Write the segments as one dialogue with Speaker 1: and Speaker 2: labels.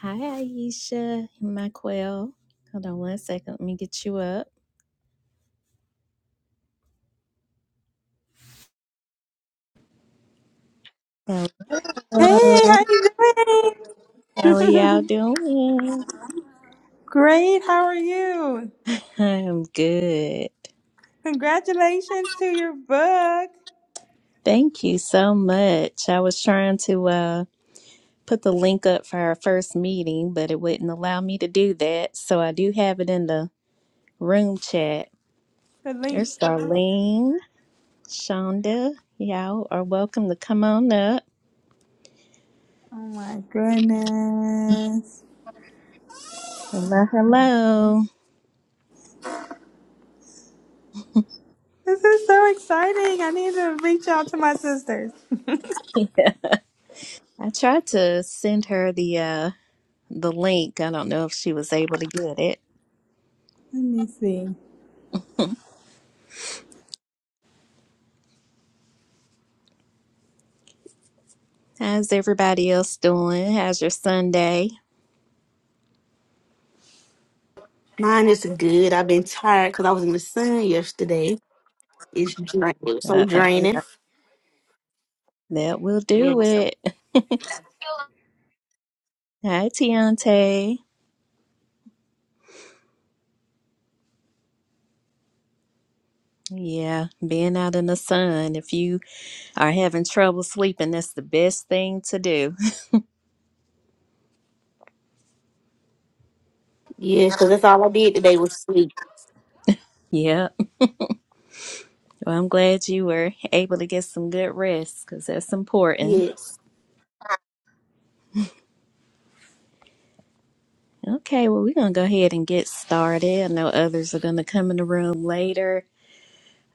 Speaker 1: Hi, Aisha, Michael. Hold on one second. Let me get you up.
Speaker 2: Hey,
Speaker 1: Hello.
Speaker 2: how you
Speaker 1: How are y'all
Speaker 2: doing?
Speaker 1: doing?
Speaker 2: Great. How are you?
Speaker 1: I'm good.
Speaker 2: Congratulations to your book.
Speaker 1: Thank you so much. I was trying to uh, put the link up for our first meeting, but it wouldn't allow me to do that. So I do have it in the room chat.
Speaker 2: The link.
Speaker 1: There's Darlene, Shonda. Y'all are welcome to come on up.
Speaker 2: Oh my goodness.
Speaker 1: Hello, hello.
Speaker 2: This is so exciting. I need to reach out to my sisters.
Speaker 1: I tried to send her the uh, the link. I don't know if she was able to get it.
Speaker 2: Let me see.
Speaker 1: How's everybody else doing? How's your Sunday?
Speaker 3: Mine is good. I've been tired because I was in the sun yesterday. It's drain- it was so
Speaker 1: Uh, uh,
Speaker 3: draining.
Speaker 1: that will do
Speaker 3: Yeah,
Speaker 1: it. Hi, Tiante. Yeah, being out in the sun. If you are having trouble sleeping, that's the best thing to do.
Speaker 3: because that's all I did today was sleep.
Speaker 1: Yep. Well, I'm glad you were able to get some good rest because that's important.
Speaker 3: Yes.
Speaker 1: Okay, well, we're going to go ahead and get started. I know others are going to come in the room later.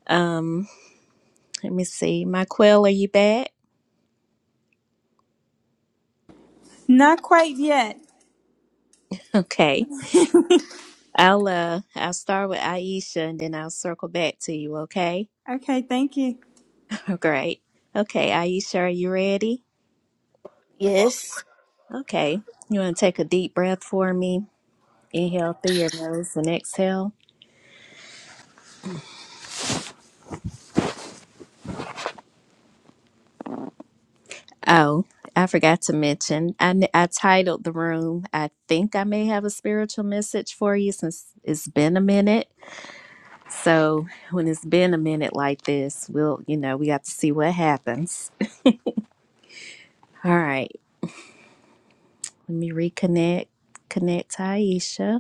Speaker 1: Um, let me see. My quail, are you back?
Speaker 2: Not quite yet.
Speaker 1: Okay. I'll uh I'll start with Aisha and then I'll circle back to you, okay?
Speaker 2: Okay, thank you.
Speaker 1: Great. Okay, Aisha, are you ready?
Speaker 3: Yes.
Speaker 1: Okay. You wanna take a deep breath for me? Inhale through your nose and exhale. Oh, I forgot to mention. I, n- I titled the room. I think I may have a spiritual message for you since it's been a minute. So when it's been a minute like this, we'll you know we got to see what happens. All right, let me reconnect. Connect to Aisha.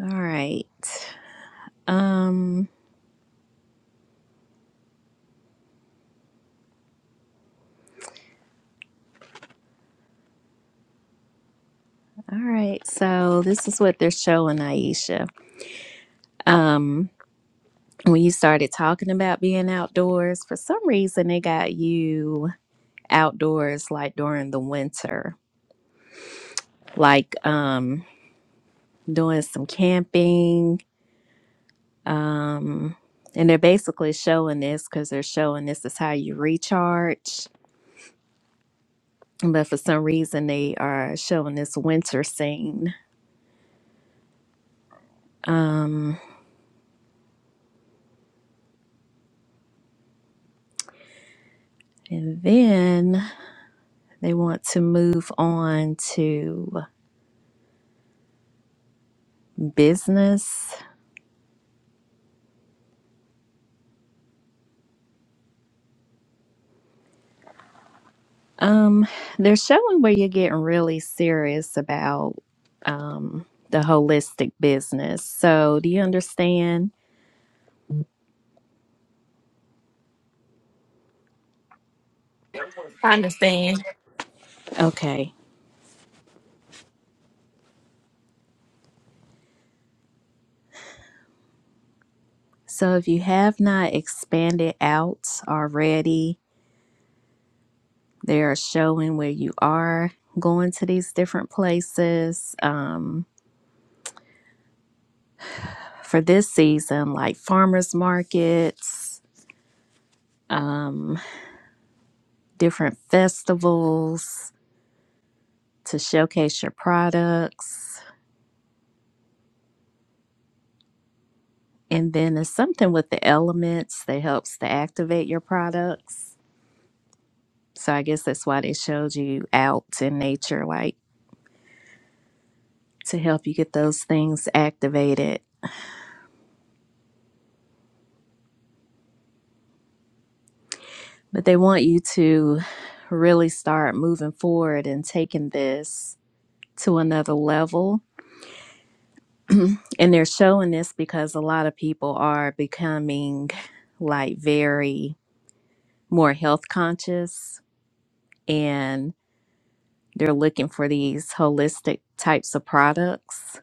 Speaker 1: All right. Um, all right. So this is what they're showing, Aisha. Um, when you started talking about being outdoors, for some reason they got you outdoors like during the winter, like um doing some camping. Um and they're basically showing this because they're showing this is how you recharge. But for some reason they are showing this winter scene. Um and then They want to move on to business. Um, they're showing where you're getting really serious about um, the holistic business. So, do you understand?
Speaker 3: I understand.
Speaker 1: Okay. So, if you have not expanded out already, they are showing where you are going to these different places um, for this season, like farmers markets, um, different festivals to showcase your products. And then it's something with the elements that helps to activate your products. So I guess that's why they showed you out in nature, like to help you get those things activated. But they want you to really start moving forward and taking this to another level. And they're showing this because a lot of people are becoming like very more health conscious. And They're looking for these holistic types of products.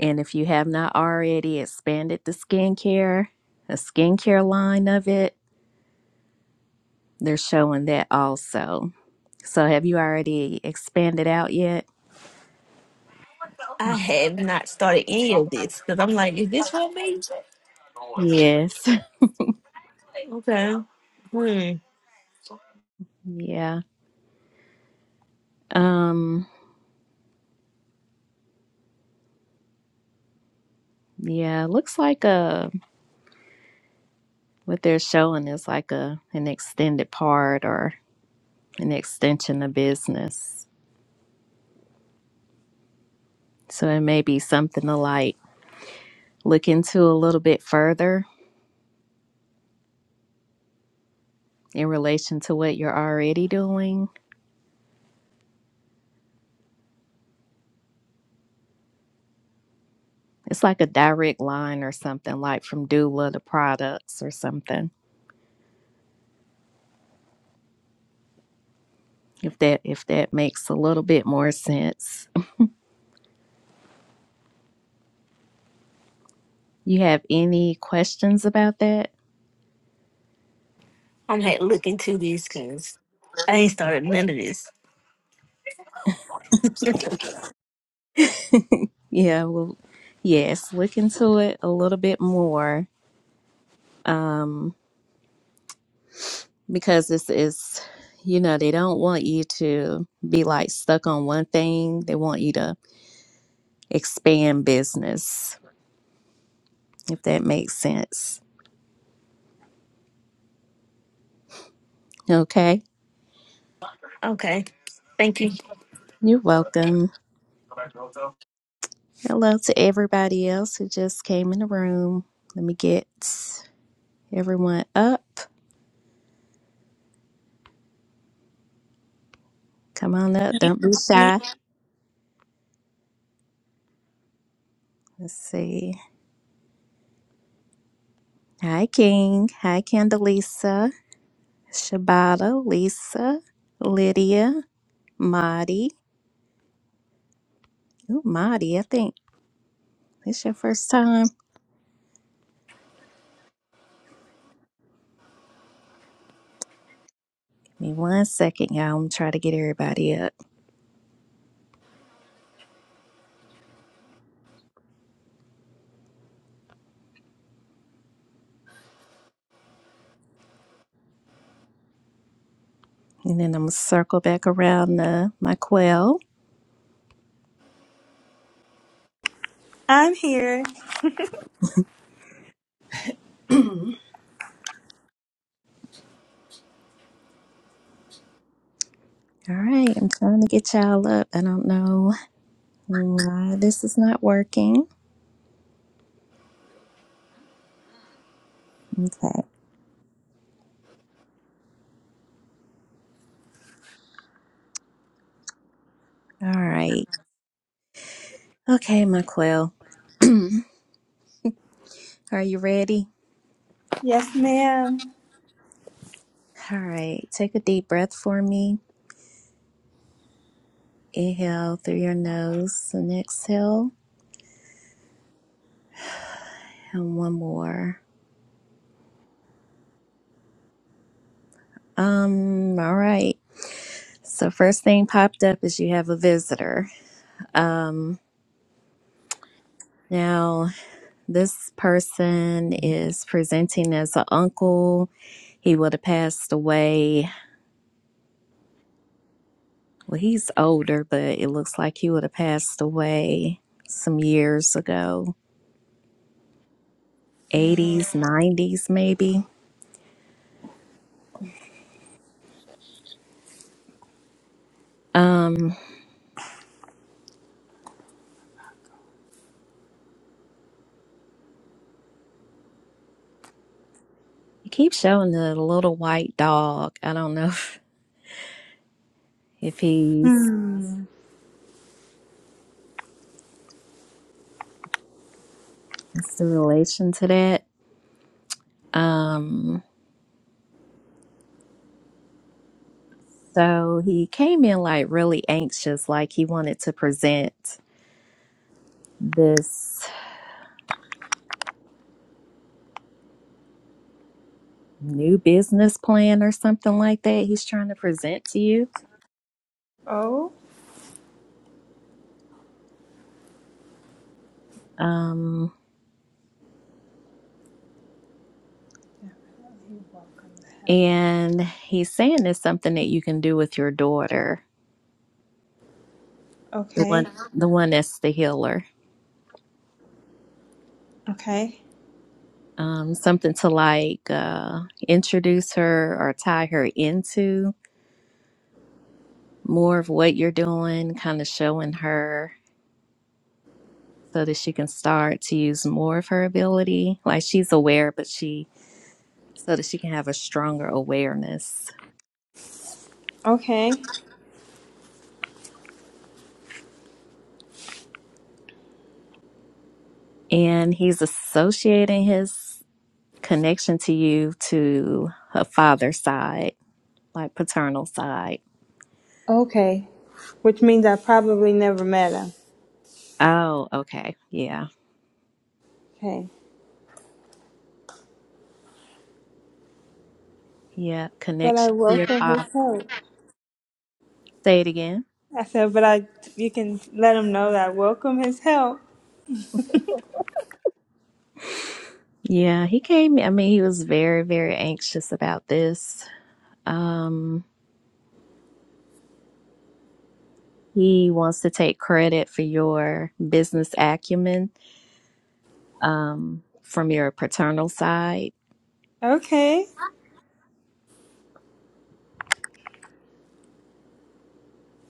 Speaker 1: And if you have not already expanded the skincare, the skincare line of it, they're showing that also. So have you already expanded out yet?
Speaker 3: I have not started any of this because I'm like, is this for me?
Speaker 1: Yes.
Speaker 3: Okay. Hmm.
Speaker 1: yeah. Um yeah, looks like a what they're showing is like a an extended part or an extension of business. So it may be something to like look into a little bit further in relation to what you're already doing. It's like a direct line or something, like from doula to products or something. If that if that makes a little bit more sense. You have any questions about that?
Speaker 3: I'm had to look into this because I ain't started none of this.
Speaker 1: Yeah, well yes, look into it a little bit more. Um, because this is you know, they don't want you to be like stuck on one thing. They want you to expand business, if that makes sense. Okay.
Speaker 3: okay. Thank you.
Speaker 1: You're welcome. Hello to everybody else who just came in the room. Let me get everyone up. Come on up.
Speaker 4: You-
Speaker 1: Don't be
Speaker 4: you-
Speaker 1: shy. Let's see. Hi, King. Hi, Candelisa. Shabata, Lisa, Lydia, Madi. Ooh, Madi, I think it's your first time. Give me one second, y'all. I'm going to try to get everybody up. And then I'm going to circle back around uh, my quail.
Speaker 2: I'm here.
Speaker 1: All right, I'm trying to get y'all up. I don't know why this is not working. Okay. All right. Okay, my quail. Are you ready?
Speaker 2: Yes, ma'am.
Speaker 1: All right. Take a deep breath for me. Inhale through your nose and exhale. And one more. Um, all right. So first thing popped up is you have a visitor. Um now this person is presenting as an uncle. He would have passed away Well, he's older, but it looks like he would have passed away some years ago, 80s, 90s maybe. Um, he keeps showing the little white dog. I don't know if, if he's
Speaker 2: Hmm.
Speaker 1: what's the relation to that. Um, so he came in like really anxious, like he wanted to present this new business plan or something like that he's trying to present to you.
Speaker 2: Oh.
Speaker 1: Um, And he's saying it's something that you can do with your daughter, the one,
Speaker 2: Okay.
Speaker 1: the one that's the healer.
Speaker 2: Okay.
Speaker 1: Um, something to like uh, introduce her or tie her into more of what you're doing, kind of showing her so that she can start to use more of her ability. Like she's aware, but she so that she can have a stronger awareness.
Speaker 2: Okay.
Speaker 1: And he's associating his connection to you to her father's side, like paternal side
Speaker 2: Okay. Which means I probably never met him.
Speaker 1: Oh, okay. Yeah.
Speaker 2: Okay.
Speaker 1: Yeah.
Speaker 2: But I
Speaker 1: Connection to your
Speaker 2: welcome
Speaker 1: father.
Speaker 2: his help.
Speaker 1: Say it again.
Speaker 2: I said, but I, you can let him know that I welcome his help.
Speaker 1: Yeah. He came, I mean, he was very, very anxious about this. Um, he wants to take credit for your business acumen um, from your paternal side.
Speaker 2: Okay,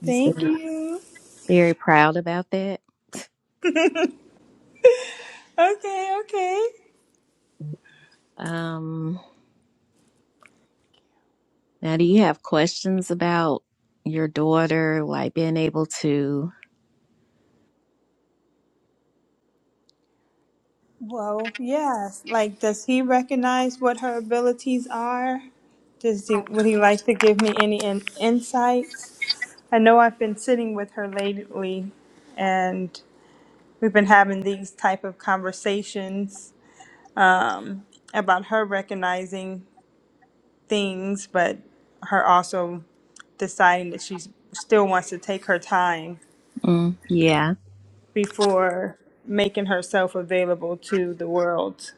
Speaker 1: He's
Speaker 2: thank
Speaker 1: very,
Speaker 2: you.
Speaker 1: very proud about that.
Speaker 2: Okay, okay.
Speaker 1: Um, now, do you have questions about your daughter, like being able to?
Speaker 2: Well, yes. Like, does he recognize what her abilities are? Does he, would he like to give me any in, insights? I know I've been sitting with her lately, and we've been having these type of conversations um, about her recognizing things, but her also deciding that she still wants to take her time
Speaker 1: Mm, yeah.
Speaker 2: before making herself available to the world.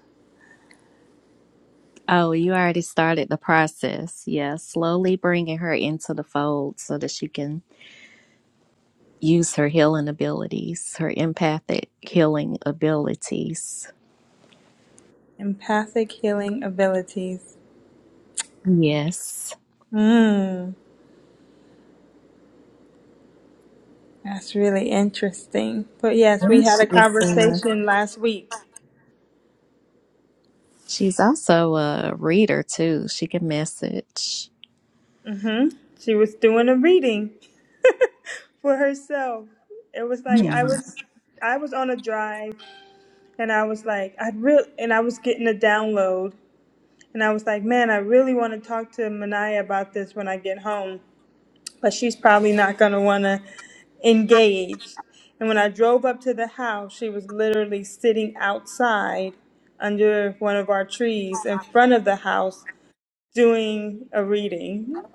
Speaker 1: Oh, you already started the process. Yeah, slowly bringing her into the fold so that she can use her healing abilities, her empathic healing abilities.
Speaker 2: Empathic healing abilities.
Speaker 1: Yes.
Speaker 2: Mm, that's really interesting. But yes, we
Speaker 1: And
Speaker 2: had a
Speaker 1: she's, uh,
Speaker 2: conversation last week.
Speaker 1: she's also a reader, too. She can message.
Speaker 2: She was doing a reading for herself. It was like I
Speaker 1: Hmm.
Speaker 2: was I was on a drive and I was like I'd real and I was getting a download And I was like, man, I really want to talk to Manaya about this when I get home, but she's probably not going to want to engage. And when I drove up to the house, she was literally sitting outside under one of our trees in front of the house doing a reading.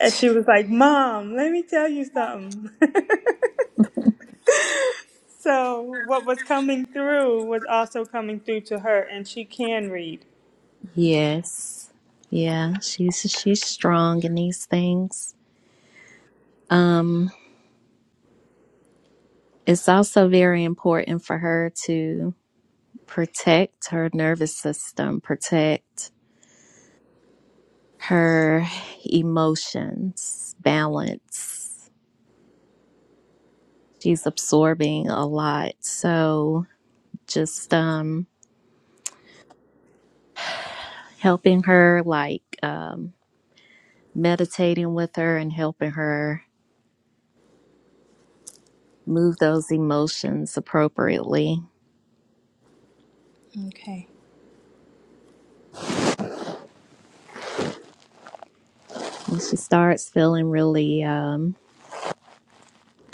Speaker 2: And she was like, Mom, let me tell you something. so, what was coming through was also coming through to her, and she can read.
Speaker 1: Yes. Yeah, she's she's strong in these things. Um, it's also very important for her to protect her nervous system, protect her emotions, balance. She's absorbing a lot. So just um helping her like um meditating with her and helping her move those emotions appropriately.
Speaker 2: Okay.
Speaker 1: When she starts feeling really um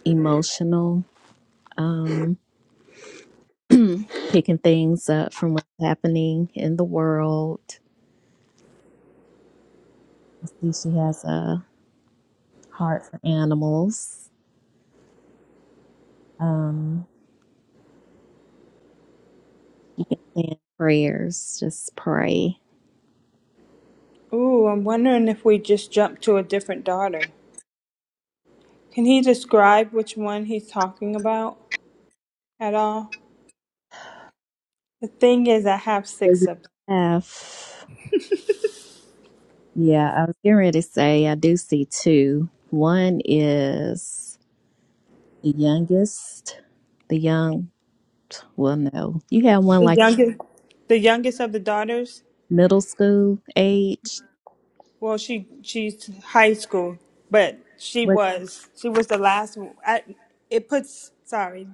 Speaker 1: emotional, um picking things up from what's happening in the world. I see she has a heart for animals. Um and prayers. Just pray.
Speaker 2: Ooh, I'm wondering if we just jump to a different daughter. Can he describe which one he's talking about at all? The thing is, I have six of them.
Speaker 1: F. Yeah, I was getting ready to say I do see two. One is the youngest, the young. Well, no, you have one
Speaker 2: The
Speaker 1: like
Speaker 2: youngest, the youngest of the daughters.
Speaker 1: middle school age.
Speaker 2: Well, she she's high school, but she
Speaker 1: What
Speaker 2: was she was the last. one. I, it puts sorry.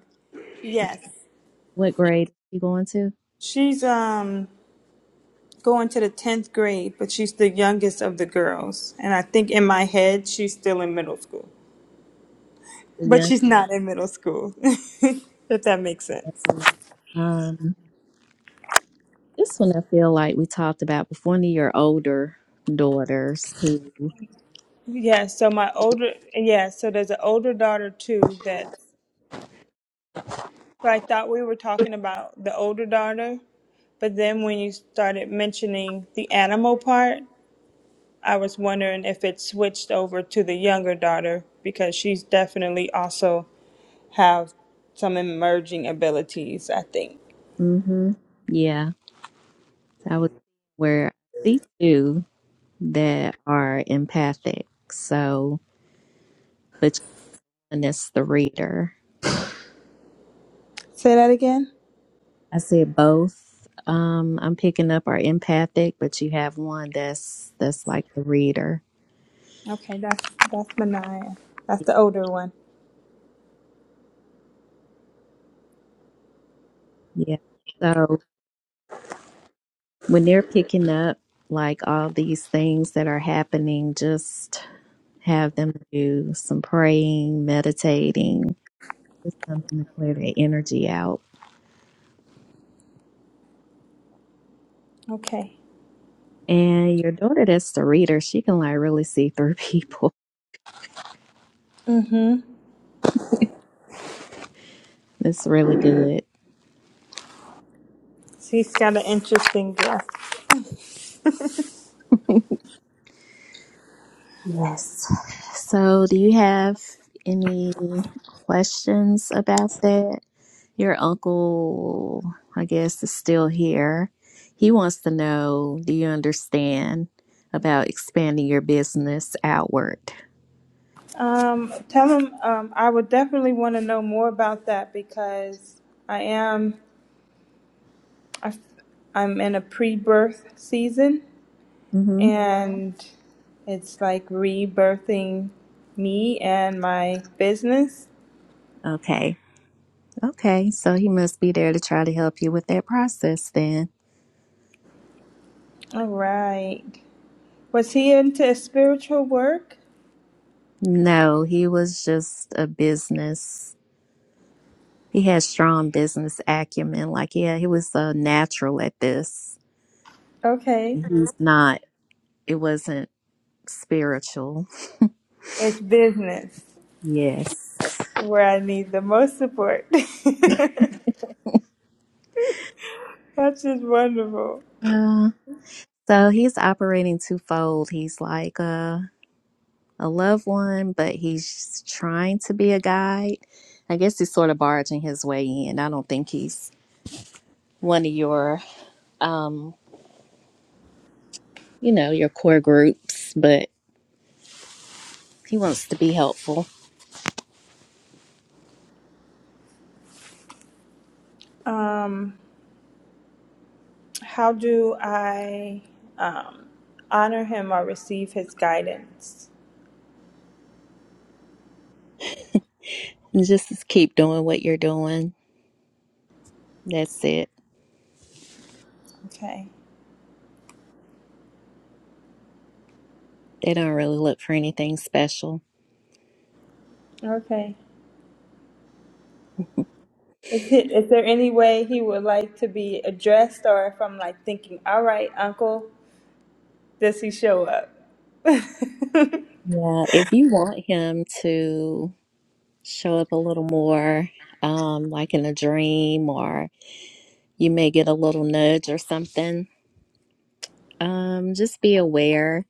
Speaker 2: Yes,
Speaker 1: what grade are you going to?
Speaker 2: she's um going to the tenth grade, but she's the youngest of the girls, and I think in my head she's still in middle school,
Speaker 1: The
Speaker 2: but
Speaker 1: young.
Speaker 2: she's not in middle school. if that makes sense.
Speaker 1: Um, this one I feel like we talked about before. One of your older daughters who.
Speaker 2: Yeah, so my older, yeah, so there's an older daughter too that, so I thought we were talking about the older daughter, but then when you started mentioning the animal part, I was wondering if it switched over to the younger daughter because she's definitely also have some emerging abilities, I think.
Speaker 1: Mm-hmm. Yeah, I was where I see two. that are empathic. So between us, the reader,
Speaker 2: Say that again?
Speaker 1: I said both. Um, I'm picking up are empathic, but you have one that's that's like the reader.
Speaker 2: Okay, that's that's Manaya. That's the older one.
Speaker 1: Yeah. So when they're picking up like all these things that are happening, just have them do some praying, meditating, just something to clear their energy out.
Speaker 2: Okay.
Speaker 1: And your daughter that's the reader, she can like really see through people.
Speaker 2: Mm-hmm.
Speaker 1: It's really good.
Speaker 2: She's got an interesting dress.
Speaker 1: Yes. So, do you have any questions about that? Your uncle, I guess, is still here. He wants to know do you understand about expanding your business outward?
Speaker 2: Um, tell him um, I would definitely want to know more about that because I am I, i am in a pre-birth season
Speaker 1: Mm-hmm.
Speaker 2: and it's like rebirthing me and my business.
Speaker 1: Okay. Okay. So, he must be there to try to help you with that process then.
Speaker 2: All right. Was he into spiritual work?
Speaker 1: No, he was just a business. He had strong business acumen. Like, yeah, he was uh, natural at this.
Speaker 2: Okay.
Speaker 1: He's not. it wasn't spiritual.
Speaker 2: It's business
Speaker 1: Yes.
Speaker 2: where I need the most support. That's just wonderful.
Speaker 1: Uh, so he's operating twofold. He's like a, a loved one, but he's trying to be a guide. I guess he's sort of barging his way in. I don't think he's one of your, um, you know, your core groups, but he wants to be helpful.
Speaker 2: Um. How do I um, honor him or receive his guidance?
Speaker 1: And just to keep doing what you're doing. That's it.
Speaker 2: Okay.
Speaker 1: They don't really look for anything special.
Speaker 2: Okay. Is it is there any way he would like to be addressed, or if I'm like thinking, all right, Uncle, does he show up?
Speaker 1: Yeah, if you want him to show up a little more, um, like in a dream, or you may get a little nudge or something. Um, just be aware.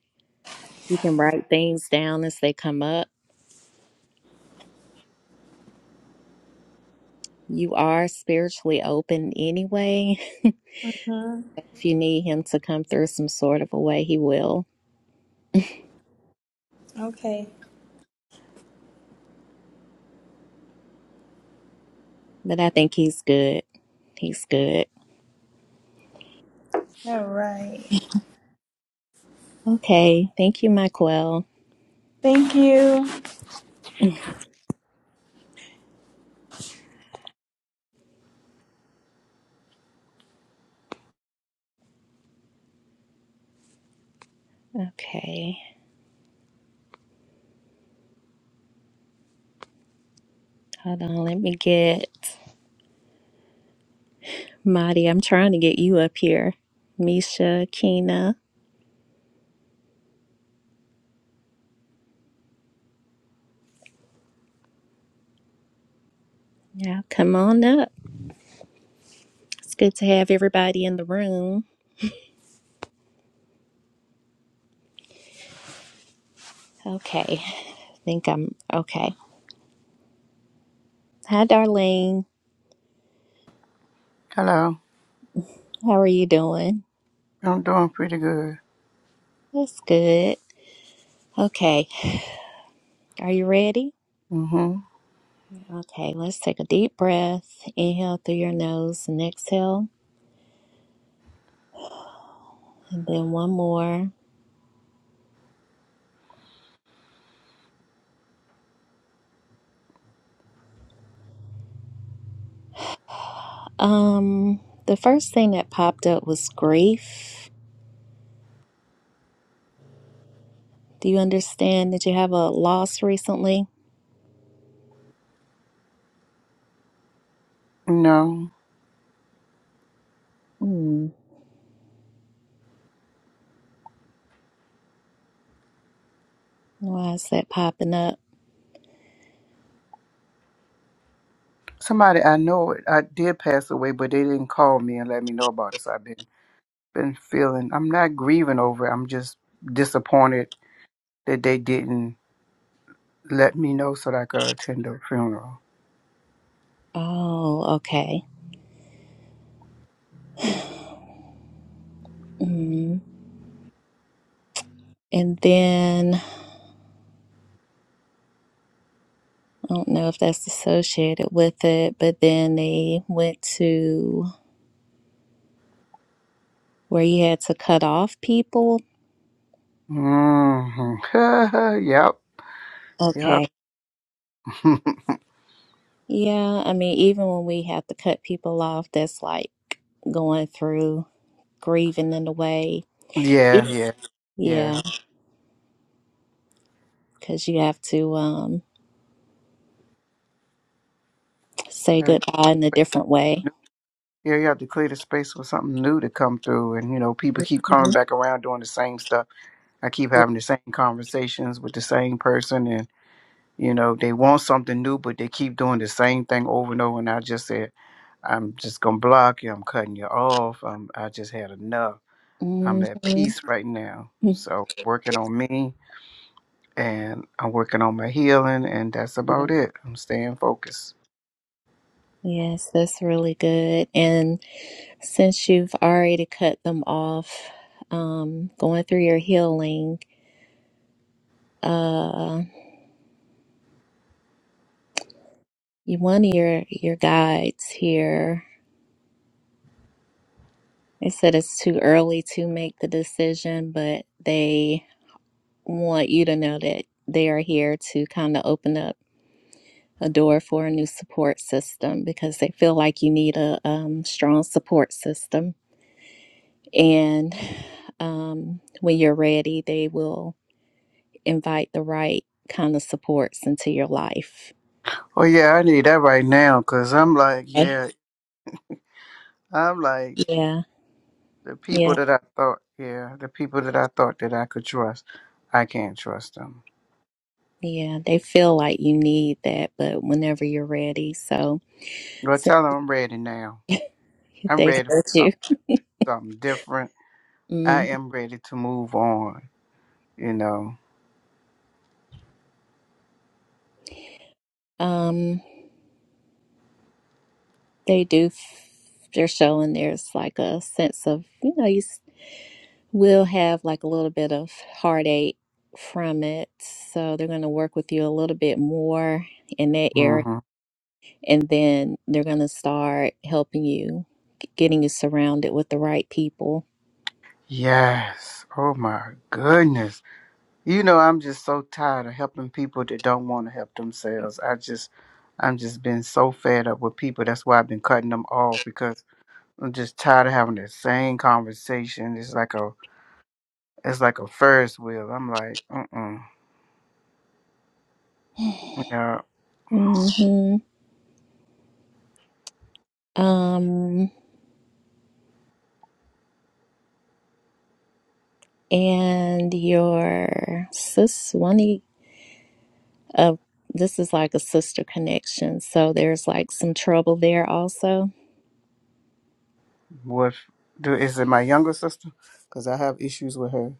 Speaker 1: You can write things down as they come up. You are spiritually open anyway.
Speaker 2: Mhm.
Speaker 1: If you need him to come through some sort of a way, he will.
Speaker 2: Okay.
Speaker 1: But I think he's good. He's good.
Speaker 2: All right.
Speaker 1: Okay. Thank you, Michael.
Speaker 2: Thank you.
Speaker 1: Okay. Hold on. Let me get Marty. I'm trying to get you up here. Misha, Kina. Yeah, come on up. It's good to have everybody in the room. Okay, I think I'm okay. Hi, Darlene.
Speaker 5: Hello.
Speaker 1: How are you doing?
Speaker 5: I'm doing pretty good.
Speaker 1: That's good. Okay, are you ready?
Speaker 5: Mm-hmm.
Speaker 1: Okay, let's take a deep breath. Inhale through your nose and exhale, and then one more. Um, the first thing that popped up was grief. Do you understand that you have a loss recently?
Speaker 5: No.
Speaker 1: Hmm. Why is that popping up?
Speaker 5: Somebody I know it I did pass away, but they didn't call me and let me know about it. So I've been been feeling I'm not grieving over it. I'm just disappointed that they didn't let me know so that I could attend the funeral.
Speaker 1: Oh, okay. Hmm. And then I don't know if that's associated with it, but then they went to where you had to cut off people.
Speaker 5: Mm-hmm. yep. Yep.
Speaker 1: Okay. Yeah, I mean, even when we have to cut people off, that's like going through grieving in a way.
Speaker 5: yeah, yeah, yeah.
Speaker 1: Yeah, because you have to um, say
Speaker 5: Like,
Speaker 1: goodbye in a different way.
Speaker 5: Yeah, you have to clear the space for something new to come through and you know, people keep coming back around doing the same stuff. I keep having the same conversations with the same person, and you know they want something new, but they keep doing the same thing over and over. And I just said, I'm just gonna block you. I'm cutting you off. I'm, I just had enough.
Speaker 1: hmm
Speaker 5: I'm at peace right now. So working on me, and I'm working on my healing, and that's about it. I'm staying focused.
Speaker 1: Yes, that's really good. And Since you've already cut them off, um, going through your healing, uh, you- one of your your guides here, they said it's too early to make the decision, but they want you to know that they are here to kind of open up a door for a new support system because they feel like you need a um, strong support system. And um, when you're ready, they will invite the right kind of supports into your life
Speaker 5: Oh yeah, I need that right now, cause I'm like,
Speaker 1: Okay.
Speaker 5: yeah, I'm like
Speaker 1: Yeah,
Speaker 5: the people
Speaker 1: yeah,
Speaker 5: that I thought, yeah, the people that I thought that I could trust, I can't trust them.
Speaker 1: yeah. They feel like you need that, but whenever you're ready, so,
Speaker 5: Well,
Speaker 1: so
Speaker 5: tell them I'm ready now. I'm
Speaker 1: they
Speaker 5: ready for
Speaker 1: hurt you.
Speaker 5: something new, something different. I
Speaker 1: Mm.
Speaker 5: am ready to move on, you know.
Speaker 1: Um, they do. f- They're showing there's like a sense of you know you s- will have like a little bit of heartache from it, so they're going to work with you a little bit more in that area,
Speaker 5: hmm
Speaker 1: and then they're going to start helping you, g- getting you surrounded with the right people.
Speaker 5: Yes. Oh, my goodness. You know, I'm just so tired of helping people that don't want to help themselves. I just, I'm just been so fed up with people. That's why I've been cutting them off because I'm just tired of having the same conversation. It's like a, it's like a Ferris wheel. I'm like, mm-mm. Yeah.
Speaker 1: hmm Um. and your sis one e- of this is like a sister connection so there's like some trouble there also
Speaker 5: What? Do, is it my younger sister? Because I have issues with her.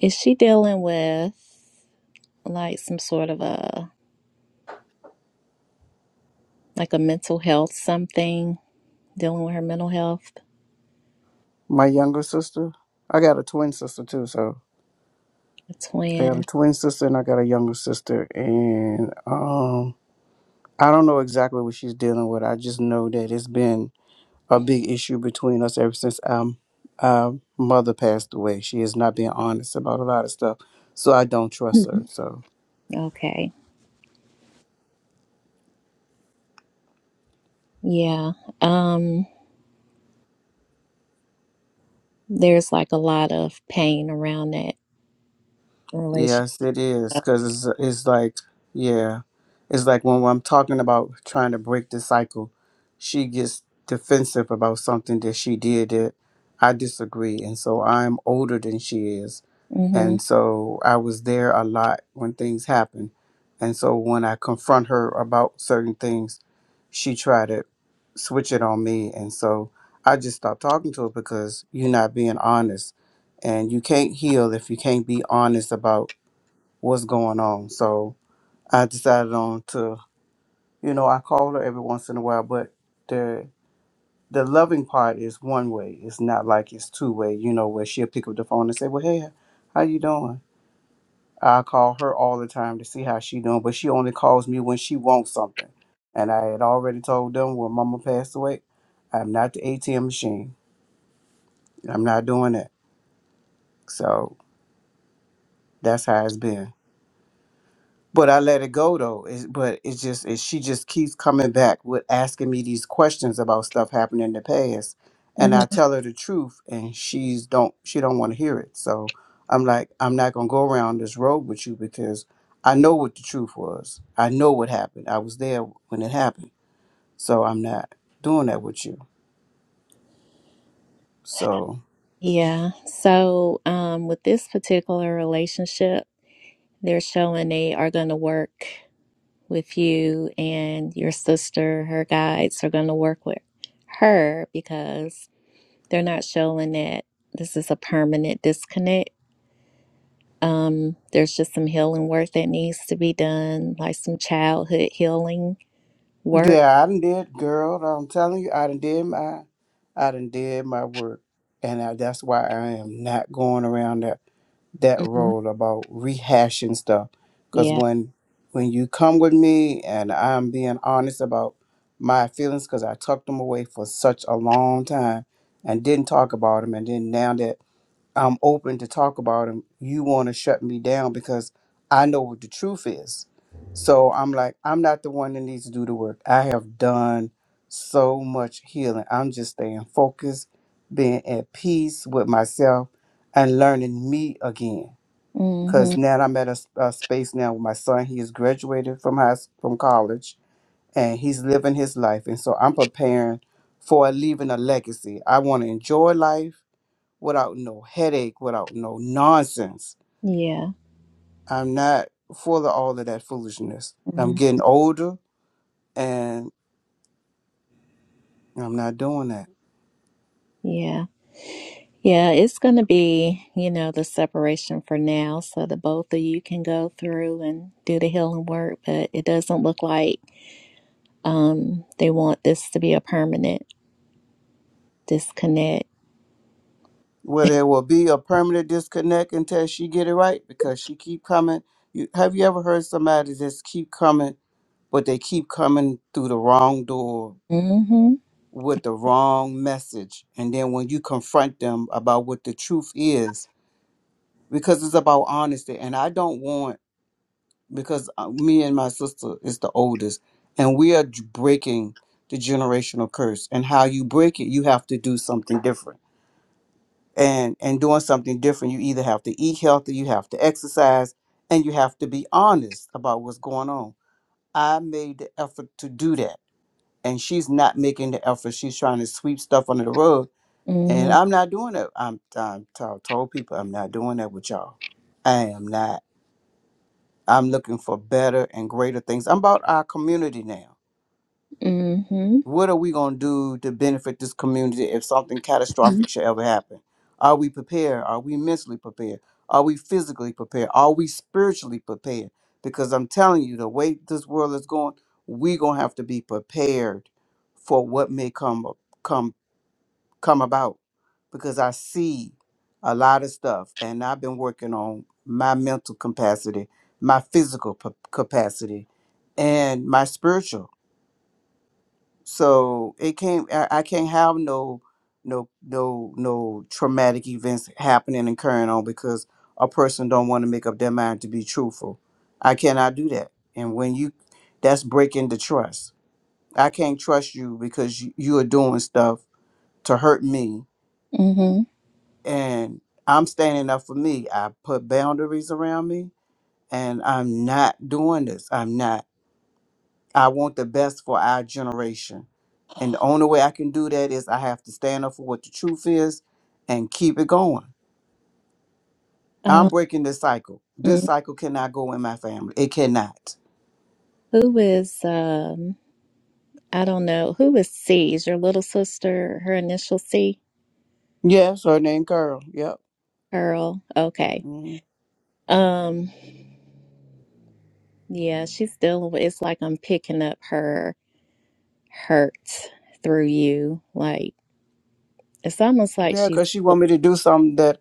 Speaker 1: is she dealing with like some sort of a like a mental health something dealing with her mental health
Speaker 5: My younger sister. I got a twin sister too, so
Speaker 1: a
Speaker 5: I got
Speaker 1: twin
Speaker 5: a twin sister and I got a younger sister and um I don't know exactly what she's dealing with. I just know that it's been a big issue between us ever since um uh mother passed away. She has not been honest about a lot of stuff. So I don't trust her.
Speaker 1: Mhm.
Speaker 5: So
Speaker 1: okay yeah um there's like a lot of pain around that relation
Speaker 5: Yes, it is because it's, it's like yeah, it's like when I'm talking about trying to break the cycle, she gets defensive about something that she did that I disagree, and so I'm older than she is,
Speaker 1: mm-hmm,
Speaker 5: and so I was there a lot when things happen, and so when I confront her about certain things, she tried to switch it on me, and so I just stopped talking to her because you're not being honest, and you can't heal if you can't be honest about what's going on. So I decided on to, you know, I call her every once in a while, but the the loving part is one way. It's not like it's two way, you know, where she'll pick up the phone and say, Well, hey, how you doing? I call her all the time to see how she doing, but she only calls me when she wants something. And I had already told them when mama passed away, I'm not the ATM machine. I'm not doing that. So that's how it's been. but I let it go though. It's, but it's just it, she just keeps coming back with asking me these questions about stuff happening in the past, and
Speaker 1: mm-hmm.
Speaker 5: I tell her the truth, and she's don't she don't want to hear it. So I'm like, I'm not gonna go around this road with you because I know what the truth was. I know what happened. I was there when it happened. So I'm not doing that with you. So
Speaker 1: yeah so um with this particular relationship They're showing they are going to work with you and your sister, her guides are going to work with her because they're not showing that this is a permanent disconnect. Um, there's just some healing work that needs to be done, like some childhood healing work.
Speaker 5: yeah, I done did, girl. I'm telling you, I done did my, I done did my work, and I, that's why I am not going around that that
Speaker 1: Mhm.
Speaker 5: role about rehashing stuff because
Speaker 1: Yeah.
Speaker 5: when when you come with me and i'm being honest about my feelings because i tucked them away for such a long time and didn't talk about them and then now that i'm open to talk about them you want to shut me down because i know what the truth is so i'm like i'm not the one that needs to do the work i have done so much healing i'm just staying focused being at peace with myself and learning me again
Speaker 1: hmm
Speaker 5: because now I'm at a, s- a space now with my son. He has graduated from high s- from college, and he's living his life. And so I'm preparing for leaving a legacy. I want to enjoy life without no headache, without no nonsense.
Speaker 1: Yeah.
Speaker 5: I'm not full of all of that foolishness. I'm
Speaker 1: Mhm.
Speaker 5: getting older, and I'm not doing that.
Speaker 1: Yeah. Yeah, it's going to be, you know, the separation for now so that both of you can go through and do the healing work. But it doesn't look like um, they want this to be a permanent disconnect.
Speaker 5: Well, there will be a permanent disconnect until she get it right because she keep coming. You, have you ever heard somebody just keep coming but they keep coming through the wrong door
Speaker 1: Mm hmm.
Speaker 5: with the wrong message. And then when you confront them about what the truth is, because it's about honesty. And I don't want, because uh, me and my sister is the oldest, and we are j- breaking the generational curse. And how you break it, you have to do something different. And, and doing something different, you either have to eat healthy, you have to exercise, and you have to be honest about what's going on. I made the effort to do that. And she's not making the effort. She's trying to sweep stuff under the rug And
Speaker 1: Mm
Speaker 5: I'm not doing that. I'm, I'm to- told people I'm not doing that with y'all. I am not. I'm looking for better and greater things. I'm about our community now.
Speaker 1: hmm. Mm hmm.
Speaker 5: What are we going to do to benefit this community if something catastrophic should ever happen? Are we prepared? Are we mentally prepared? Are we physically prepared? Are we spiritually prepared? Because I'm telling you, the way this world is going, we're going to have to be prepared for what may come, come come about because I see a lot of stuff and I've been working on my mental capacity, my physical p- capacity, and my spiritual. So it can't I, I can't have no no no no traumatic events happening and current on because a person don't want to make up their mind to be truthful. I cannot do that. And when you that's breaking the trust. I can't trust you because you, you are doing stuff to hurt me
Speaker 1: Mm hmm.
Speaker 5: and I'm standing up for me. I put boundaries around me and I'm not doing this. I'm not. I want the best for our generation. And the only way I can do that is I have to stand up for what the truth is and keep it going. I'm
Speaker 1: Um,
Speaker 5: breaking this cycle. This
Speaker 1: mm.
Speaker 5: cycle cannot go in my family. It cannot.
Speaker 1: who is, um, I don't know, who is C? Is your little sister her initial C?
Speaker 5: Yes, her name Carl. Yep.
Speaker 1: Pearl. Okay.
Speaker 5: Mhm.
Speaker 1: Um, yeah, she's dealing with, it's like I'm picking up her. hurt through you. Like it's almost like
Speaker 5: Yeah,
Speaker 1: she's.
Speaker 5: because she want me to do something that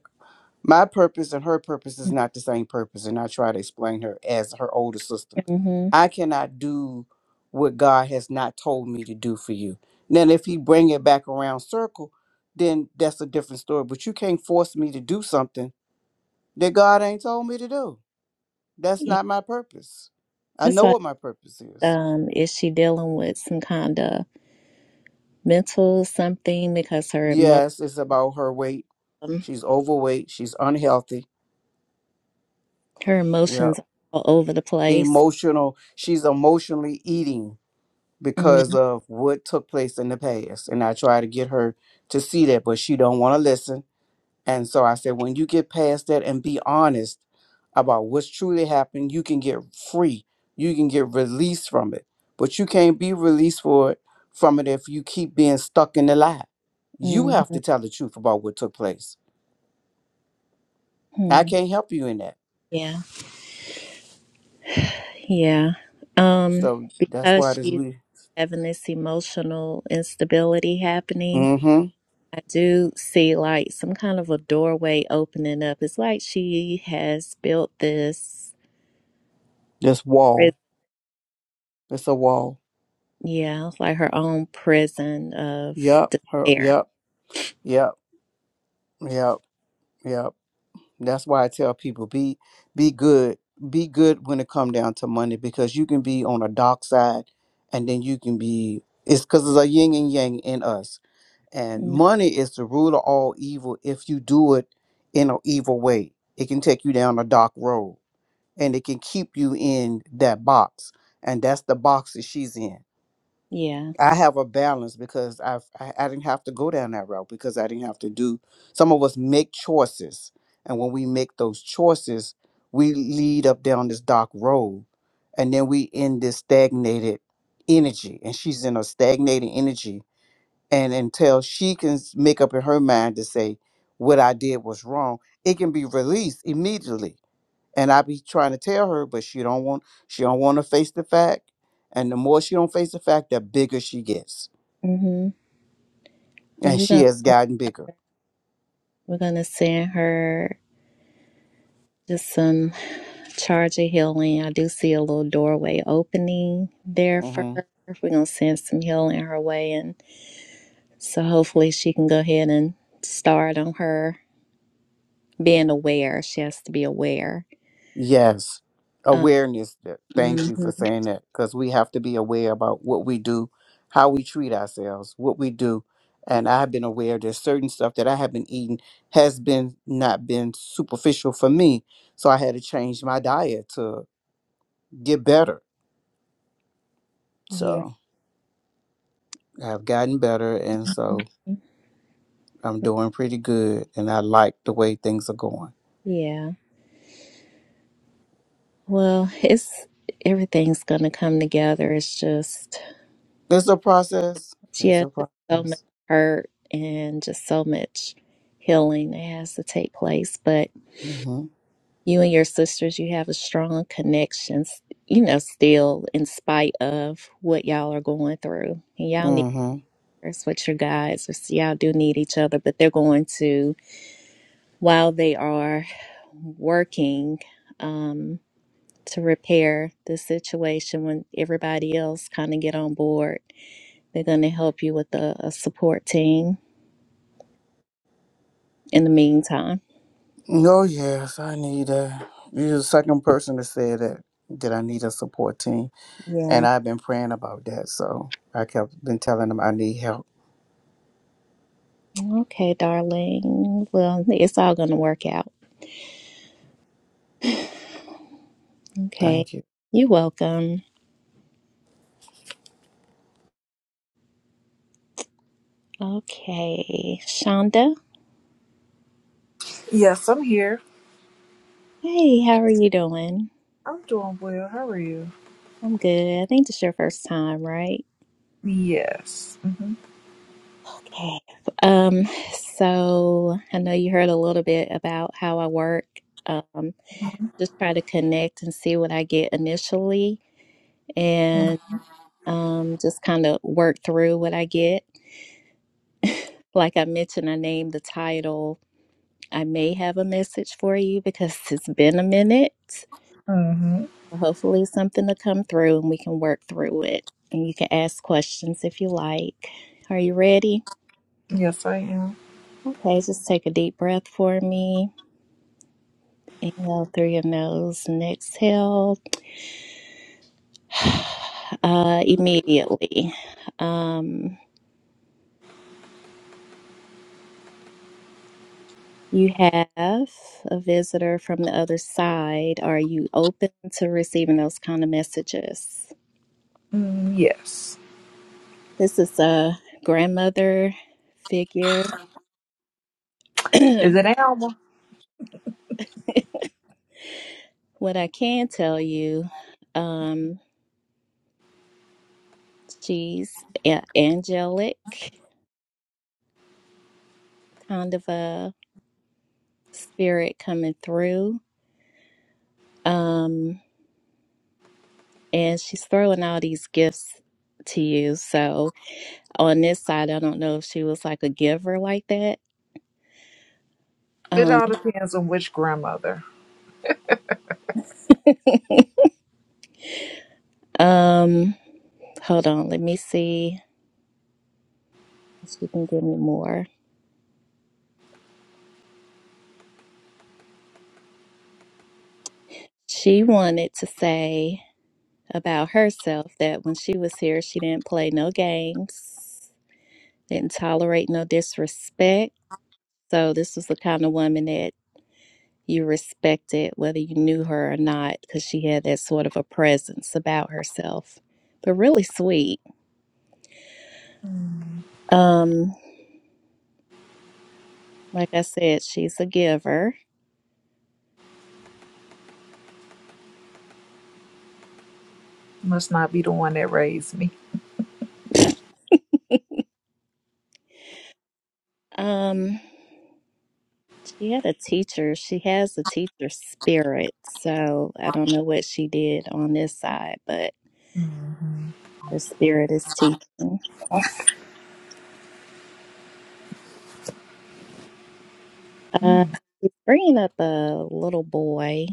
Speaker 5: my purpose and her purpose is not the same purpose. And I try to explain her as her older sister.
Speaker 1: hmm
Speaker 5: I cannot do what God has not told me to do for you. Then if he bring it back around circle, then that's a different story. But you can't force me to do something that God ain't told me to do. That's
Speaker 1: Yeah,
Speaker 5: not my purpose. I
Speaker 1: that's
Speaker 5: know
Speaker 1: why.
Speaker 5: what my purpose is.
Speaker 1: Um, is she dealing with some kind of mental something because her emo-
Speaker 5: Yes, it's about her weight.
Speaker 1: um,
Speaker 5: She's overweight. She's unhealthy.
Speaker 1: her
Speaker 5: Yep.
Speaker 1: emotions are all over the place.
Speaker 5: Emotional. She's emotionally eating because of what took place in the past. And I try to get her to see that, but she don't want to listen And so I said, when you get past that and be honest about what's truly happened, you can get free. You can get released from it. But you can't be released for it, from it if you keep being stuck in the lie. You
Speaker 1: Mm-hmm.
Speaker 5: have to tell the truth about what took place. I can't help you in that.
Speaker 1: Yeah, yeah. Um,
Speaker 5: So that's why
Speaker 1: because
Speaker 5: this
Speaker 1: she's
Speaker 5: we
Speaker 1: having this emotional instability happening.
Speaker 5: Mm-hmm.
Speaker 1: I do see like some kind of a doorway opening up. It's like she has built this
Speaker 5: This
Speaker 1: prison.
Speaker 5: wall. It's a wall.
Speaker 1: Yeah, it's like her own prison of
Speaker 5: Yep. Her
Speaker 1: despair.
Speaker 5: yep. Yep. Yep. Yep. That's why I tell people be be good, be good when it come down to money because you can be on a dark side, and then you can be it's because it's a yin and yang in us, and
Speaker 1: Mm,
Speaker 5: money is the root of all evil. If you do it in an evil way, it can take you down a dark road, and it can keep you in that box, and that's the box that she's in
Speaker 1: yeah.
Speaker 5: I have a balance because I've I, I didn't have to go down that route because I didn't have to do some of us make choices. And when we make those choices, we lead up down this dark road and then we in this stagnated energy. And she's in a stagnated energy. And until she can s- make up in her mind to say what I did was wrong, it can be released immediately. And I be trying to tell her, but she don't want she don't want to face the fact. And the more she don't face the fact, the bigger she gets
Speaker 1: hmm But
Speaker 5: and
Speaker 1: we're
Speaker 5: she
Speaker 1: gonna
Speaker 5: has gotten bigger.
Speaker 1: we're gonna send her just some charge of healing. I do see a little doorway opening there for
Speaker 5: hmm
Speaker 1: her. We're gonna send some healing her way, and so hopefully she can go ahead and start on her being aware. She has to be aware.
Speaker 5: Yes,
Speaker 1: Um,
Speaker 5: awareness. th- Thank you for
Speaker 1: mhm.
Speaker 5: saying that because we have to be aware about what we do, how we treat ourselves, what we do. And I've been aware there's certain stuff that I have been eating has been not been superficial for me, so I had to change my diet to get better.
Speaker 1: Yeah.
Speaker 5: So I've gotten better, and so I'm doing pretty good, and I like the way things are going.
Speaker 1: Yeah. Well, it's everything's gonna come together. It's just
Speaker 5: It's a process.
Speaker 1: She
Speaker 5: It's
Speaker 1: has
Speaker 5: a
Speaker 1: so much
Speaker 5: process.
Speaker 1: hurt and just so much healing that has to take place. But you and your sisters, you have a strong connection, s- you know, still in spite of what y'all are going through. And y'all need
Speaker 5: Mhm.
Speaker 1: that's what your guys is. Y'all do need each other, but they're going to, while they are working, um, to repair the situation when everybody else kind of get on board. They're going to help you with a, a support team in the meantime.
Speaker 5: Oh yes, I need a. You're the second person to say that that I need a support team,
Speaker 1: Yeah.
Speaker 5: and I've been praying about that. So I kept been telling them I need help.
Speaker 1: Okay, darling. Well, it's all going to work out. Okay.
Speaker 5: Thank you.
Speaker 1: You're welcome. Okay. Shonda.
Speaker 6: Yes, I'm here.
Speaker 1: Hey, how are you doing?
Speaker 6: I'm doing well. How are you?
Speaker 1: I'm good. I think this is your first time, right?
Speaker 6: Yes. mm
Speaker 1: Okay. Um, so I know you heard a little bit about how I work. Um, just try to connect and see what I get initially
Speaker 6: Mhm.
Speaker 1: and um just kind of work through what I get. Like I mentioned, I named the title I may have a message for you because it's been a minute.
Speaker 6: Mm, Mhm.
Speaker 1: Hopefully, something to come through and we can work through it. And you can ask questions if you like. Are you ready?
Speaker 6: Yes, I am.
Speaker 1: Okay, just take a deep breath for me. Inhale through your nose and exhale uh, immediately. Um, you have a visitor from the other side. Are you open to receiving those kind of messages?
Speaker 6: Mm, yes.
Speaker 1: This is a grandmother figure.
Speaker 6: Is it Alma?
Speaker 1: what I can tell you, um, she's a- angelic, kind of a spirit coming through. Um, and she's throwing all these gifts to you. So on this side, I don't know if she was like a giver like that.
Speaker 6: It
Speaker 1: Um,
Speaker 6: all depends on which grandmother.
Speaker 1: um, hold on, let me see if she can give me more. She wanted to say about herself that when she was here, she didn't play no games, didn't tolerate no disrespect. So, this was the kind of woman that you respected, whether you knew her or not, because she had that sort of a presence about herself, but really sweet.
Speaker 6: Mm,
Speaker 1: Um, like I said, she's a giver.
Speaker 6: must not be the one that raised me.
Speaker 1: Um, she had a teacher. She has a teacher spirit. So I don't know what she did on this side, but
Speaker 6: Mhm.
Speaker 1: her spirit is teaching. Uh,
Speaker 6: Mm,
Speaker 1: he's bringing up a little boy.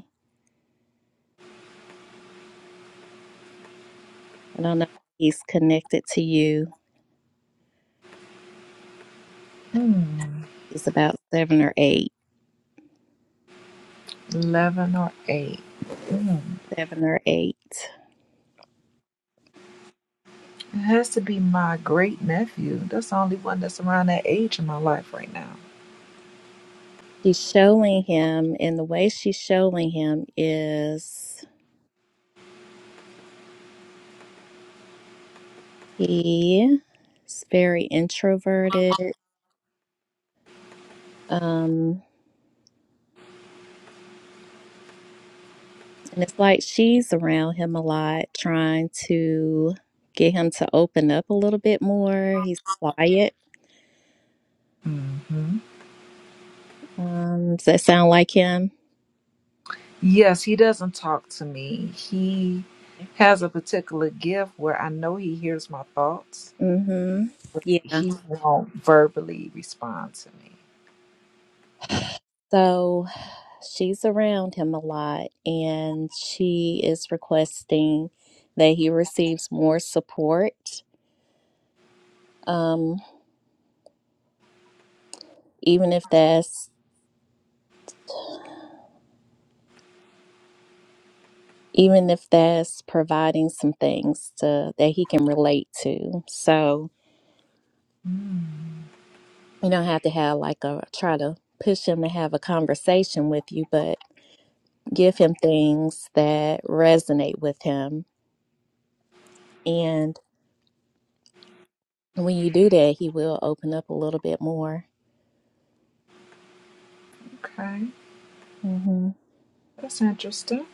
Speaker 1: I don't know if he's connected to you.
Speaker 6: mm.
Speaker 1: He's about seven or eight.
Speaker 6: Eleven or eight. Mm.
Speaker 1: Seven or eight.
Speaker 6: It has to be my great nephew. That's the only one that's around that age in my life right now.
Speaker 1: She's showing him, and the way she's showing him is he is very introverted. Um, and it's like she's around him a lot, trying to get him to open up a little bit more. He's quiet.
Speaker 6: hmm
Speaker 1: Um, does that sound like him?
Speaker 6: Yes, he doesn't talk to me. He has a particular gift where I know he hears my thoughts,
Speaker 1: Mm-hmm.
Speaker 6: but
Speaker 1: Yeah.
Speaker 6: he won't verbally respond to me.
Speaker 1: So she's around him a lot and she is requesting that he receives more support. Um, even if that's even if that's providing some things to that he can relate to. So you don't have to have like a try to push him to have a conversation with you, but give him things that resonate with him. And when you do that, he will open up a little bit more.
Speaker 6: Okay,
Speaker 1: Mm-hmm.
Speaker 6: that's interesting.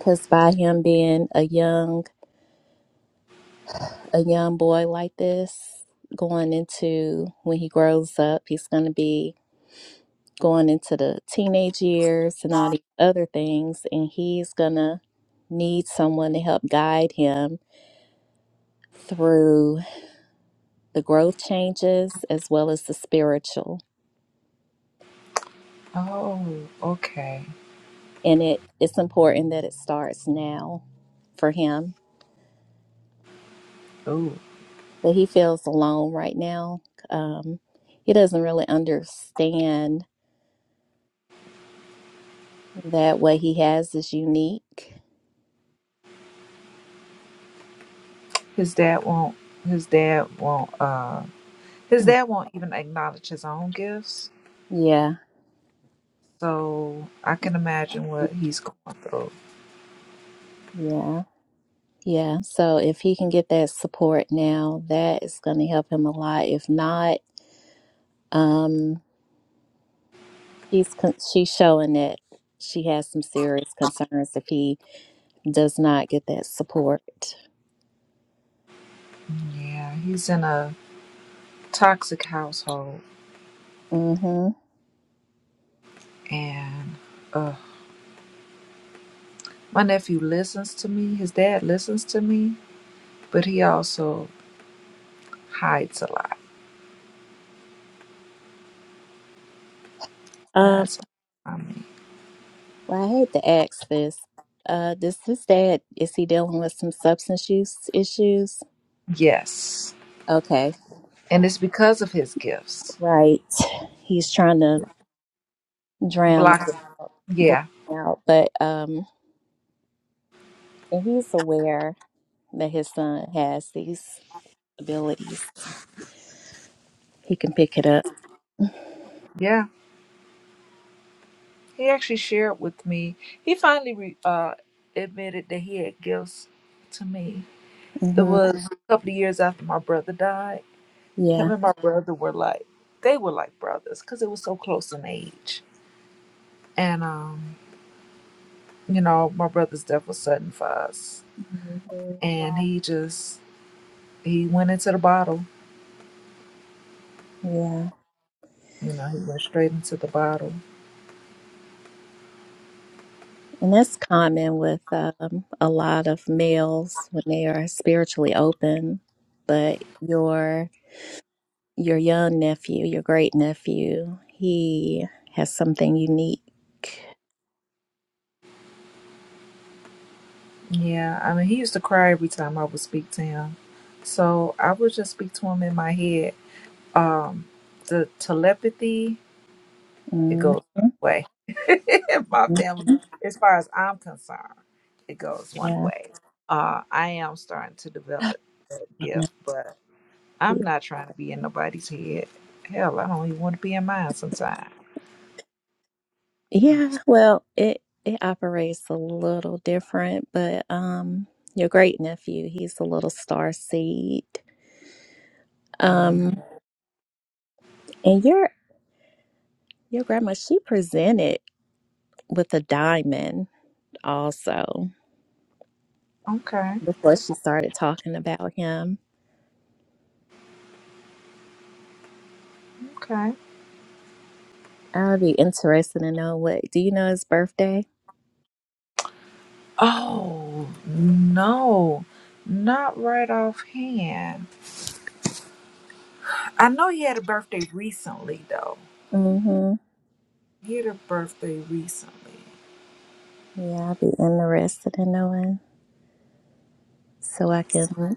Speaker 1: Cause by him being a young a young boy like this, going into when he grows up, he's gonna be going into the teenage years and all these other things, and he's gonna need someone to help guide him through the growth changes as well as the spiritual.
Speaker 6: Oh, okay.
Speaker 1: And it, it's important that it starts now for him.
Speaker 6: Oh,
Speaker 1: But he feels alone right now. Um, he doesn't really understand that what he has is unique.
Speaker 6: his dad won't. His dad won't. Uh, his
Speaker 1: Mm.
Speaker 6: dad won't even acknowledge his own gifts.
Speaker 1: Yeah.
Speaker 6: So I can imagine what he's going through.
Speaker 1: Yeah. Yeah. So if he can get that support now, that is going to help him a lot. If not, um, she's con- she's showing that she has some serious concerns if he does not get that support.
Speaker 6: Yeah, he's in a toxic household,
Speaker 1: Mm-hmm.
Speaker 6: and uh, My nephew listens to me. His dad listens to me, but he also hides a lot.
Speaker 1: Um,
Speaker 6: Hides a lot from me.
Speaker 1: well, I hate to ask this. Uh, does his dad is he dealing with some substance use issues?
Speaker 6: Yes.
Speaker 1: Okay,
Speaker 6: And it's because of his gifts.
Speaker 1: right. He's trying to drown.
Speaker 6: Block.
Speaker 1: blown
Speaker 6: Yeah.
Speaker 1: out, but um, and he's aware that his son has these abilities. He can pick it up.
Speaker 6: Yeah. He actually shared with me. He finally re, uh, admitted that he had gifts to me. It
Speaker 1: hmm
Speaker 6: was a couple of years after my brother died. Him
Speaker 1: Yeah.
Speaker 6: and my brother were like, they were like brothers because it was so close in age. And, um, you know, my brother's death was sudden for us
Speaker 1: hmm
Speaker 6: and he just he went into the bottle.
Speaker 1: Yeah.
Speaker 6: You know, he went straight into the bottle.
Speaker 1: And that's common with um, a lot of males when they are spiritually open. But your your young nephew, your great nephew, he has something unique.
Speaker 6: Yeah, I mean, he used to cry every time I would speak to him. So I would just speak to him in my head. Um, the telepathy, it
Speaker 1: hmm
Speaker 6: goes away. In my family, as far as I'm concerned, it goes one
Speaker 1: Yeah.
Speaker 6: way. Uh, I am starting to develop that gift, but I'm not trying to be in nobody's head. Hell, I don't even want to be in mine sometimes.
Speaker 1: Yeah, well, it it operates a little different, but um your great nephew, he's a little star seed. Um and your your grandma, she presented with a diamond also
Speaker 6: Okay,
Speaker 1: before she started talking about him.
Speaker 6: okay.
Speaker 1: I'd be interested to know what do you know his birthday?
Speaker 6: Oh, no. Not right offhand. I know he had a birthday recently, though.
Speaker 1: Mm-hmm.
Speaker 6: He had a birthday recently.
Speaker 1: Yeah, I'd be interested in knowing so I can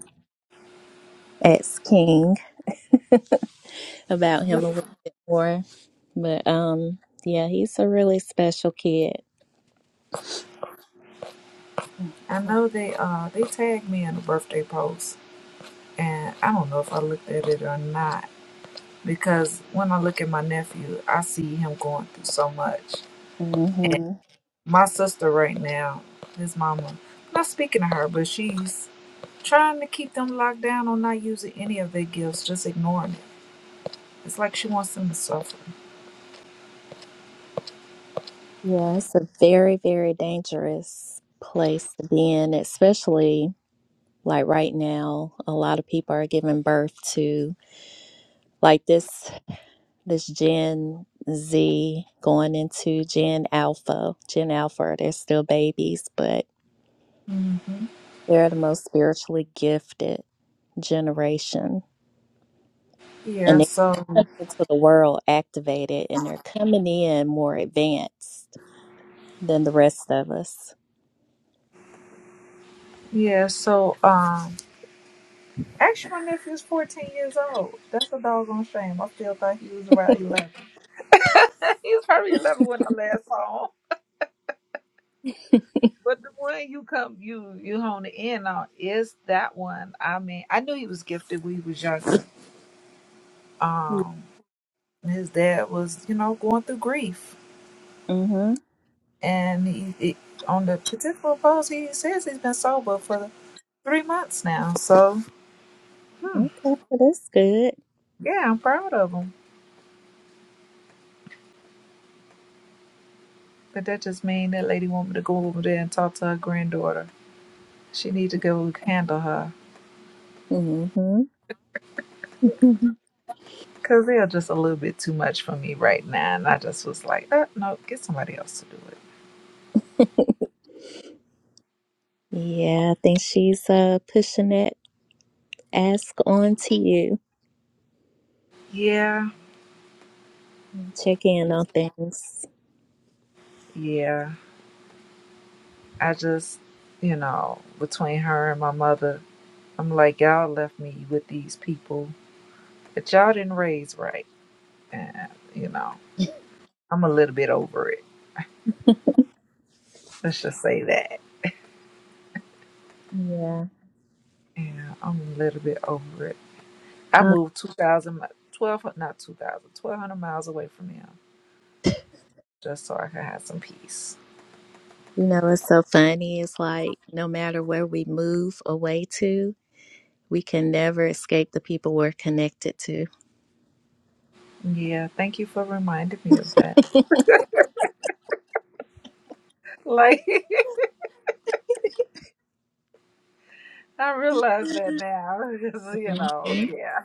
Speaker 1: ask King. about him a little bit more. But um, yeah, he's a really special kid.
Speaker 6: I know they uh they tagged me in a birthday post, and I don't know if I looked at it or not because when I look at my nephew, I see him going through so much.
Speaker 1: hmm
Speaker 6: My sister right now, his mama, not speaking to her, but she's trying to keep them locked down on not using any of their gifts, just ignoring it. It's like she wants them to suffer.
Speaker 1: Yeah, it's a very, very dangerous place to be in, especially like right now. A lot of people are giving birth to like this this Gen Z going into Gen Alpha. Gen Alpha, they're still babies, but
Speaker 6: hmm
Speaker 1: they're the most spiritually gifted generation and
Speaker 6: Yeah,
Speaker 1: they're
Speaker 6: so
Speaker 1: coming into the world activated and they're coming in more advanced than the rest of us.
Speaker 6: yeah, so um actually my nephew's fourteen years old. That's a doggone shame. I still thought he was around eleven. he was probably eleven when I last saw him. But the one you come you you hone the in on is that one. I mean, I knew he was gifted when he was younger. Um his dad was, you know, going through grief.
Speaker 1: Mm-hmm.
Speaker 6: And he, he on the particular post he says he's been sober for three months now. So hmm.
Speaker 1: Okay, well, that's good.
Speaker 6: Yeah, I'm proud of them. But that just mean that lady want me to go over there and talk to her granddaughter. She need to go handle her.
Speaker 1: Mm-hmm.
Speaker 6: Because they're just a little bit too much for me right now. And I just was like, uh, no, get somebody else to do it.
Speaker 1: yeah, I think she's uh, pushing that ask on to you.
Speaker 6: Yeah,
Speaker 1: Check in on things.
Speaker 6: yeah. I just, you know, between her and my mother, I'm like, y'all left me with these people that y'all didn't raise right. And, you know, I'm a little bit over it. Let's just say that.
Speaker 1: Yeah.
Speaker 6: Yeah, I'm a little bit over it. I
Speaker 1: Um,
Speaker 6: moved 2,000 12 not 2,000 1,200 miles away from him just so I could have some peace.
Speaker 1: you know, it's so funny. It's like no matter where we move away to, we can never escape the people we're connected to.
Speaker 6: Yeah, thank you for reminding me of that. Like, I realize that now. 'cause, you know,
Speaker 1: Mhm.
Speaker 6: yeah,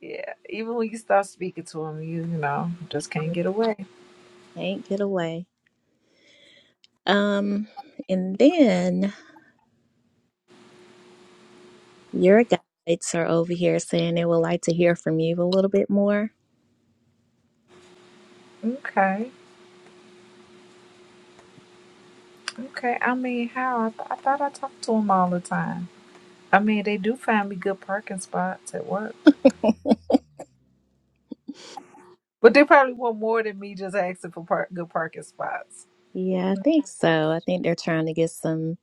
Speaker 6: yeah. Even when you start speaking to him, you, you know, just can't get away.
Speaker 1: Can't get away. Um, and then your guides are over here saying they would like to hear from you a little bit more.
Speaker 6: Okay, okay. I mean, how? I, th- I thought I talked to him all the time. I mean, they do find me good parking spots at work. But they probably want more than me just asking for par- good parking spots.
Speaker 1: Yeah, I think so. I think they're trying to get some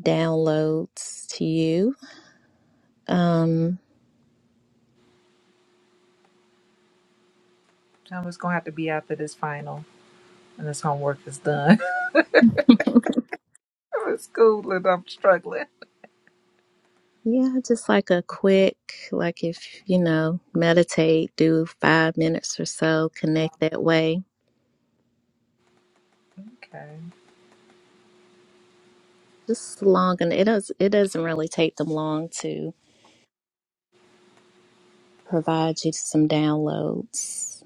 Speaker 1: downloads to you. Um,
Speaker 6: I'm just going to have to be after this final. and his homework is done. With school and I'm struggling.
Speaker 1: yeah, just like a quick, like if you know, meditate, do five minutes or so, connect that way.
Speaker 6: Okay,
Speaker 1: Just long, and it does. It doesn't really take them long to provide you some downloads.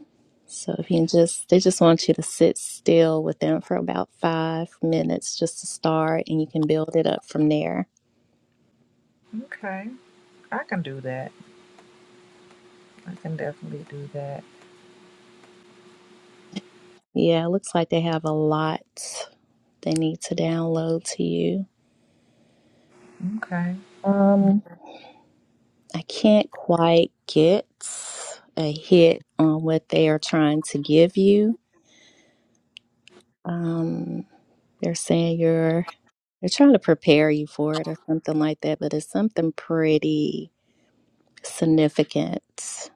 Speaker 1: So if you can just, they just want you to sit still with them for about five minutes just to start, and you can build it up from there.
Speaker 6: okay, I can do that. I can definitely do that.
Speaker 1: Yeah, it looks like they have a lot they need to download to you.
Speaker 6: Okay,
Speaker 1: Um, I can't quite get a hit on what they are trying to give you. Um, they're saying you're they're trying to prepare you for it or something like that, but it's something pretty significance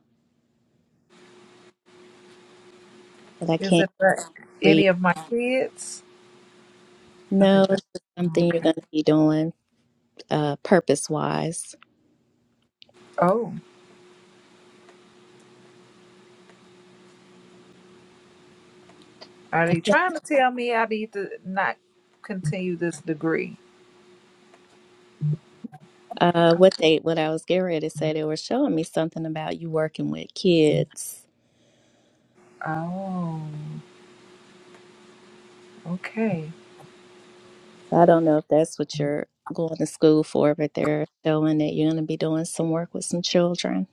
Speaker 1: that I
Speaker 6: is
Speaker 1: can't
Speaker 6: it for any
Speaker 1: read.
Speaker 6: of my kids? I
Speaker 1: No,
Speaker 6: think that.
Speaker 1: it's just something you're
Speaker 6: Okay.
Speaker 1: going to be doing uh, purpose wise.
Speaker 6: Oh, are they trying to tell me I need to not continue this degree?
Speaker 1: Uh, what they what I was getting ready to say, they were showing me something about you working with kids.
Speaker 6: Oh, okay,
Speaker 1: So I don't know if that's what you're going to school for, but they're showing that you're going to be doing some work with some children.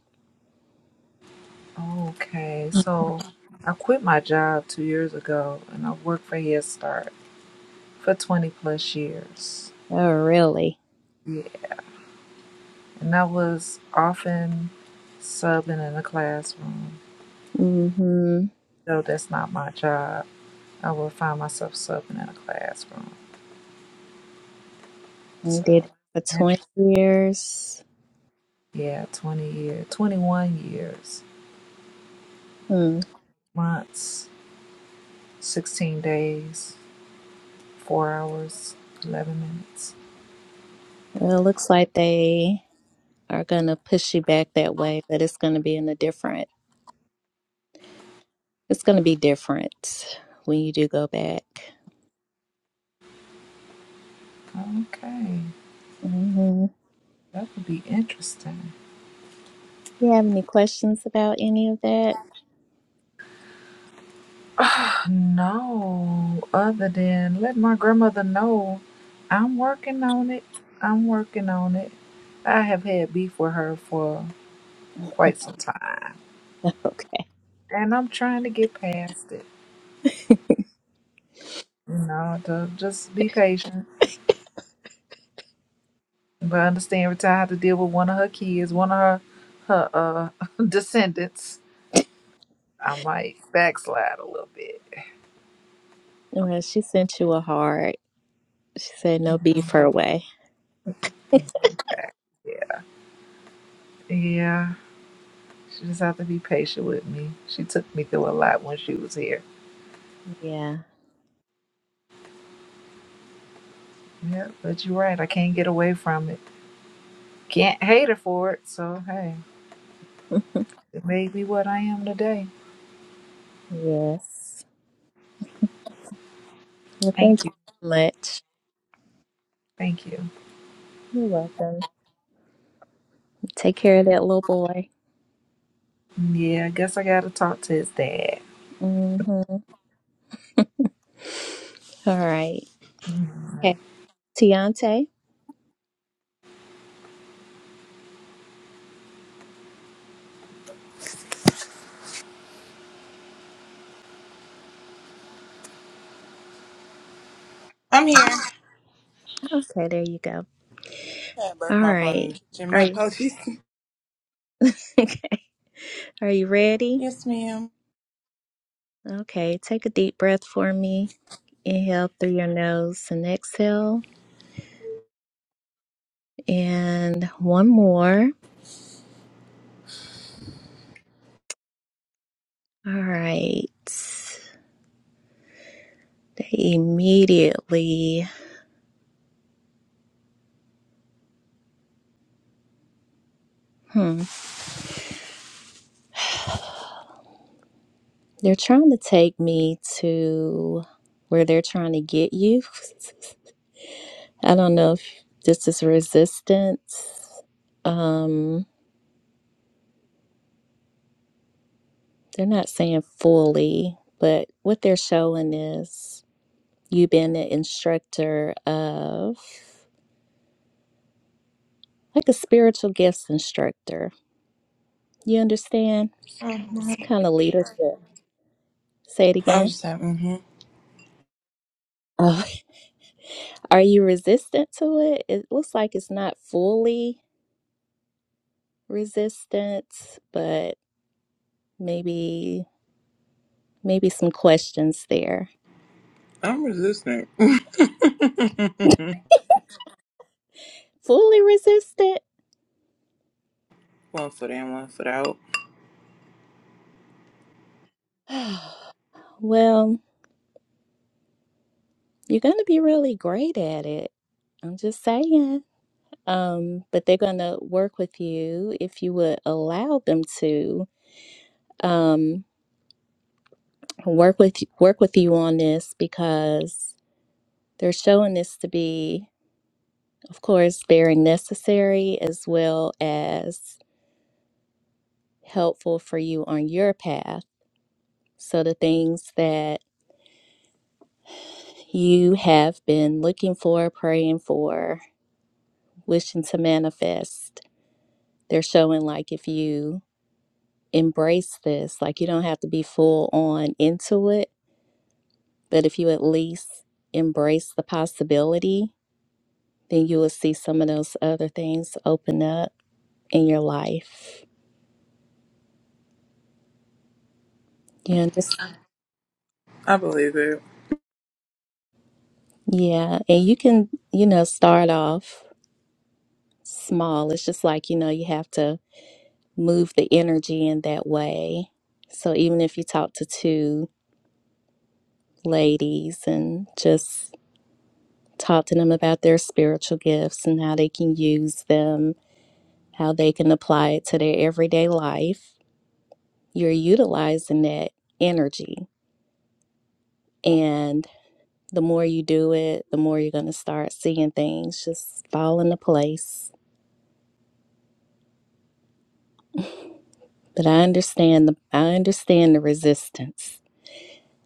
Speaker 6: okay. So I quit my job two years ago, and I've worked for Head Start for twenty plus years.
Speaker 1: Oh, really?
Speaker 6: Yeah. And I was often subbing in the classroom.
Speaker 1: Mm-hmm.
Speaker 6: Though that's not my job, I would find myself subbing in a classroom.
Speaker 1: You
Speaker 6: So,
Speaker 1: did it for 20
Speaker 6: interesting.
Speaker 1: years.
Speaker 6: Yeah, 20 years, 21 years,
Speaker 1: Hmm.
Speaker 6: months, 16 days, 4 hours, 11 minutes.
Speaker 1: Well, it looks like they are going to push you back that way, but it's going to be in a different It's going to be different when you do go back.
Speaker 6: Okay,
Speaker 1: hmm
Speaker 6: that would be interesting.
Speaker 1: You have any questions about any of that?
Speaker 6: No, other than let my grandmother know I'm working on it. I'm working on it. I have had beef with her for quite some time,
Speaker 1: Okay.
Speaker 6: and I'm trying to get past it. You know, to just be patient, but understand every time I have to deal with one of her kids, one of her her uh, descendants, I might backslide a little bit.
Speaker 1: Well, she sent you a heart. She said no beef her way.
Speaker 6: Yeah, yeah. She just have to be patient with me. She took me through a lot when she was here.
Speaker 1: Yeah.
Speaker 6: Yeah, but you're right. I can't get away from it. Can't hate her for it. So hey, it made me what I am today.
Speaker 1: yes. Well, thank
Speaker 6: Thank
Speaker 1: you
Speaker 6: you.
Speaker 1: so much.
Speaker 6: Thank you.
Speaker 1: You're welcome. Take care of that little boy.
Speaker 6: Yeah, I guess I gotta talk to his dad.
Speaker 1: Mm-hmm. All right.
Speaker 6: Mhm.
Speaker 1: Okay. Tiante.
Speaker 4: I'm here.
Speaker 1: Okay, there you go.
Speaker 4: I broke
Speaker 1: All
Speaker 4: my phone in
Speaker 1: right.
Speaker 4: the kitchen.
Speaker 1: Are
Speaker 4: My
Speaker 1: you
Speaker 4: apologies.
Speaker 1: okay? Are you ready?
Speaker 4: Yes, madam
Speaker 1: Okay, take a deep breath for me. Inhale through your nose and exhale. And one more. All right. They immediately, hmm, they're trying to take me to where they're trying to get you. I don't know if this is resistance. Um, they're not saying fully, but what they're showing is you being the instructor of. like a spiritual gifts instructor. You understand?
Speaker 4: Mm-hmm.
Speaker 1: Some kind of leadership. Say it
Speaker 4: I was
Speaker 1: again.
Speaker 4: just like, mm-hmm.
Speaker 1: Oh, are you resistant to it? It looks like it's not fully resistance, but maybe maybe some questions there.
Speaker 4: I'm resistant.
Speaker 1: Fully resistant?
Speaker 4: one foot in, one foot out.
Speaker 1: Well, you're going to be really great at it. I'm just saying. Um, but they're going to work with you if you would allow them to. Um, work with work with you on this because they're showing this to be, of course, very necessary as well as helpful for you on your path. So the things that you have been looking for, praying for, wishing to manifest, they're showing like if you embrace this, like you don't have to be full on into it, but if you at least embrace the possibility then you will see some of those other things open up in your life. You understand?
Speaker 4: I believe it.
Speaker 1: Yeah. And you can, you know, start off small. It's just like, you know, you have to move the energy in that way. So even if you talk to two ladies and just talk to them about their spiritual gifts and how they can use them, how they can apply it to their everyday life, you're utilizing that energy. And The more you do it, the more you're going to start seeing things just fall into place. But I understand the I understand the resistance.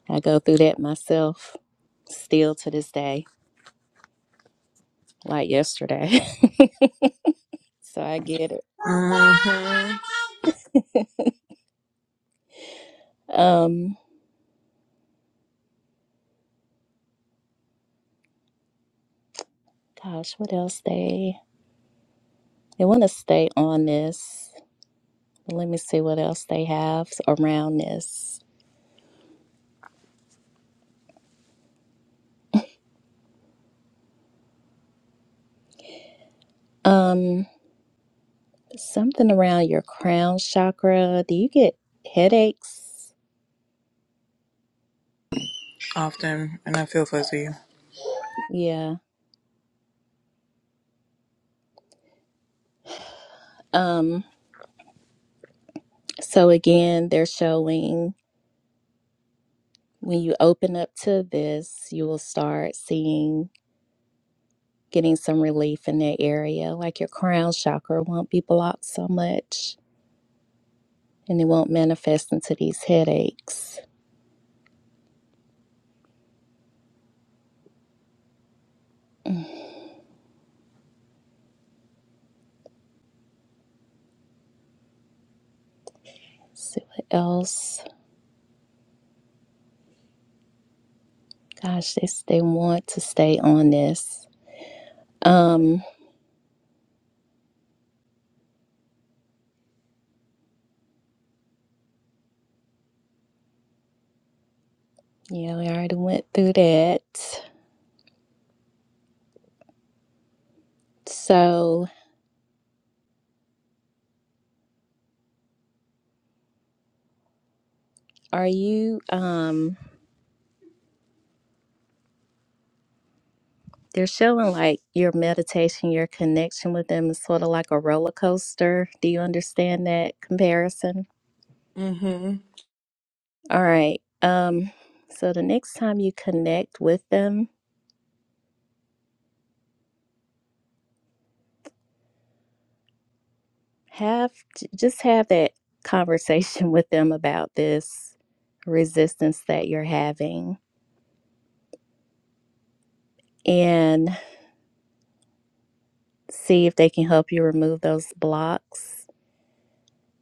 Speaker 1: I go through that myself still to this day, like yesterday. so I get it.
Speaker 4: Mm-hmm.
Speaker 1: Um gosh, what else they they want to stay on this. Let me see what else they have around this. Um something around your crown chakra. Do you get headaches?
Speaker 4: Often, and I feel fuzzy.
Speaker 1: Yeah. Um. So again, they're showing when you open up to this, you will start seeing getting some relief in that area. Like your crown chakra won't be blocked so much and it won't manifest into these headaches. Mm, let's see what else? Gosh, they, s- they want to stay on this. Um, yeah, we already went through that. So are you um They're showing like your meditation, your connection with them is sort of like a roller coaster. Do you understand that comparison?
Speaker 4: Mm-hmm.
Speaker 1: All right. Um, so the next time you connect with them, have j- just have that conversation with them about this resistance that you're having and see if they can help you remove those blocks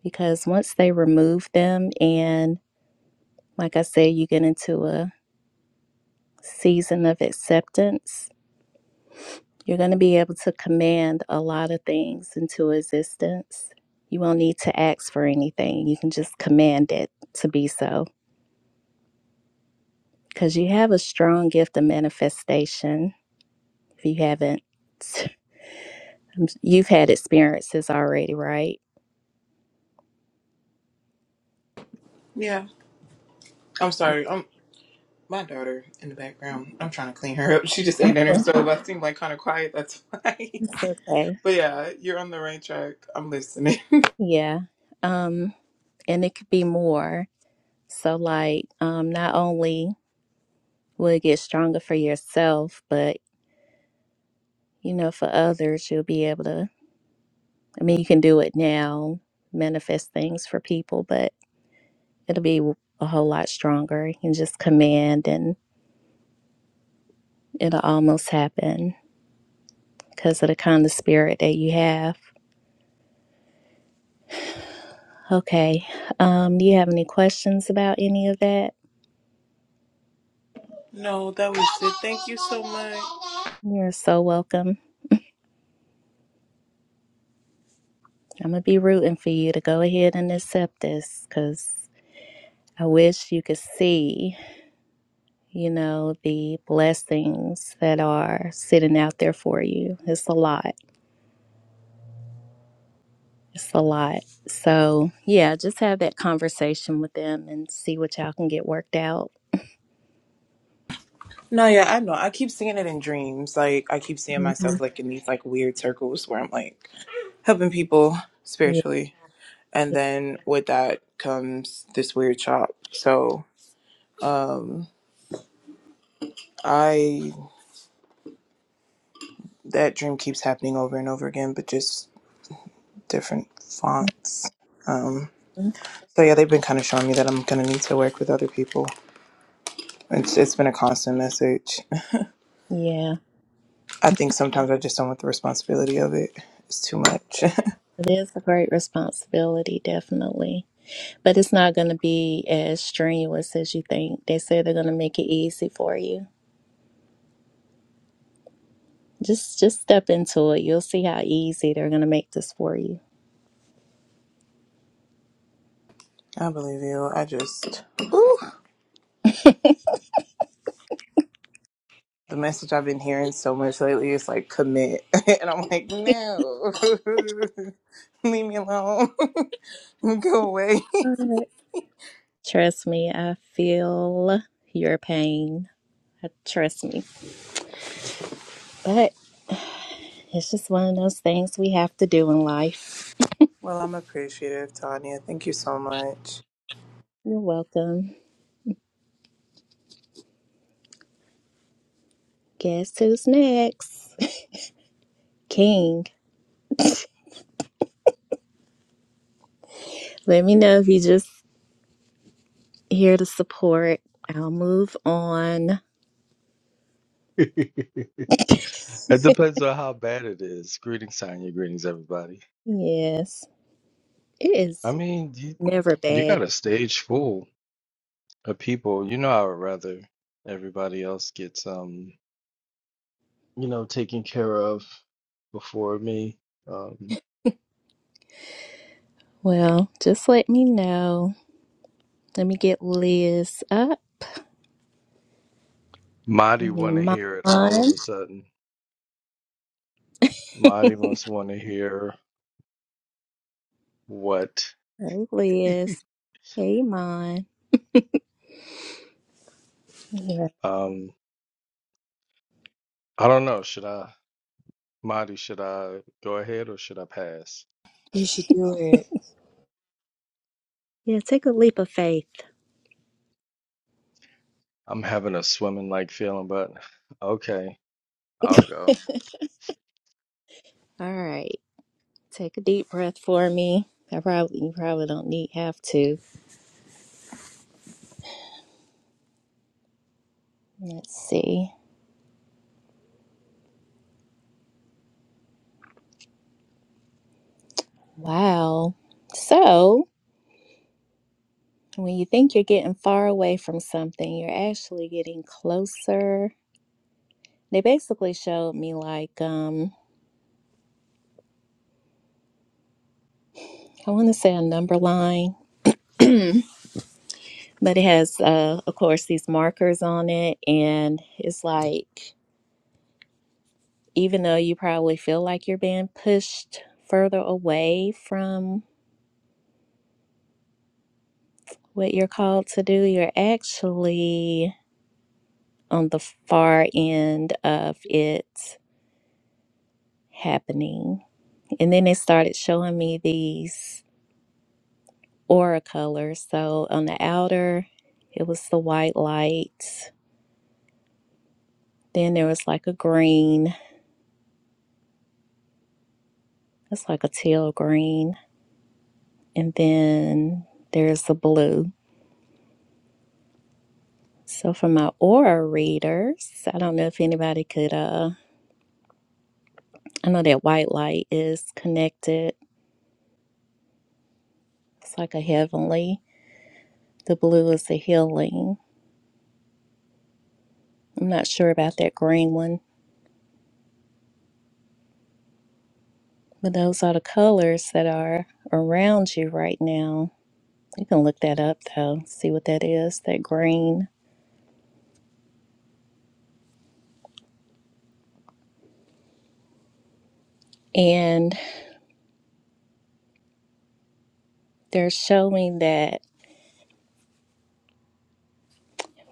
Speaker 1: because once they remove them and like I said you get into a season of acceptance You're going to be able to command a lot of things into existence. You won't need to ask for anything. You can just command it to be so because you have a strong gift of manifestation. If you haven't, you've had experiences already, right?
Speaker 4: Yeah. I'm
Speaker 1: Yeah.
Speaker 4: sorry. I'm my daughter in the background. I'm trying to clean her up. She just ate dinner, so if I seem like kind of quiet, that's why.
Speaker 1: It's okay.
Speaker 4: but yeah, you're on the right track. I'm listening.
Speaker 1: Yeah. Um, and it could be more. So like, um, not only will it get stronger for yourself, but you know, for others, you'll be able to I mean, you can do it now, manifest things for people, but it'll be a whole lot stronger. You can just command and it'll almost happen because of the kind of spirit that you have. Okay. Um, do you have any questions about any of that?
Speaker 4: no, that was it. Thank you so much.
Speaker 1: You're so welcome. I'm going to be rooting for you to go ahead and accept this because I wish you could see, you know, the blessings that are sitting out there for you. It's a lot It's a lot. So, yeah, just have that conversation with them and see what y'all can get worked out.
Speaker 4: No, yeah, I know. I keep seeing it in dreams. Like I keep seeing myself like in these like weird circles where I'm like helping people
Speaker 1: Yeah.
Speaker 4: spiritually. And then with that comes this weird chop. So I that dream keeps happening over and over again, but just different fonts. Um so yeah, they've been kind of showing me that I'm gonna need to work with other people. It's it's been a constant message.
Speaker 1: Yeah.
Speaker 4: I think sometimes I just don't want the responsibility of it. It's too much.
Speaker 1: It is a great responsibility, definitely. But it's not going to be as strenuous as you think. They say they're going to make it easy for you. Just just step into it. You'll see how easy they're going to make this for you.
Speaker 4: I believe you. I just Ooh. the message I've been hearing so much lately is like commit. and I'm like, no, leave me alone, go away.
Speaker 1: Alright. Trust me, I feel your pain. Uh, Trust me. but. It's just one of those things we have to do in life.
Speaker 4: well, I'm appreciative, Tanya. Thank you so much.
Speaker 1: You're welcome. Guess who's next? King. Let me know if you just here to support. I'll move on.
Speaker 7: It depends on how bad it is. Greetings, Sonya. Greetings, everybody.
Speaker 1: Yes, it
Speaker 7: I
Speaker 1: is
Speaker 7: mean, you
Speaker 1: never
Speaker 7: you
Speaker 1: bad.
Speaker 7: got a stage full of people. You know, I would rather everybody else gets um, you know, taken care of before me. Um,
Speaker 1: Well, just let me know. Let me get Liz up.
Speaker 7: Marty
Speaker 1: And
Speaker 7: want to hear it all of
Speaker 1: Iman.
Speaker 7: a sudden. Marty must want to hear what?
Speaker 1: Hey, Liz. Hey, Iman. Yeah.
Speaker 7: Um, I don't know. Should I, Marty? Should I go ahead or should I pass?
Speaker 8: You should do it.
Speaker 1: yeah, take a leap of faith.
Speaker 7: I'm having a swimming like feeling, but okay. I'll
Speaker 1: All
Speaker 7: go.
Speaker 1: right. Take a deep breath for me. I probably you probably don't need have to. Let's see. Wow. So when you think you're getting far away from something, you're actually getting closer. They basically showed me like um I want to say a number line, but it has uh of course these markers on it and it's like even though you probably feel like you're being pushed further away from what you're called to do, you're actually on the far end of it happening. And then it started showing me these aura colors. So on the outer, it was the white light. Then there was like a green, it's like a teal green. And then there's the blue. So for my aura readers, I don't know if anybody could, uh, I know that white light is connected. It's like a heavenly. The blue is the healing. I'm not sure about that green one But those are the colors that are around you right now. You can look that up though, see what that is, that green. And they're showing that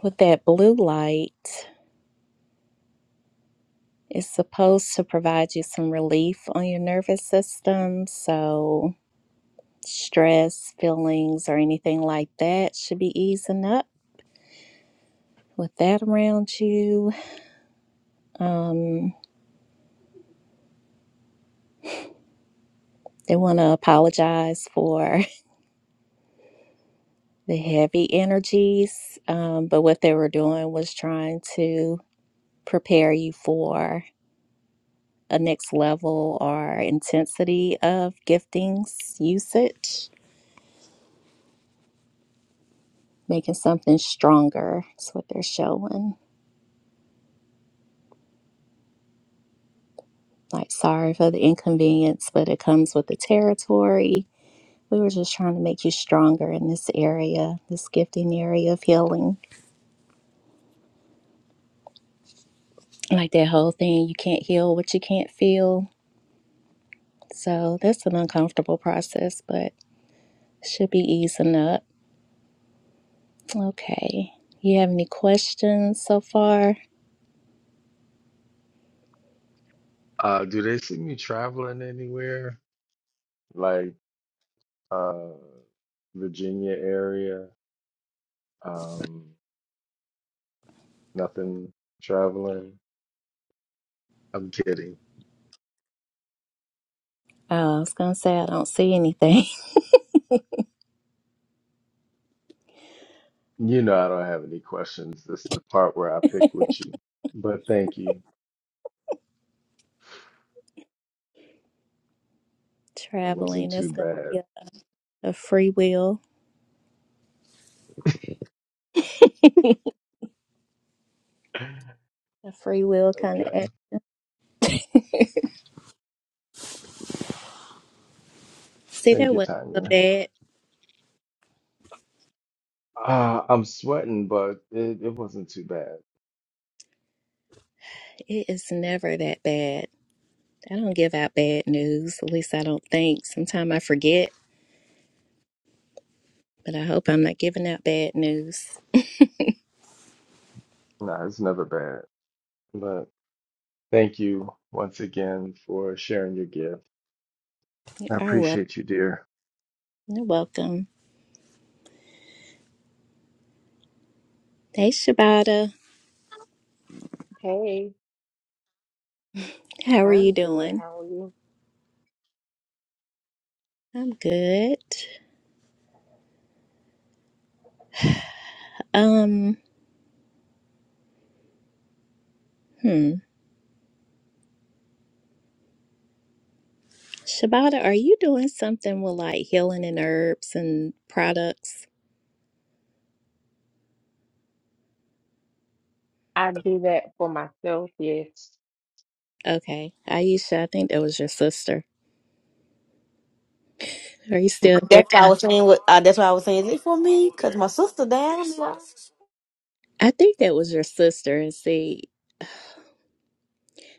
Speaker 1: with that blue light, it's supposed to provide you some relief on your nervous system. So, stress, feelings, or anything like that should be easing up with that around you. Um, they want to apologize for. the heavy energies. Um, but what they were doing was trying to prepare you for a next level or intensity of giftings usage, making something stronger. That's what they're showing. Like, sorry for the inconvenience, but it comes with the territory. We were just trying to make you stronger in this area, this gifting area of healing. Like that whole thing, you can't heal what you can't feel. So that's an uncomfortable process, but Should be easing up. Okay. You have any questions so far?
Speaker 7: Uh, do they see me traveling anywhere? Like uh Virginia area? Um, nothing traveling. I'm kidding.
Speaker 1: Uh, I was gonna say I don't see anything.
Speaker 7: You know I don't have any questions. This is the part where I pick with you. But thank you. It
Speaker 1: Traveling,
Speaker 7: wasn't too
Speaker 1: That's gonna
Speaker 7: bad.
Speaker 1: be a, a free will, a free will kind
Speaker 7: Okay.
Speaker 1: of. See,
Speaker 7: Thank
Speaker 1: that
Speaker 7: you,
Speaker 1: wasn't so
Speaker 7: Tanya.
Speaker 1: bad.
Speaker 7: Uh, I'm sweating, but it, it wasn't too bad.
Speaker 1: It is never that bad. I don't give out bad news. At least I don't think. Sometimes I forget, but I hope I'm not giving out bad news.
Speaker 7: No, it's never bad. But thank you once again for sharing your gift. I
Speaker 1: You're welcome.
Speaker 7: appreciate you, dear.
Speaker 1: You're welcome. Hey, Shabata.
Speaker 9: Hey,
Speaker 1: How are you
Speaker 9: I'm good.
Speaker 1: doing?
Speaker 9: How are you?
Speaker 1: I'm good. Um, hmm. Shabata, are you doing something with like healing and herbs and products?
Speaker 9: I do that for myself, yes.
Speaker 1: Okay. Aisha, I think that was your sister. Are you still there?
Speaker 3: That's why I was saying. What, uh, that's why I was saying. Is it for me? Because my sister down.
Speaker 1: I think that was your sister. And see,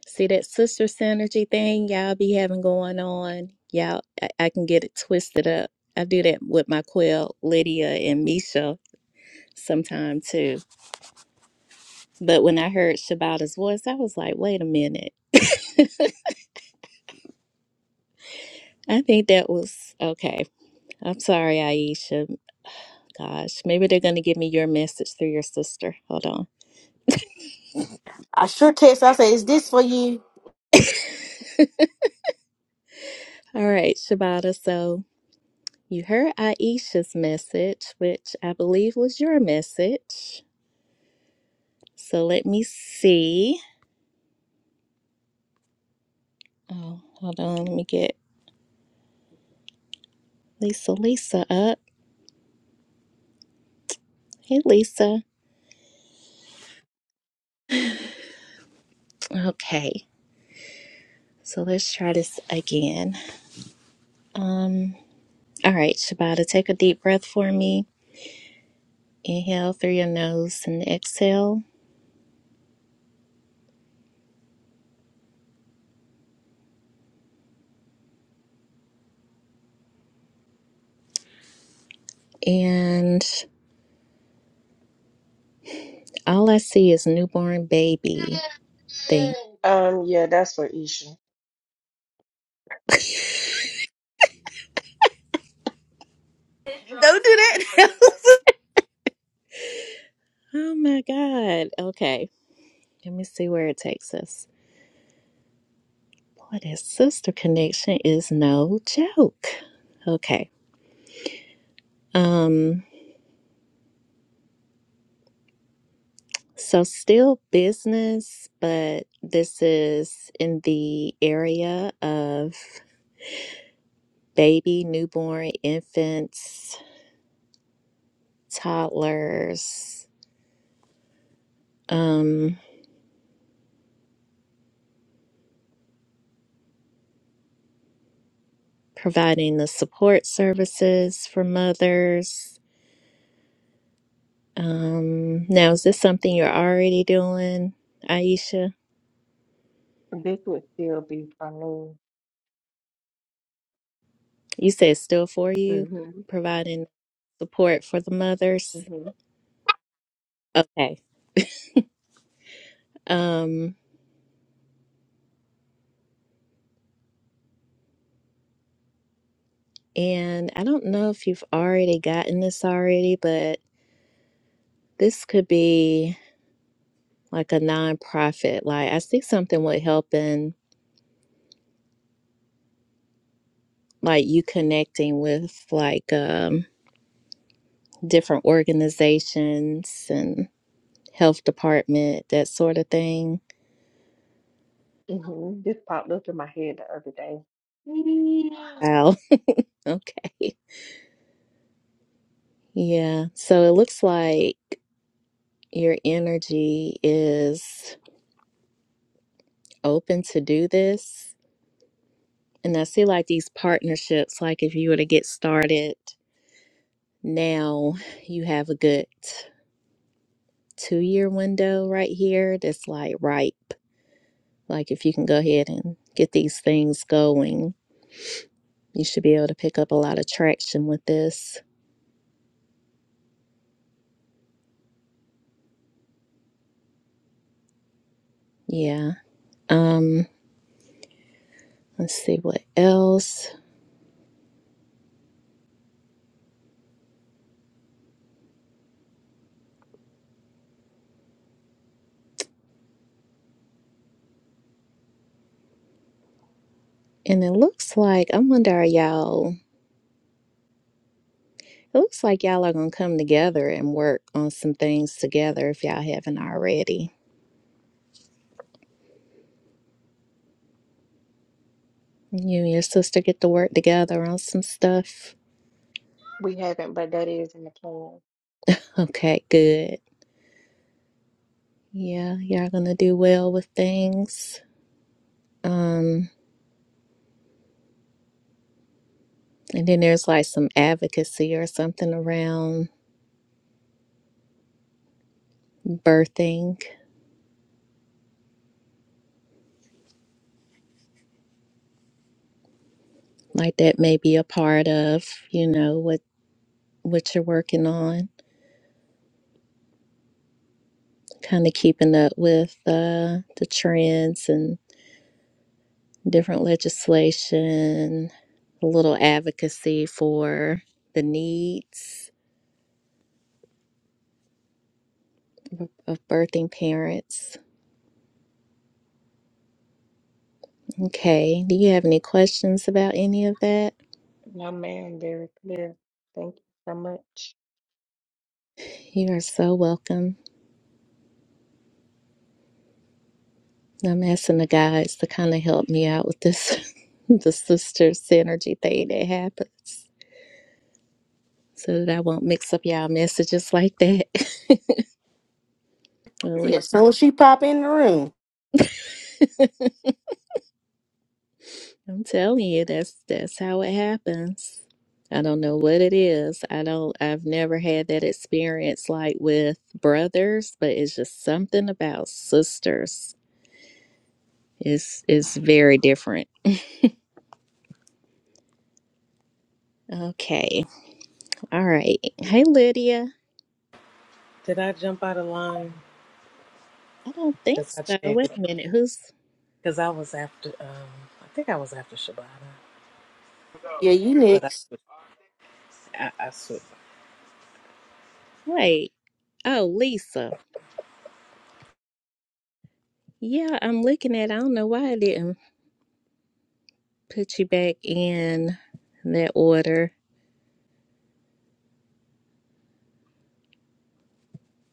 Speaker 1: see that sister synergy thing y'all be having going on. Y'all, I, I can get it twisted up. I do that with my quill, Lydia and Misha, sometime too. But when I heard Shabata's voice, I was like, wait a minute. I think that was okay. I'm sorry, Aisha. Gosh, maybe they're going to give me your message through your sister. Hold on.
Speaker 3: I sure text. her, I said, "Is this for you?"
Speaker 1: All right, Shabata. So you heard Aisha's message, which I believe was your message. So let me see. Oh, hold on. Let me get Lisa Lisa up. Hey, Lisa. Okay. So let's try this again. Um. All right, Shabata, take a deep breath for me. Inhale through your nose and exhale. And all I see is newborn baby thing.
Speaker 9: Um, yeah, that's for Isha.
Speaker 3: Don't do that.
Speaker 1: Oh my God. Okay. Let me see where it takes us. Boy, this sister connection is no joke. Okay. Um, so still business, but this is in the area of baby, newborn, infants, toddlers, um, providing the support services for mothers. Um, now is this something you're already doing, Aisha?
Speaker 9: This would still be for me.
Speaker 1: You said still for you,
Speaker 9: hmm
Speaker 1: providing support for the mothers.
Speaker 9: hmm
Speaker 1: Okay. Um, and I don't know if you've already gotten this already, but this could be like a nonprofit. Like I see something with helping like you connecting with like um different organizations and health department, that sort of thing.
Speaker 9: hmm This popped up in my head the other day. Mm.
Speaker 1: Wow. Okay. Yeah. So it looks like your energy is open to do this. And I see like these partnerships, like if you were to get started now, you have a good two year window right here that's like ripe. Like if you can go ahead and get these things going, you should be able to pick up a lot of traction with this. Yeah. Um, let's see what else. And it looks like I wonder are y'all it looks like y'all are gonna come together and work on some things together if y'all haven't already You and your sister get to work together on some stuff.
Speaker 9: We haven't, but that is in the plan.
Speaker 1: Okay, good. Yeah, y'all gonna do well with things. Um, and then there's like some advocacy or something around birthing, like that may be a part of, you know, what what you're working on. Kind of keeping up with uh, the trends and different legislation, a little advocacy for the needs of birthing parents Okay. Do you have any questions about any of that?
Speaker 9: No, ma'am, very clear. Thank you so much.
Speaker 1: You are so welcome. I'm asking the guys to kind of help me out with this, the sister synergy thing that happens, so that I won't mix up y'all messages like that. Really,
Speaker 3: Yeah, soon as she pop in the room.
Speaker 1: I'm telling you, that's that's how it happens. I don't know what it is. I don't. I've never had that experience like with brothers, but it's just something about sisters. It's it's very different. Okay. All right. Hey, Lydia.
Speaker 10: Did I jump out of line?
Speaker 1: I don't think
Speaker 10: Because I
Speaker 1: so.
Speaker 10: changed
Speaker 1: Wait
Speaker 10: the
Speaker 1: a minute. Who's.
Speaker 10: Because I was after, um, I think I was after Shabana,
Speaker 3: Yeah, you
Speaker 10: but I
Speaker 3: next.
Speaker 10: switched. I, I switched.
Speaker 1: Wait. Oh, Lisa. Yeah, I'm looking at. I don't know why I didn't put you back in that order.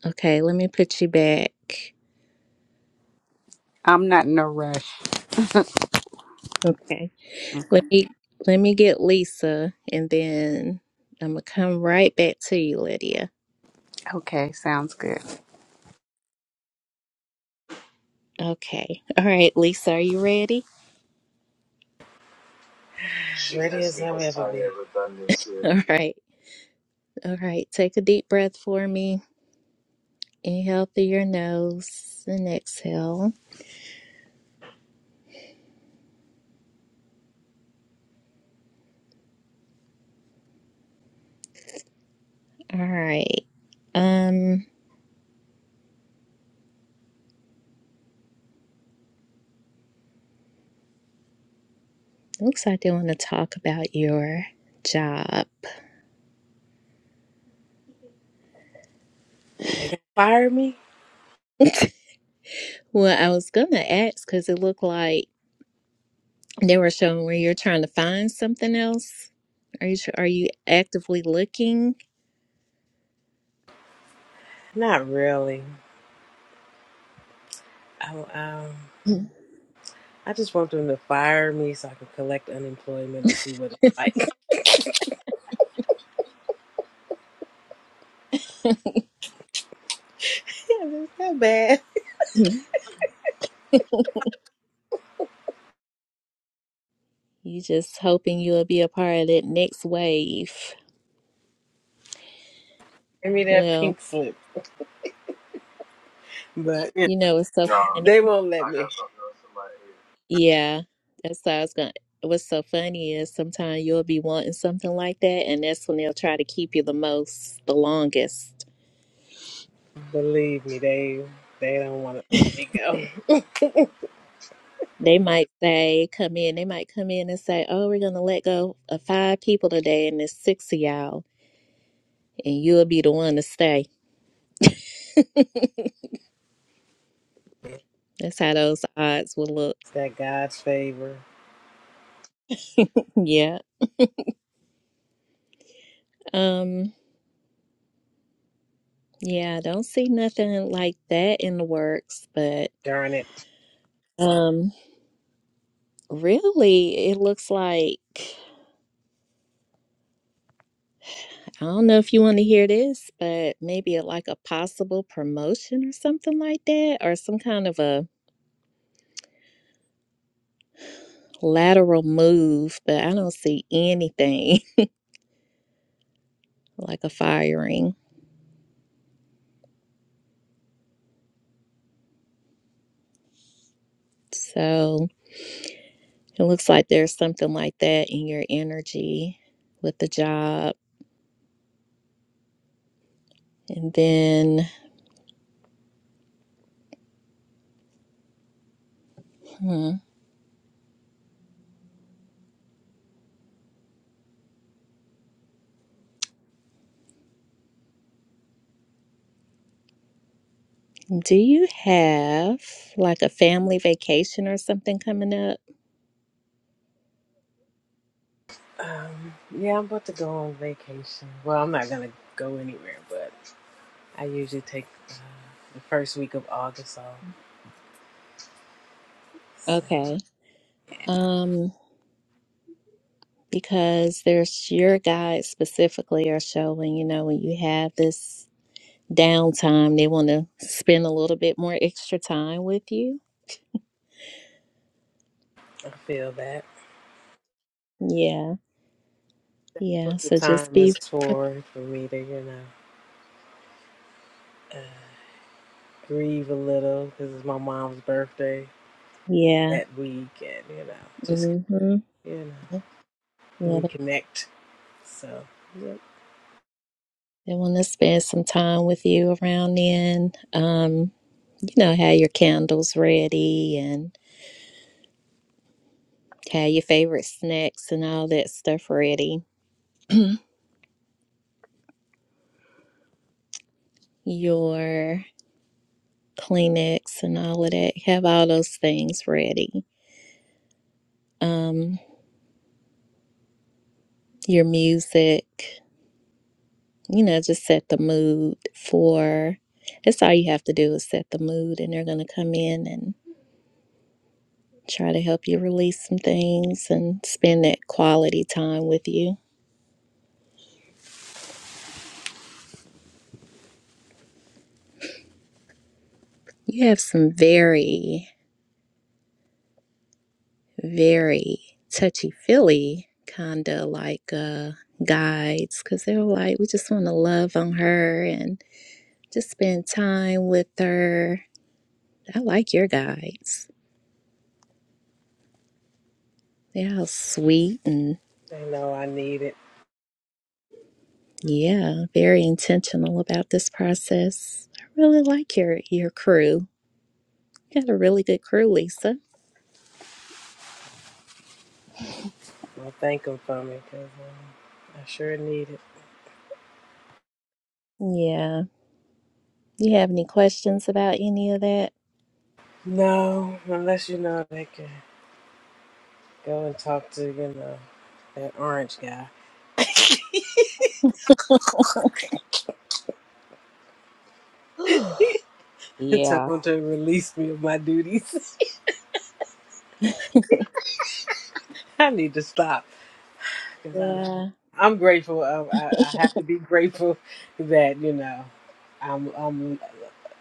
Speaker 1: Okay, let me put you back.
Speaker 11: I'm not in a rush.
Speaker 1: Okay. Let me let me get Lisa and then I'm gonna come right back to you, Lydia.
Speaker 11: Okay, sounds good.
Speaker 1: Okay. All right, Lisa, are you ready?
Speaker 10: She Ready as i have ever been.
Speaker 1: All right. All right. Take a deep breath for me. Inhale through your nose and exhale. All right. Um, looks like they want to talk about your job.
Speaker 10: They gonna fire me?
Speaker 1: Well, I was gonna ask because it looked like they were showing where you're trying to find something else. Are you tr- are you actively looking?
Speaker 10: Not really. I, um, I just want them to fire me so I can collect unemployment and see what it's like. yeah, that's not bad.
Speaker 1: Mhm. You just hoping you'll be a part of that next wave.
Speaker 10: Give me that
Speaker 1: Well,
Speaker 10: pink slip. But you
Speaker 1: you know it's so
Speaker 10: know, Nah,
Speaker 1: funny.
Speaker 10: they won't let I me. got something else
Speaker 1: Yeah, that's why I was gonna. What's so funny is sometimes you'll be wanting something like that, and that's when they'll try to keep you the most, the longest.
Speaker 10: in my head. Believe me, they they don't want to let me go.
Speaker 1: They might say, come in, they might come in and say, oh, we're going to let go of five people today and there's six of y'all, and you'll be the one to stay.
Speaker 10: It's
Speaker 1: That's how those odds will look.
Speaker 10: that God's favor.
Speaker 1: Yeah. Um, yeah, I don't see nothing like that in the works, but
Speaker 10: Darn it.
Speaker 1: um really it looks like I don't know if you want to hear this, but maybe a, like a possible promotion or something like that, or some kind of a lateral move, but I don't see anything. like a firing. So it looks like there's something like that in your energy with the job. And then, hmm, do you have like a family vacation or something coming up?
Speaker 10: Um, yeah, I'm about to go on vacation. Well, I'm not gonna go anywhere, but I usually take uh, the first week of August off. So
Speaker 1: Okay.
Speaker 10: yeah,
Speaker 1: Um, because there's your guides specifically are showing, you know, when you have this downtime, they want to spend a little bit more extra time with you.
Speaker 10: I feel that.
Speaker 1: Yeah.
Speaker 10: That's
Speaker 1: Yeah.
Speaker 10: what the
Speaker 1: So just
Speaker 10: time
Speaker 1: be,
Speaker 10: is
Speaker 1: pre-
Speaker 10: for for me to, you know, uh, grieve a little because it's my mom's birthday
Speaker 1: yeah.
Speaker 10: that week, and you know, just
Speaker 1: Mm-hmm.
Speaker 10: you know,
Speaker 1: yeah.
Speaker 10: reconnect. So yep,
Speaker 1: They want to spend some time with you around then. Um, you know, have your candles ready and have your favorite snacks and all that stuff ready. your Kleenex and all of that. Have all those things ready. Um, your music, you know, just set the mood for that's all you have to do is set the mood and they're gonna come in and try to help you release some things and spend that quality time with you. You have some very, very touchy feely kind of like uh, guides because they're like, we just want to love on her and just spend time with her. I like your guides. They're all sweet and
Speaker 10: they know I need it.
Speaker 1: yeah, very intentional about this process. I really like your your crew. You got a really good crew, Lisa.
Speaker 10: Well, thank them for me because um, I sure need it.
Speaker 1: Yeah. You have any questions about any of that?
Speaker 10: No, unless you know they can. Go and talk to, you know, that orange guy and tell
Speaker 1: yeah.
Speaker 10: him to release me of my duties. I need to stop because I,
Speaker 1: Yeah.
Speaker 10: I'm grateful. Of, I, I have to be grateful that you know I'm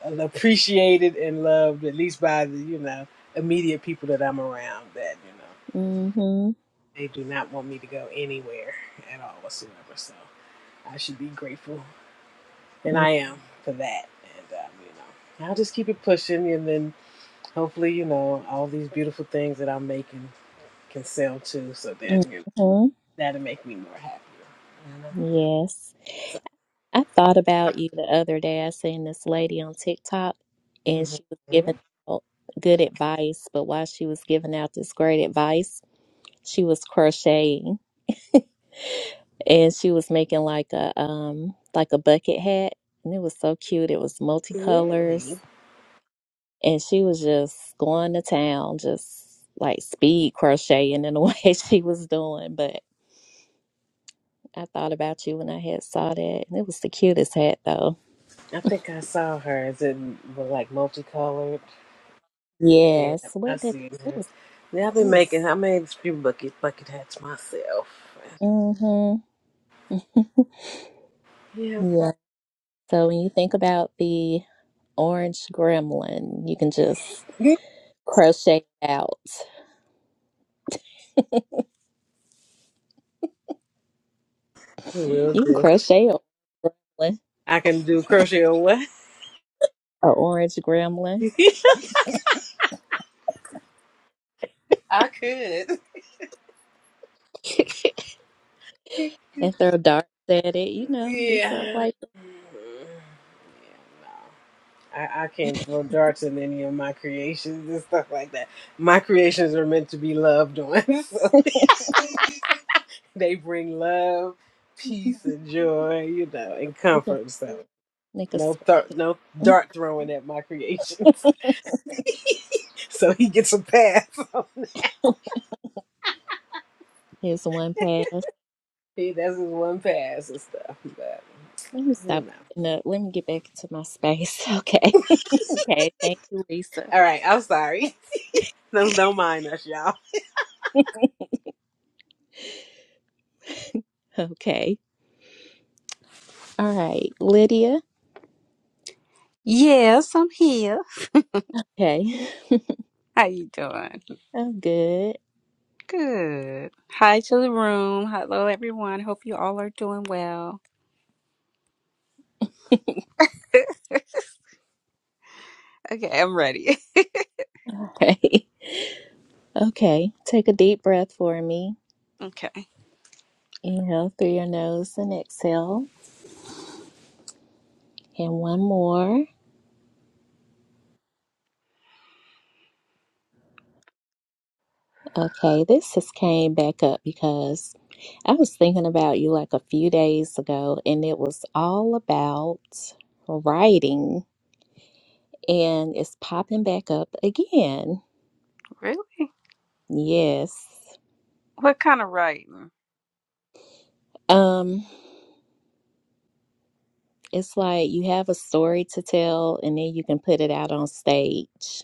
Speaker 10: I'm appreciated and loved at least by the you know immediate people that I'm around. That you know
Speaker 1: Mm-hmm.
Speaker 10: they do not want me to go anywhere at all whatsoever. So I should be grateful, and I am for that. And um, you know I'll just keep it pushing, and then Hopefully, you know, all these beautiful things that I'm making can sell too, so then you know,
Speaker 1: Mm-hmm.
Speaker 10: that'll make me more happier. You know?
Speaker 1: Yes.
Speaker 10: So,
Speaker 1: I thought about you the other day. I seen this lady on TikTok and she was giving
Speaker 10: Mhm.
Speaker 1: out good advice, but while she was giving out this great advice, she was crocheting and she was making like a um like a bucket hat and it was so cute. It was
Speaker 10: really?
Speaker 1: multicolors and she was just going to town, just like speed crocheting in the way she was doing. But I thought about you when I had saw that, and it was the cutest hat though.
Speaker 10: I think I saw her. Is it well, like multicolored? Yeah,
Speaker 1: Yes,
Speaker 10: I
Speaker 1: what did
Speaker 10: see
Speaker 1: it
Speaker 10: her.
Speaker 1: was?
Speaker 10: Yeah, I've
Speaker 1: It
Speaker 10: been
Speaker 1: was.
Speaker 10: making, I made a few bucket, bucket hats myself.
Speaker 1: Mm-hmm.
Speaker 10: Yeah.
Speaker 1: Yeah. So when you think about the orange gremlin, you can just crochet out.
Speaker 10: Will
Speaker 1: You can
Speaker 10: do.
Speaker 1: crochet a gremlin,
Speaker 10: I can do crochet or what?
Speaker 1: a orange gremlin,
Speaker 10: I could.
Speaker 1: and throw darts at it. You know, do something
Speaker 10: Yeah. Mm,
Speaker 1: like that.
Speaker 10: Yeah, no. I, I can't throw darts in any of my creations and stuff like that. My creations are meant to be loved on. So they bring love,
Speaker 1: you
Speaker 10: peace, and joy, you know, and
Speaker 1: can
Speaker 10: comfort. So
Speaker 1: make a
Speaker 10: no
Speaker 1: spin.
Speaker 10: th- no dart throwing at my creations. So he gets a pass.
Speaker 1: Here's one pass. Let
Speaker 10: he that's his one pass and stuff. But
Speaker 1: me
Speaker 10: you
Speaker 1: stop.
Speaker 10: know.
Speaker 1: putting up. let me get back into my space. Okay. Okay, thank you, Lisa.
Speaker 10: All right, I'm sorry. Those don't mind us, y'all.
Speaker 1: Okay. All right, Lydia.
Speaker 11: Yes, I'm here.
Speaker 1: Okay.
Speaker 11: How you doing?
Speaker 1: I'm good.
Speaker 11: Good. Hi to the room. Hello, everyone. Hope you all are doing well. okay, I'm ready.
Speaker 1: Okay. Okay. Take a deep breath for me.
Speaker 11: Okay.
Speaker 1: Inhale through your nose and exhale. And one more. Okay, this just came back up because I was thinking about you like a few days ago, and it was all about writing, and it's popping back up again.
Speaker 11: Really?
Speaker 1: Yes.
Speaker 11: What kind of writing?
Speaker 1: Um, It's like you have a story to tell and then you can put it out on stage.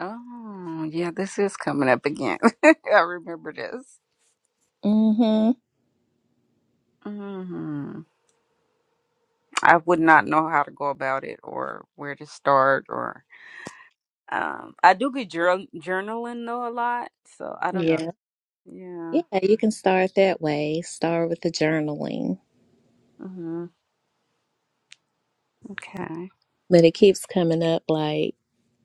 Speaker 11: Oh, yeah, this is coming up again. I remember this.
Speaker 1: Mm-hmm.
Speaker 11: hmm I would not know how to go about it or where to start or um I do get journal- journaling though a lot, so I don't know.
Speaker 1: Yeah.
Speaker 11: Yeah.
Speaker 1: Yeah, you can start that way. Start with the journaling.
Speaker 11: hmm Okay.
Speaker 1: But it keeps coming up like,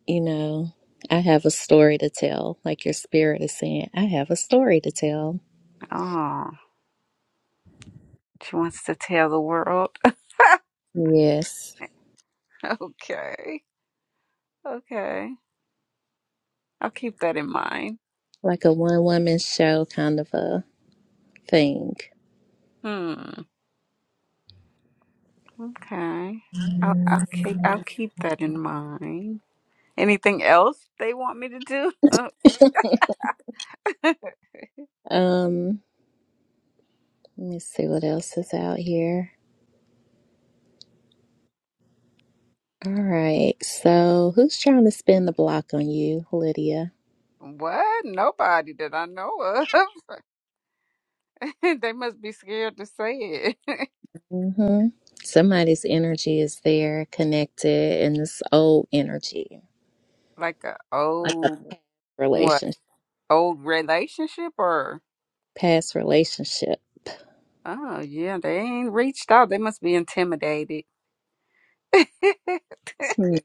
Speaker 1: you know, I have a story to tell. Like your spirit is saying, I have a story to tell.
Speaker 11: Oh, she wants to tell the world.
Speaker 1: Yes.
Speaker 11: okay. Okay. I'll keep that in mind.
Speaker 1: Like a one woman show kind of a thing.
Speaker 11: Hmm. Okay. I'll, I'll keep I'll keep that in mind. Anything else they want me to do?
Speaker 1: Um, let me see what else is out here. All right. So who's trying to spin the block on you, Lydia?
Speaker 11: what? Nobody that I know of. they must be scared to say it.
Speaker 1: hmm Somebody's energy is there, connected in this old energy
Speaker 11: like a old what?
Speaker 1: relationship,
Speaker 11: Old relationship or?
Speaker 1: past relationship.
Speaker 11: Oh yeah, they ain't reached out. They must be intimidated.
Speaker 1: Hmm.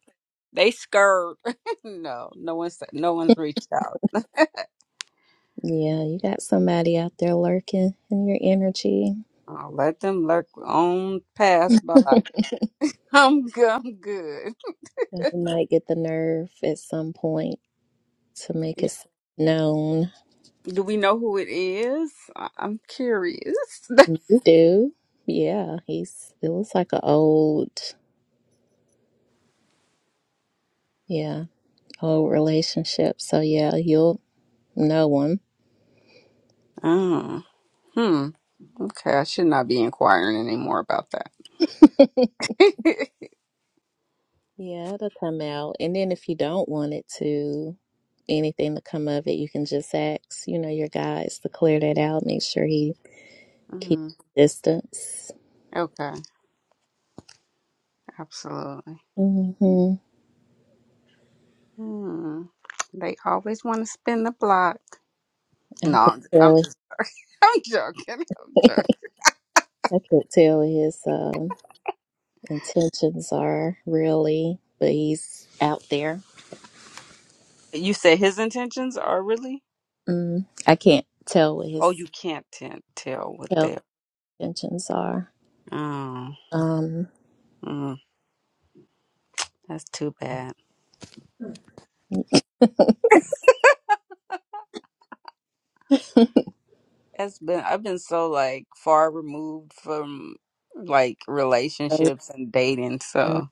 Speaker 11: They scared. no, no one's no one's reached out.
Speaker 1: Yeah, you got somebody out there lurking in your energy.
Speaker 11: I'll let them lurk on pass by. I'm good. I'm good.
Speaker 1: You might get the nerve at some point to make it known.
Speaker 11: Do we know who it is? I- I'm curious.
Speaker 1: You do. Yeah, he's it looks like an old, yeah, old relationship. So yeah, you'll know him.
Speaker 11: oh, hmm. Okay, I should not be inquiring anymore about that.
Speaker 1: Yeah, it'll come out. And then if you don't want it to, anything to come of it, you can just ask, you know, your guys to clear that out. Make sure he keeps
Speaker 11: hmm
Speaker 1: distance.
Speaker 11: Okay, absolutely.
Speaker 1: hmm
Speaker 11: Hmm. They always want to spin the block.
Speaker 1: I
Speaker 11: No,
Speaker 1: can
Speaker 11: I'm
Speaker 1: tell
Speaker 11: I'm
Speaker 1: it.
Speaker 11: just, I'm joking. I'm joking.
Speaker 1: I could tell his um, intentions are really, but he's out there.
Speaker 11: You said his intentions are really?
Speaker 1: Mm, I can't tell what
Speaker 11: Oh,
Speaker 1: his
Speaker 11: you can't t- tell what
Speaker 1: tell
Speaker 11: they.
Speaker 1: intentions are.
Speaker 11: Oh,
Speaker 1: Um,
Speaker 11: mm, that's too bad. That's been. I've been so like far removed from like
Speaker 1: mhm.
Speaker 11: relationships and dating, so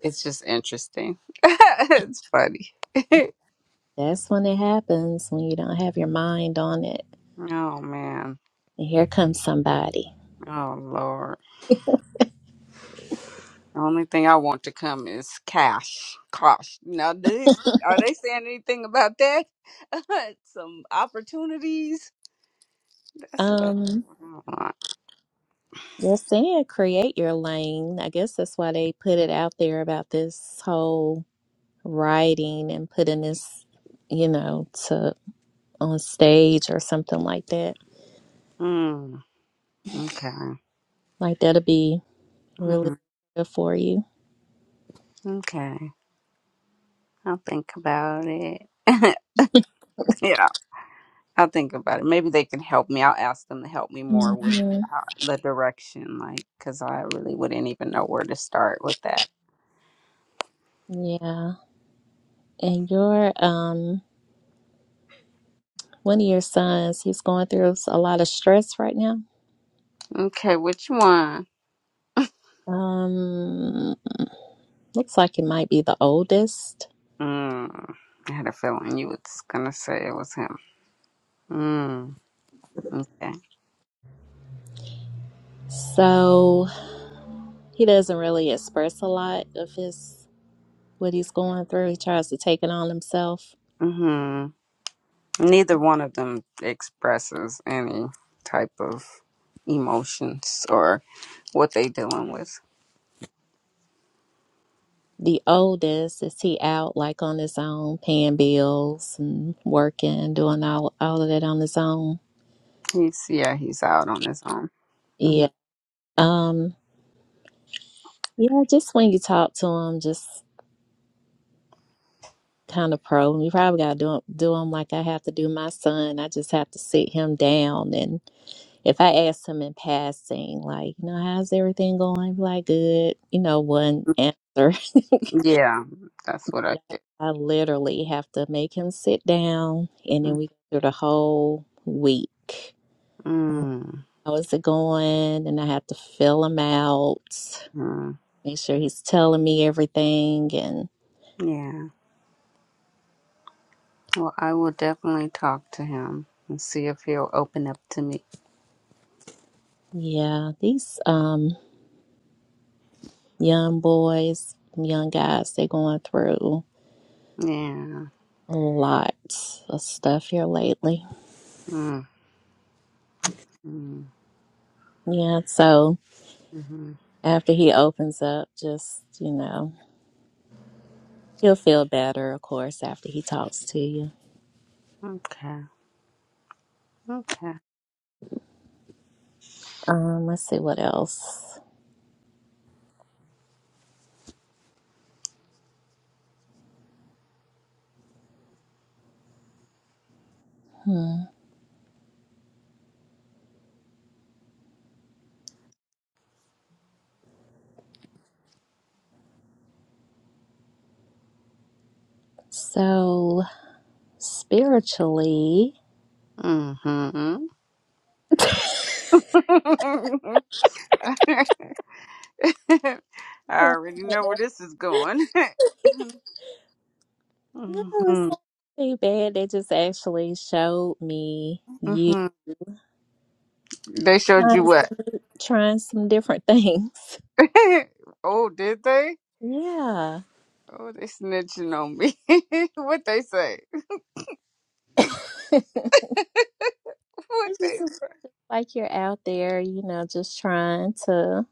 Speaker 11: it's just interesting. it's funny.
Speaker 1: That's when it happens when you don't have your mind on it.
Speaker 11: oh man.
Speaker 1: And here comes somebody.
Speaker 11: Oh lord. The only thing I want to come is cash. Cash. Now, do they, are they saying anything about that? Some opportunities. That's what I. I
Speaker 1: Um,
Speaker 11: don't know.
Speaker 1: just saying, create your lane. I guess that's why they put it out there about this whole writing and putting this, you know, to on stage or something like that.
Speaker 11: Mm, okay.
Speaker 1: Like that'll be
Speaker 11: Mm-hmm.
Speaker 1: really good for you.
Speaker 11: Okay. I'll think about it. Yeah, I'll think about it. Maybe they can help me. I'll ask them to help me more with
Speaker 1: hmm
Speaker 11: uh, the direction, like, because I really wouldn't even know where to start with that.
Speaker 1: Yeah. And your um one of your sons, he's going through a lot of stress right now.
Speaker 11: Okay, which one?
Speaker 1: Um, looks like it might be the oldest.
Speaker 11: Mm, I had a feeling you was gonna say it was him. Mm, okay.
Speaker 1: So He doesn't really express a lot of his what he's going through. He tries to take it on himself.
Speaker 11: Mm-hmm. Neither one of them expresses any type of emotions or what they dealing with.
Speaker 1: The oldest is he out like on his own, paying bills and working, doing all all of that on his own.
Speaker 11: He's yeah, he's out on his own. Mm-hmm.
Speaker 1: Yeah. Um. Yeah. Just when you talk to him, just kind of probe him. You probably got to do do him like I have to do my son. I just have to sit him down, and if I ask him in passing, like, you know, how's everything going? He'd Be Like, good. You know, one answer.
Speaker 11: Yeah, that's what I
Speaker 1: But
Speaker 11: did.
Speaker 1: I, I literally have to make him sit down, and then we go through the whole week.
Speaker 11: Mm-hmm.
Speaker 1: How is it going? And I have to fill him out, make sure he's telling me everything. And
Speaker 11: Yeah. Well, I will definitely talk to him and see if he'll open up to me.
Speaker 1: yeah, these um young boys, young guys, they're going through
Speaker 11: Yeah.
Speaker 1: a lot of stuff here lately.
Speaker 11: Mm-hmm.
Speaker 1: Yeah, so
Speaker 11: hmm
Speaker 1: after he opens up, just you know, he'll feel better, of course, after he talks to you.
Speaker 11: Okay. Okay.
Speaker 1: Um, let's see what else. Hmm. So spiritually,
Speaker 11: Mm-hmm. I
Speaker 1: no,
Speaker 11: already know where this is going. hmm
Speaker 1: it's not too bad. They just actually showed me you
Speaker 11: hmm They showed you
Speaker 1: trying
Speaker 11: what?
Speaker 1: some, trying some different things.
Speaker 11: oh, did they?
Speaker 1: Yeah,
Speaker 11: Oh, they snitching on me. what they say?
Speaker 1: it's
Speaker 11: What they
Speaker 1: just
Speaker 11: say?
Speaker 1: like you're out there, you know, just trying to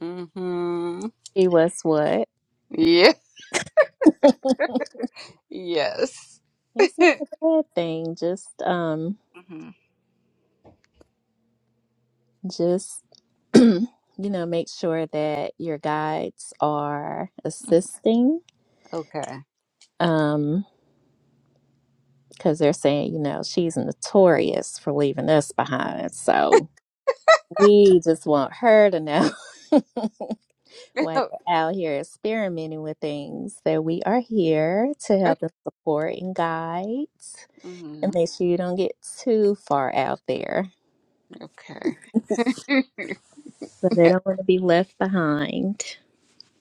Speaker 11: Mm-hmm.
Speaker 1: see what's what.
Speaker 11: Yeah. Yes.
Speaker 1: It's not a bad thing. Just um,
Speaker 11: hmm
Speaker 1: just you know make sure that your guides are assisting
Speaker 11: okay.
Speaker 1: um because they're saying you know she's notorious for leaving us behind so we just want her to know while you're out here experimenting with things that we are here to help and support and guide
Speaker 11: hmm
Speaker 1: and make sure you don't get too far out there
Speaker 11: Okay.
Speaker 1: so they don't want to be left behind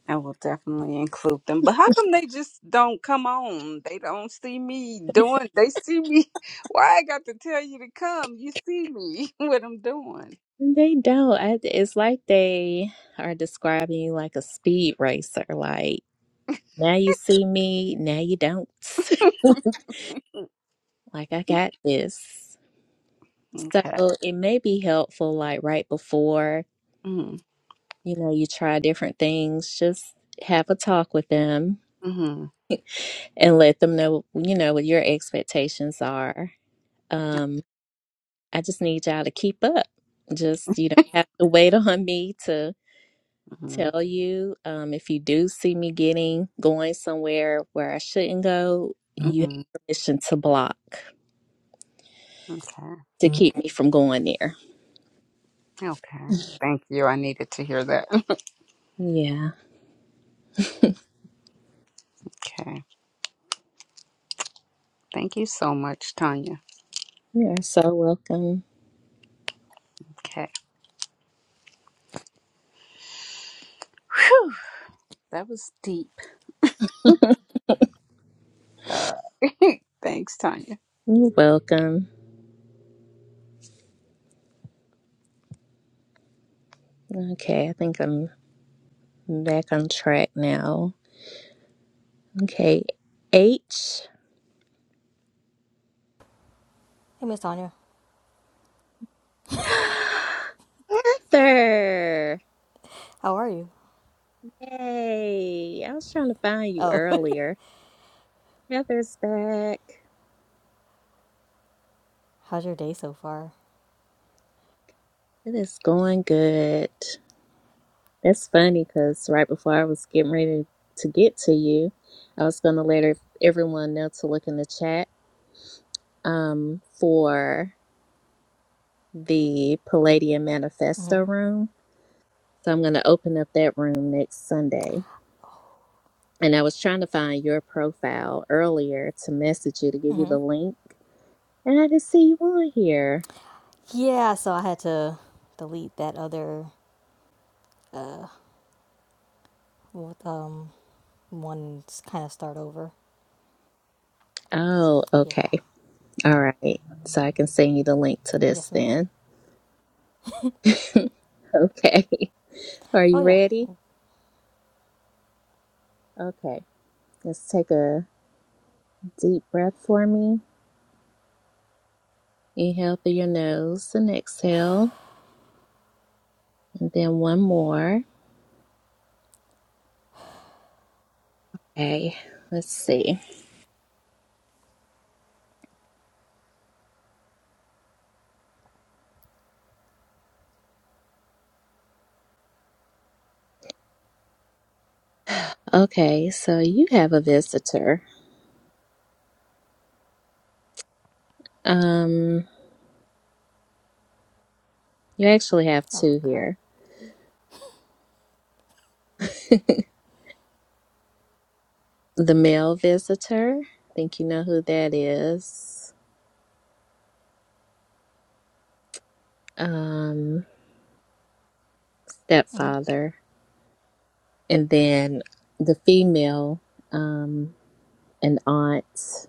Speaker 11: I will definitely include them. But how come they just don't come on? They don't see me doing. They see me. Why I got to tell you to come? You see me what I'm doing.
Speaker 1: They don't. I, it's like they are describing you like a speed racer. Like, now you see me, now you don't. like, I got this. So
Speaker 11: Okay.
Speaker 1: it may be helpful, like, right before,
Speaker 11: Mm-hmm.
Speaker 1: you know, you try different things, just have a talk with them
Speaker 11: Mm-hmm.
Speaker 1: and let them know, you know, what your expectations are. Um, I just need y'all to keep up. Just, you don't have to wait on me to.
Speaker 11: Mm-hmm.
Speaker 1: tell you um, if you do see me getting going somewhere where I shouldn't go, you
Speaker 11: Mm-hmm.
Speaker 1: have permission to block to
Speaker 11: Okay.
Speaker 1: keep me from going there.
Speaker 11: Okay. Thank you. I needed to hear that.
Speaker 1: Yeah,
Speaker 11: okay. Thank you so much, Tanya.
Speaker 1: you're so welcome.
Speaker 11: Okay. Whew, that was deep. All right. Thanks, Tanya.
Speaker 1: You're welcome. Okay, I think I'm back on track now. Okay, H.
Speaker 12: Hey, Miss Tanya.
Speaker 1: Heather!
Speaker 12: How are you?
Speaker 1: Yay! I was trying to find you
Speaker 12: Oh,
Speaker 1: earlier. Heather's back.
Speaker 12: how's your day so far?
Speaker 1: It is going good. That's funny because right before I was getting ready to get to you, I was going to let ev- everyone know to look in the chat um, for the Palladium Manifesto room. So I'm going to open up that room next Sunday. And I was trying to find your profile earlier to message you to give you the link. And I didn't see you on here.
Speaker 12: Yeah, so I had to delete that other uh with, um one kind of start over.
Speaker 1: Oh,
Speaker 12: Yeah.
Speaker 1: okay. All right. So I can send you the link to this
Speaker 12: Yes, ma'am.
Speaker 1: then. okay. Are you
Speaker 12: Oh yeah.
Speaker 1: ready? Okay. Let's take a deep breath for me. Inhale through your nose and exhale. And then one more. Okay, let's see. Okay, so you have a visitor. Um, you actually have
Speaker 12: Oh
Speaker 1: two
Speaker 12: crap.
Speaker 1: here. the male visitor. I think you know who that is. Um,
Speaker 12: Mm-hmm.
Speaker 1: stepfather. And then the female, um, an aunt.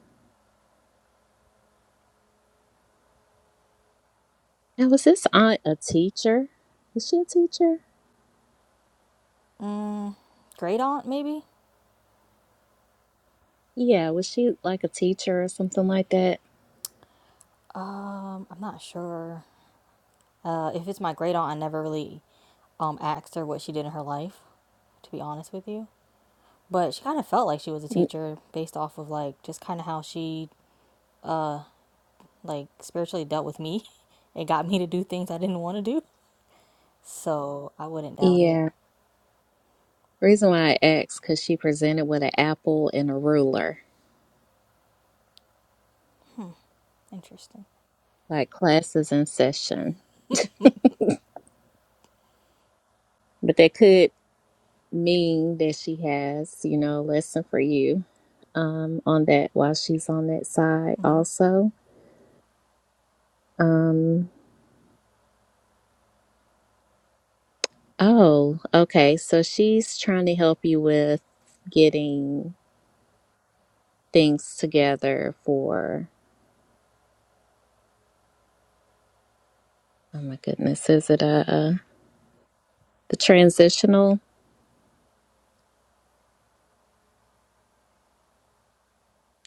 Speaker 1: Now, was this aunt a teacher? Is she a teacher?
Speaker 12: Mm, great aunt maybe.
Speaker 1: Yeah, was she like a teacher or something like that?
Speaker 12: Um, I'm not sure. Uh, if it's my great aunt, I never really um asked her what she did in her life, to be honest with you. But she kind of felt like she was a
Speaker 1: N-
Speaker 12: teacher based off of like just kind of how she like spiritually dealt with me. It got me to do things I didn't want to do. So I wouldn't doubt it.
Speaker 1: Yeah. Reason why I asked, because she presented with an apple and a ruler,
Speaker 12: Interesting.
Speaker 1: like classes in session. But that could mean that she has, you know, a lesson for you um, on that while she's on that side
Speaker 12: Mm-hmm.
Speaker 1: also. Um, oh, okay. So she's trying to help you with getting things together for, oh my goodness, is it a, uh the transitional?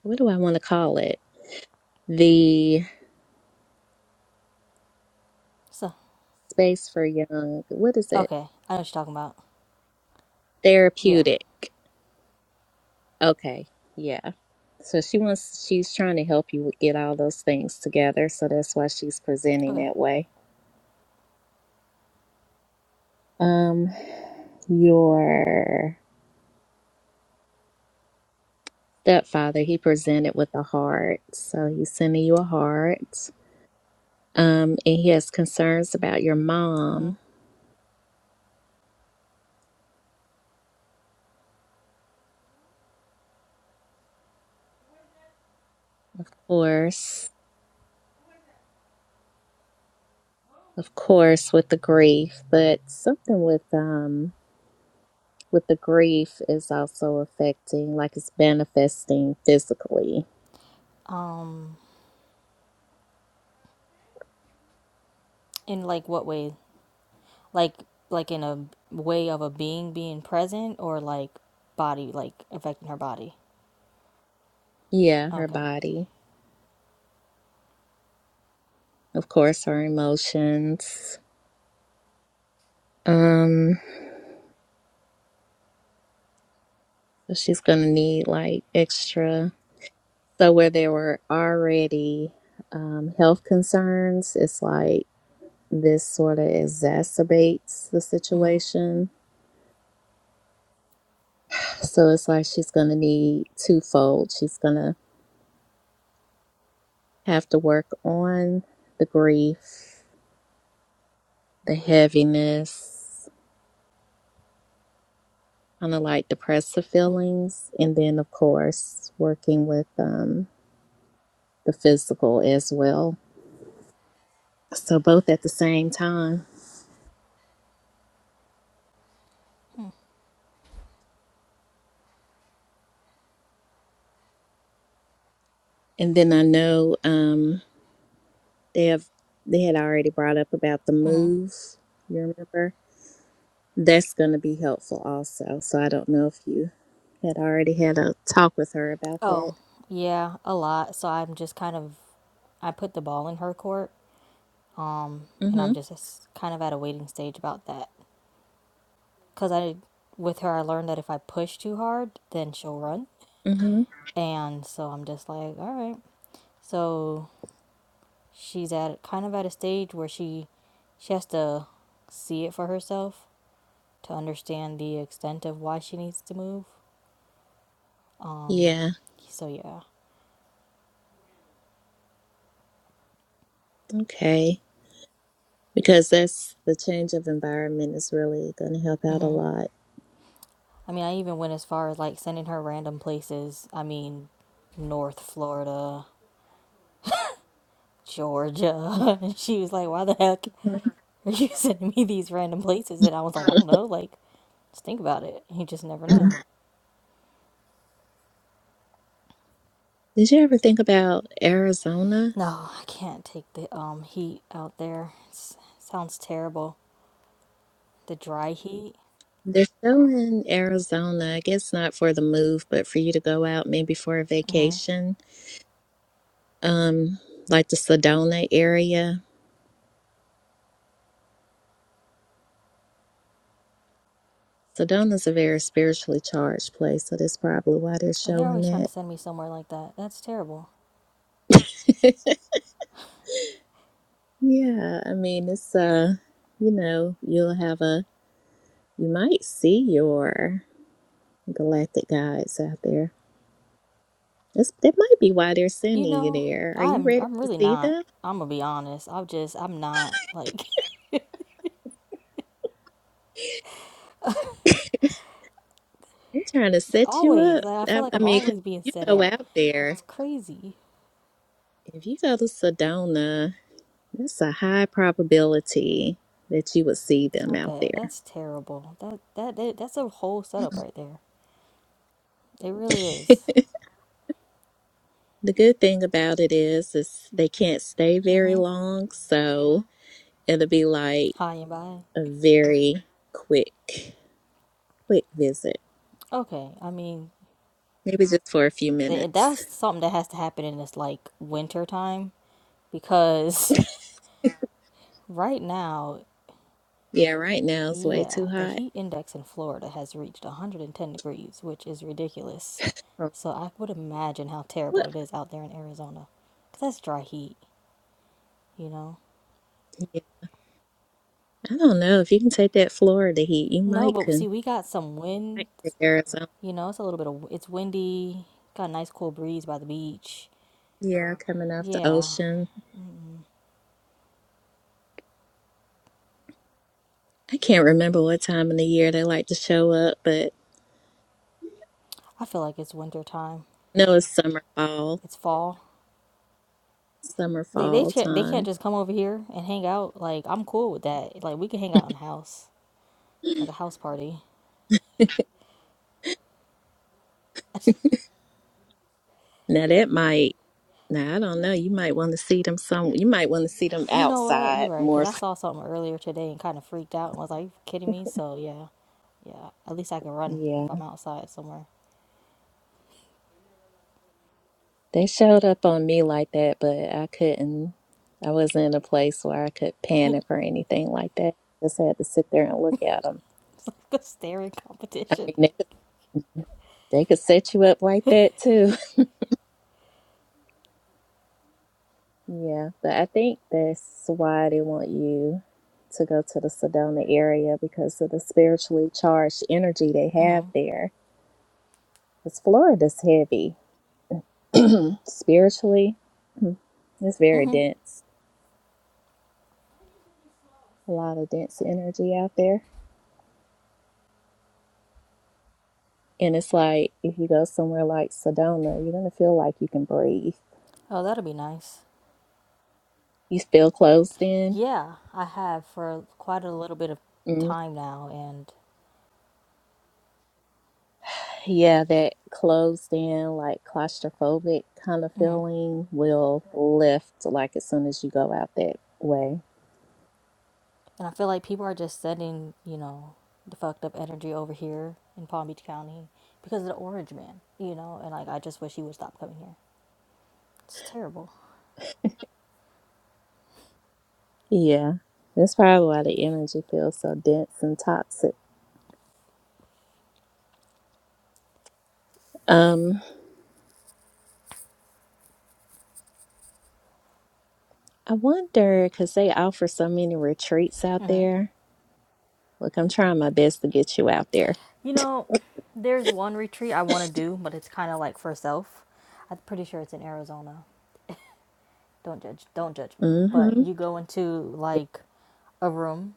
Speaker 1: what do I want to call it? The
Speaker 12: So
Speaker 1: space for young, what is it?
Speaker 12: okay, I know what you're talking about. Yeah.
Speaker 1: Therapeutic. Okay. Yeah. So she wants, she's trying to help you with- get all those things together. So that's why she's presenting
Speaker 12: Okay.
Speaker 1: that way. Um, your stepfather, he presented with a heart. So he's sending you a heart. Um, and he has concerns about your mom,
Speaker 12: Mm-hmm.
Speaker 1: of course, of course, with the grief, but something with, um, with the grief is also affecting, like it's manifesting physically.
Speaker 12: Um. In like what way? Like like in a way of a being being present or like body like affecting her body.
Speaker 1: Yeah, her
Speaker 12: Okay.
Speaker 1: body. Of course, her emotions. Um, so she's gonna need like extra. So where there were already um, health concerns, it's like this sort of exacerbates the situation. So it's like she's gonna need twofold. She's gonna have to work on the grief, the heaviness, kind of like depressive feelings. And then, of course, working with um, the physical as well. So, both at the same time. And then I know um, they have they had already brought up about the move. You remember that's going to be helpful also. So I don't know if you had already had a talk with her about that.
Speaker 12: Oh, yeah, a lot. So I'm just kind of I put the ball in her court and I'm
Speaker 1: Mhm.
Speaker 12: just kind of at a waiting stage about that. Because I, with her, I learned that if I push too hard, then she'll run.
Speaker 1: Mhm.
Speaker 12: And so I'm just like, all right. So she's at kind of at a stage where she, she has to see it for herself to understand the extent of why she needs to move.
Speaker 1: Yeah.
Speaker 12: So yeah.
Speaker 1: Okay. Because that's the change of environment is really going to help out a lot.
Speaker 12: I mean, I even went as far as like sending her random places. I mean, North Florida, Georgia. and she was like, why the heck? Or you sending me these random places, and I was like, I don't know, like, just think about it. You just never know.
Speaker 1: Did you ever think about Arizona?
Speaker 12: No, I can't take the um heat out there. It's, sounds terrible. The dry heat.
Speaker 1: They're still in Arizona. I guess not for the move, but for you to go out maybe for a vacation, um, like the Sedona area. Sedona's a very spiritually charged place, so that's probably why they're
Speaker 12: Oh, they're
Speaker 1: showing
Speaker 12: always trying to
Speaker 1: it.
Speaker 12: send me somewhere like that. That's terrible.
Speaker 1: yeah, I mean it's uh, you know, you'll have a you might see your galactic guides out there. That's that might be why they're
Speaker 12: You
Speaker 1: sending you
Speaker 12: know,
Speaker 1: there. Are you
Speaker 12: I'm
Speaker 1: ready
Speaker 12: I'm
Speaker 1: to
Speaker 12: really
Speaker 1: see
Speaker 12: not.
Speaker 1: them?
Speaker 12: I'm gonna be honest. I'm just I'm not like
Speaker 1: I'm trying to
Speaker 12: the-
Speaker 1: set you
Speaker 12: always.
Speaker 1: up.
Speaker 12: Like I feel
Speaker 1: I,
Speaker 12: like
Speaker 1: I
Speaker 12: I'm
Speaker 1: mean, 'cause
Speaker 12: always being
Speaker 1: if you
Speaker 12: set
Speaker 1: go
Speaker 12: up.
Speaker 1: out there,
Speaker 12: It's crazy.
Speaker 1: if you go to Sedona, that's a high probability that you would see them
Speaker 12: I
Speaker 1: out
Speaker 12: bet that's
Speaker 1: there.
Speaker 12: terrible. That that, that that's a whole setup right there. It really is.
Speaker 1: The good thing about it is, is they can't stay very long, so it'll be like
Speaker 12: High and by.
Speaker 1: a very quick, quick visit.
Speaker 12: Okay, I mean,
Speaker 1: Maybe just for a few
Speaker 12: th- that's
Speaker 1: minutes.
Speaker 12: something that has to happen in this like winter time because right now,
Speaker 1: Yeah, right now it's way too
Speaker 12: yeah, the
Speaker 1: hot.
Speaker 12: heat index in Florida has reached 110 degrees, which is ridiculous.
Speaker 1: Oh,
Speaker 12: So I would imagine how terrible
Speaker 1: What?
Speaker 12: it is out there in Arizona because that's dry heat, you know?
Speaker 1: Yeah. I don't know if you can take that Florida heat, you
Speaker 12: No,
Speaker 1: might
Speaker 12: but
Speaker 1: can.
Speaker 12: see, we got some wind,
Speaker 1: Might take Arizona.
Speaker 12: you know, it's a little bit of it's windy, got a nice cool breeze by the beach.
Speaker 1: Yeah, coming off the
Speaker 12: Yeah,
Speaker 1: ocean. I can't remember what time in the year they like to show up, but
Speaker 12: I feel like it's winter time,
Speaker 1: I know it's summer, fall,
Speaker 12: it's fall.
Speaker 1: summer,
Speaker 12: They they
Speaker 1: fall
Speaker 12: can't they can't
Speaker 1: time.
Speaker 12: just come over here and hang out. Like I'm cool with that. Like we can hang out in the house, like a house party.
Speaker 1: Now that might, now I don't know. You might want to see them some. You might want to see them
Speaker 12: You know what? You're
Speaker 1: outside
Speaker 12: right. Cause
Speaker 1: more.
Speaker 12: I
Speaker 1: so-
Speaker 12: saw something earlier today and kind of freaked out and was like, you kidding me?" So yeah, yeah. At least I can run if
Speaker 1: Yeah,
Speaker 12: I'm outside somewhere.
Speaker 1: they showed up on me like that, but I couldn't. I wasn't in a place where I could
Speaker 12: it's
Speaker 1: panic or anything like that. Just had to sit there and look at them.
Speaker 12: like a staring
Speaker 1: I
Speaker 12: competition.
Speaker 1: mean, they could, they could set you up like that too. Yeah, but I think that's why they want you to go to the Sedona area because of the spiritually charged energy they have
Speaker 12: Mhm.
Speaker 1: there. Because Florida's heavy spiritually, mm, it's very
Speaker 12: Mhm.
Speaker 1: dense. A lot of dense energy out there. And it's like if you go somewhere like Sedona, you're going to feel like you can breathe.
Speaker 12: Oh, that'll be nice.
Speaker 1: You feel closed in.
Speaker 12: Yeah, I have for quite a little bit of time now, and
Speaker 1: Yeah, that closed in, like claustrophobic kind of
Speaker 12: mm-hmm.
Speaker 1: feeling will lift like as soon as you go out that way.
Speaker 12: And I feel like people are just sending, you know, the fucked up energy over here in Palm Beach County because of the orange man, you know, and like I just wish he would stop coming here. It's terrible.
Speaker 1: Yeah, that's probably why the energy feels so dense and toxic. Um, I wonder because they offer so many retreats out there. Look, I'm trying my best to get you out there.
Speaker 12: You know, there's one retreat I want to do, but it's kind of like for self. I'm pretty sure it's in Arizona. Don't judge don't judge me. But
Speaker 1: Mm-hmm.
Speaker 12: you go into
Speaker 1: Yeah.
Speaker 12: like a room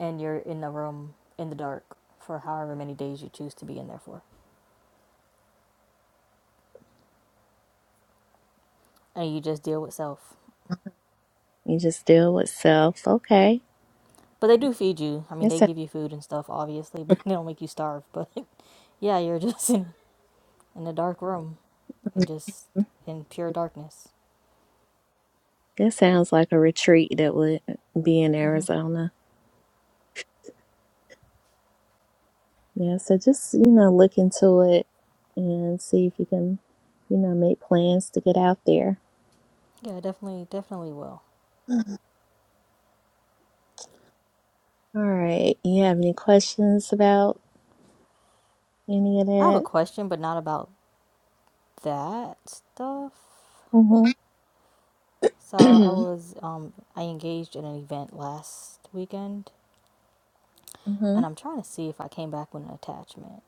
Speaker 12: and you're in the room in the dark for however many days you choose to be in there for. And you just deal with self.
Speaker 1: You just deal with self. Okay,
Speaker 12: But they do feed you. I mean,
Speaker 1: that
Speaker 12: they give
Speaker 1: sounds,
Speaker 12: you food and stuff, obviously, but they don't make you starve. But yeah, you're just in, in a dark room and just in pure darkness.
Speaker 1: that sounds like a retreat that would be in Arizona. Yeah, so just, you know, look into it and see if you can, you know, make plans to get out there.
Speaker 12: Yeah, definitely, definitely will.
Speaker 1: Mhm. All right. You have any questions about any of
Speaker 12: I have a
Speaker 1: that?
Speaker 12: question, but not about that stuff. So I
Speaker 1: Mm-hmm.
Speaker 12: was, um, I engaged in an event last weekend,
Speaker 1: mm-hmm.
Speaker 12: and I'm trying to see if I came back with an attachment.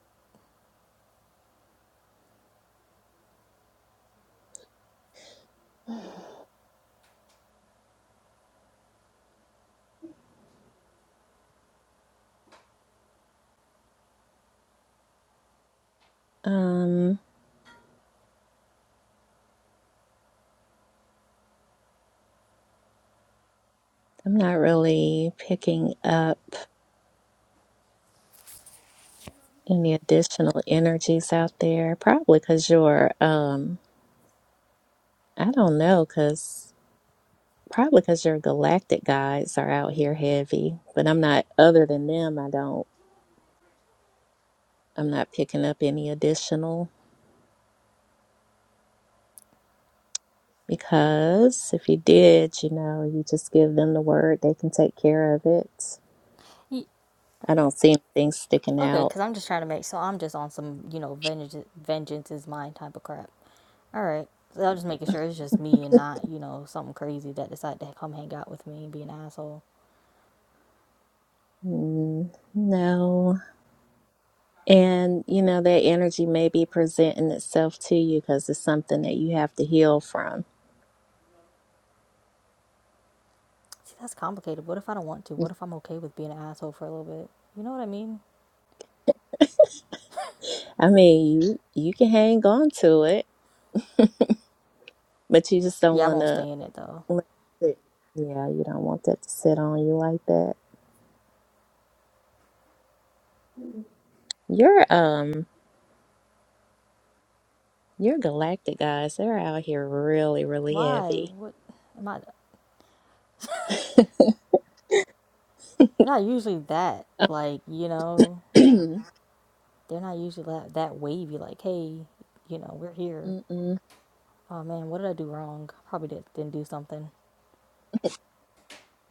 Speaker 1: Um, I'm not really picking up any additional energies out there, probably because your, um, I don't know, because probably because your galactic guides are out here heavy, but I'm not, other than them, I don't. I'm not picking up any additional because if you did, you know, you just give them the word, they can take care of it.
Speaker 12: Y-
Speaker 1: I don't see anything sticking
Speaker 12: Okay,
Speaker 1: out.
Speaker 12: because I'm just trying to make, so I'm just on some, you know, vengeance, vengeance is mine type of crap. All right. So I'm just making sure it's just me and not, you know, something crazy that decided to come hang out with me and be an asshole.
Speaker 1: Mm, no. And, you know, that energy may be presenting itself to you because it's something that you have to heal from.
Speaker 12: See, that's complicated. What if I don't want to? What if I'm okay with being an asshole for a little bit? You know what I mean?
Speaker 1: I mean, you, you can hang on to it, but you just don't
Speaker 12: Yeah, I
Speaker 1: want
Speaker 12: won't
Speaker 1: to
Speaker 12: stay in it though.
Speaker 1: let it- Yeah, you don't want that to sit on you like that. Your um your galactic guys, they're out here really, really
Speaker 12: Why?
Speaker 1: heavy.
Speaker 12: What am I? They're not usually that, like, you know, they're not usually that, that wavy, like, hey, you know, we're here.
Speaker 1: Mm-mm.
Speaker 12: Oh man, what did I do wrong? Probably did, didn't do something.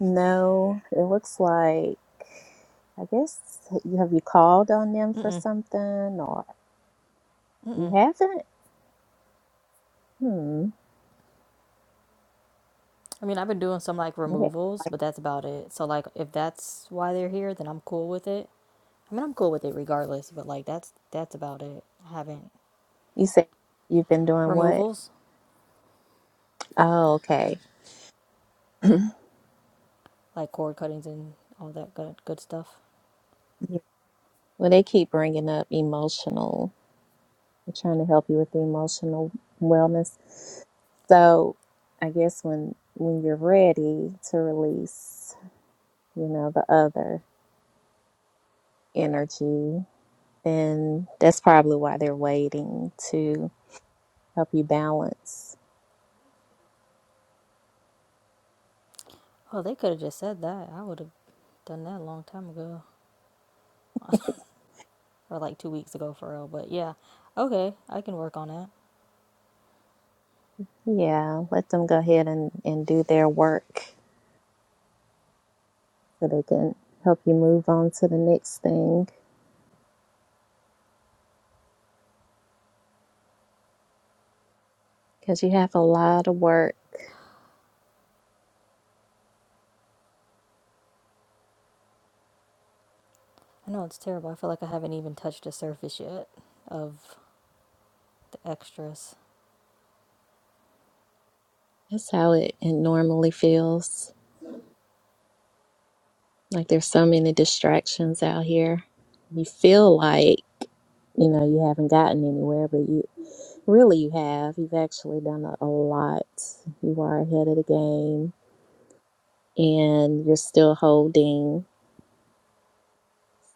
Speaker 1: No, it looks like I guess you have you called on them for something or you haven't? Hmm.
Speaker 12: I mean, I've been doing some like
Speaker 1: Yeah.
Speaker 12: removals, but that's about it. So like if that's why they're here, then I'm cool with it. I mean, I'm cool with it regardless, but like that's that's about it. I haven't
Speaker 1: You said you've been doing what?
Speaker 12: removals,
Speaker 1: Oh, okay.
Speaker 12: like cord cuttings and all that good good stuff.
Speaker 1: Yeah. Well, they keep bringing up emotional. We're trying to help you with the emotional wellness. So I guess when when you're ready to release, you know, the other energy, then that's probably why they're waiting to help you balance.
Speaker 12: Oh, they could have just said that. I would have done that a long time ago or like 2 weeks ago for real, but yeah. Okay, I can work on that.
Speaker 1: Yeah, let them go ahead and, and do their work so they can help you move on to the next thing. because you have a lot of work.
Speaker 12: I know it's terrible. I feel like I haven't even touched the surface yet of the extras.
Speaker 1: That's how it, it normally feels. Like there's so many distractions out here. You feel like, you know, you haven't gotten anywhere, but you really you have. You've actually done a, a lot. You are ahead of the game and you're still holding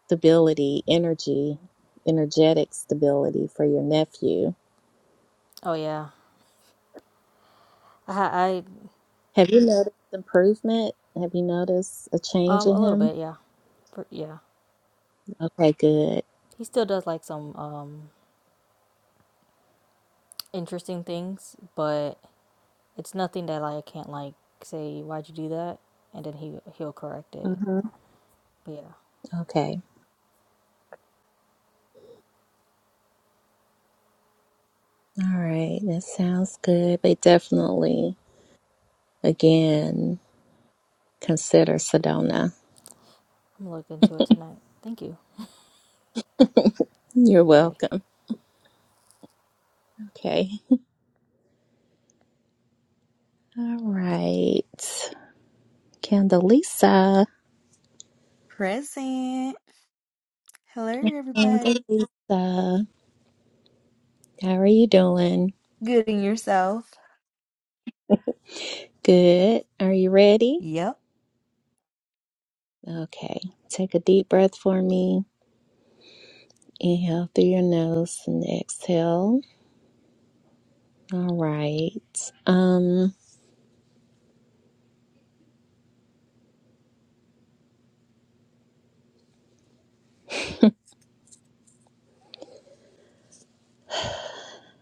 Speaker 1: stability, energy, energetic stability for your nephew.
Speaker 12: Oh yeah. I I
Speaker 1: Have you noticed improvement? Have you noticed a change
Speaker 12: um a
Speaker 1: in
Speaker 12: little
Speaker 1: him?
Speaker 12: bit, yeah. For, yeah.
Speaker 1: Okay, good.
Speaker 12: He still does like some um interesting things, but it's nothing that like I can't like say why'd you do that, and then he he'll correct it. But yeah,
Speaker 1: Okay. All right. That sounds good. But definitely, again, consider Sedona.
Speaker 12: I'm gonna look into it tonight. Thank you.
Speaker 1: You're
Speaker 12: All right.
Speaker 1: welcome. Okay. All right. Candelisa.
Speaker 13: Present. Hello, everybody.
Speaker 1: Candelisa. How are you doing?
Speaker 13: Good in yourself.
Speaker 1: Good. Are you ready?
Speaker 13: Yep.
Speaker 1: Okay. Take a deep breath for me. Inhale through your nose and exhale. All right. Um,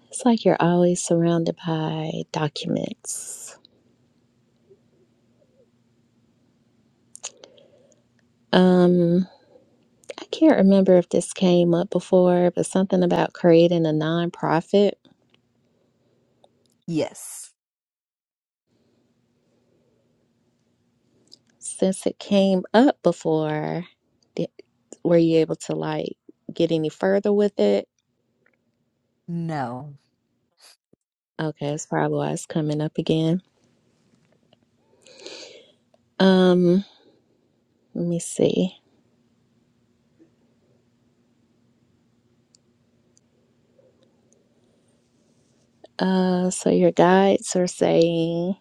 Speaker 1: it's like you're always surrounded by documents. Um, I can't remember if this came up before, but something about creating a nonprofit.
Speaker 13: Yes.
Speaker 1: Since it came up before, di- were you able to like get any further with it?
Speaker 13: No.
Speaker 1: Okay, that's probably why it's coming up again. Um, let me see. Uh, so your guides are saying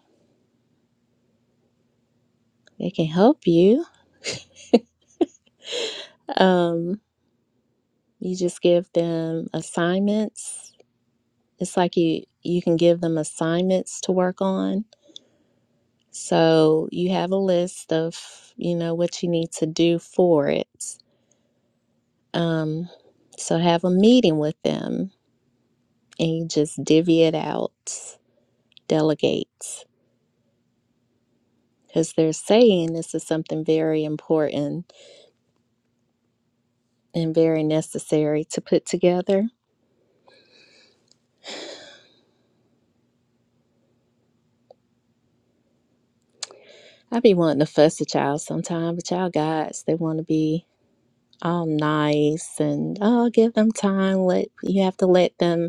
Speaker 1: they can help you. Um, you just give them assignments. It's like you you can give them assignments to work on So you have a list of, you know, what you need to do for it. Um, so have a meeting with them and you just divvy it out, delegate. Because they're saying this is something very important and very necessary to put together. I be wanting to fuss at y'all sometimes, but y'all guys, they want to be all nice and oh, give them time. Let you have to let them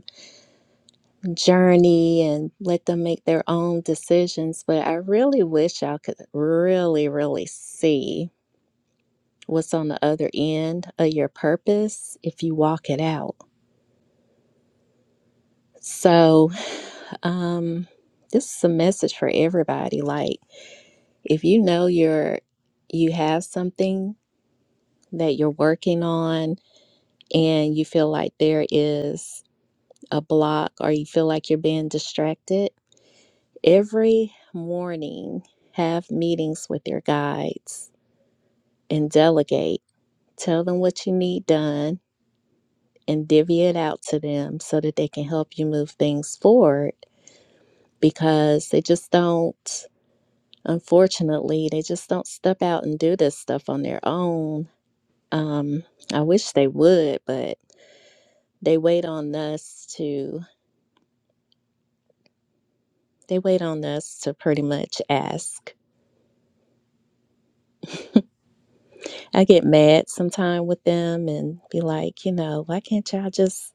Speaker 1: journey and let them make their own decisions. But I really wish y'all could really, really see what's on the other end of your purpose if you walk it out. So, um, this is a message for everybody. Like, if you know you're you have something that you're working on and you feel like there is a block or you feel like you're being distracted Every morning, have meetings with your guides and delegate. Tell them what you need done and divvy it out to them so that they can help you move things forward because they just don't, unfortunately, they just don't step out and do this stuff on their own. Um, I wish they would, but they wait on us to, they wait on us to pretty much ask I get mad sometime with them and be like, you know, why can't y'all just,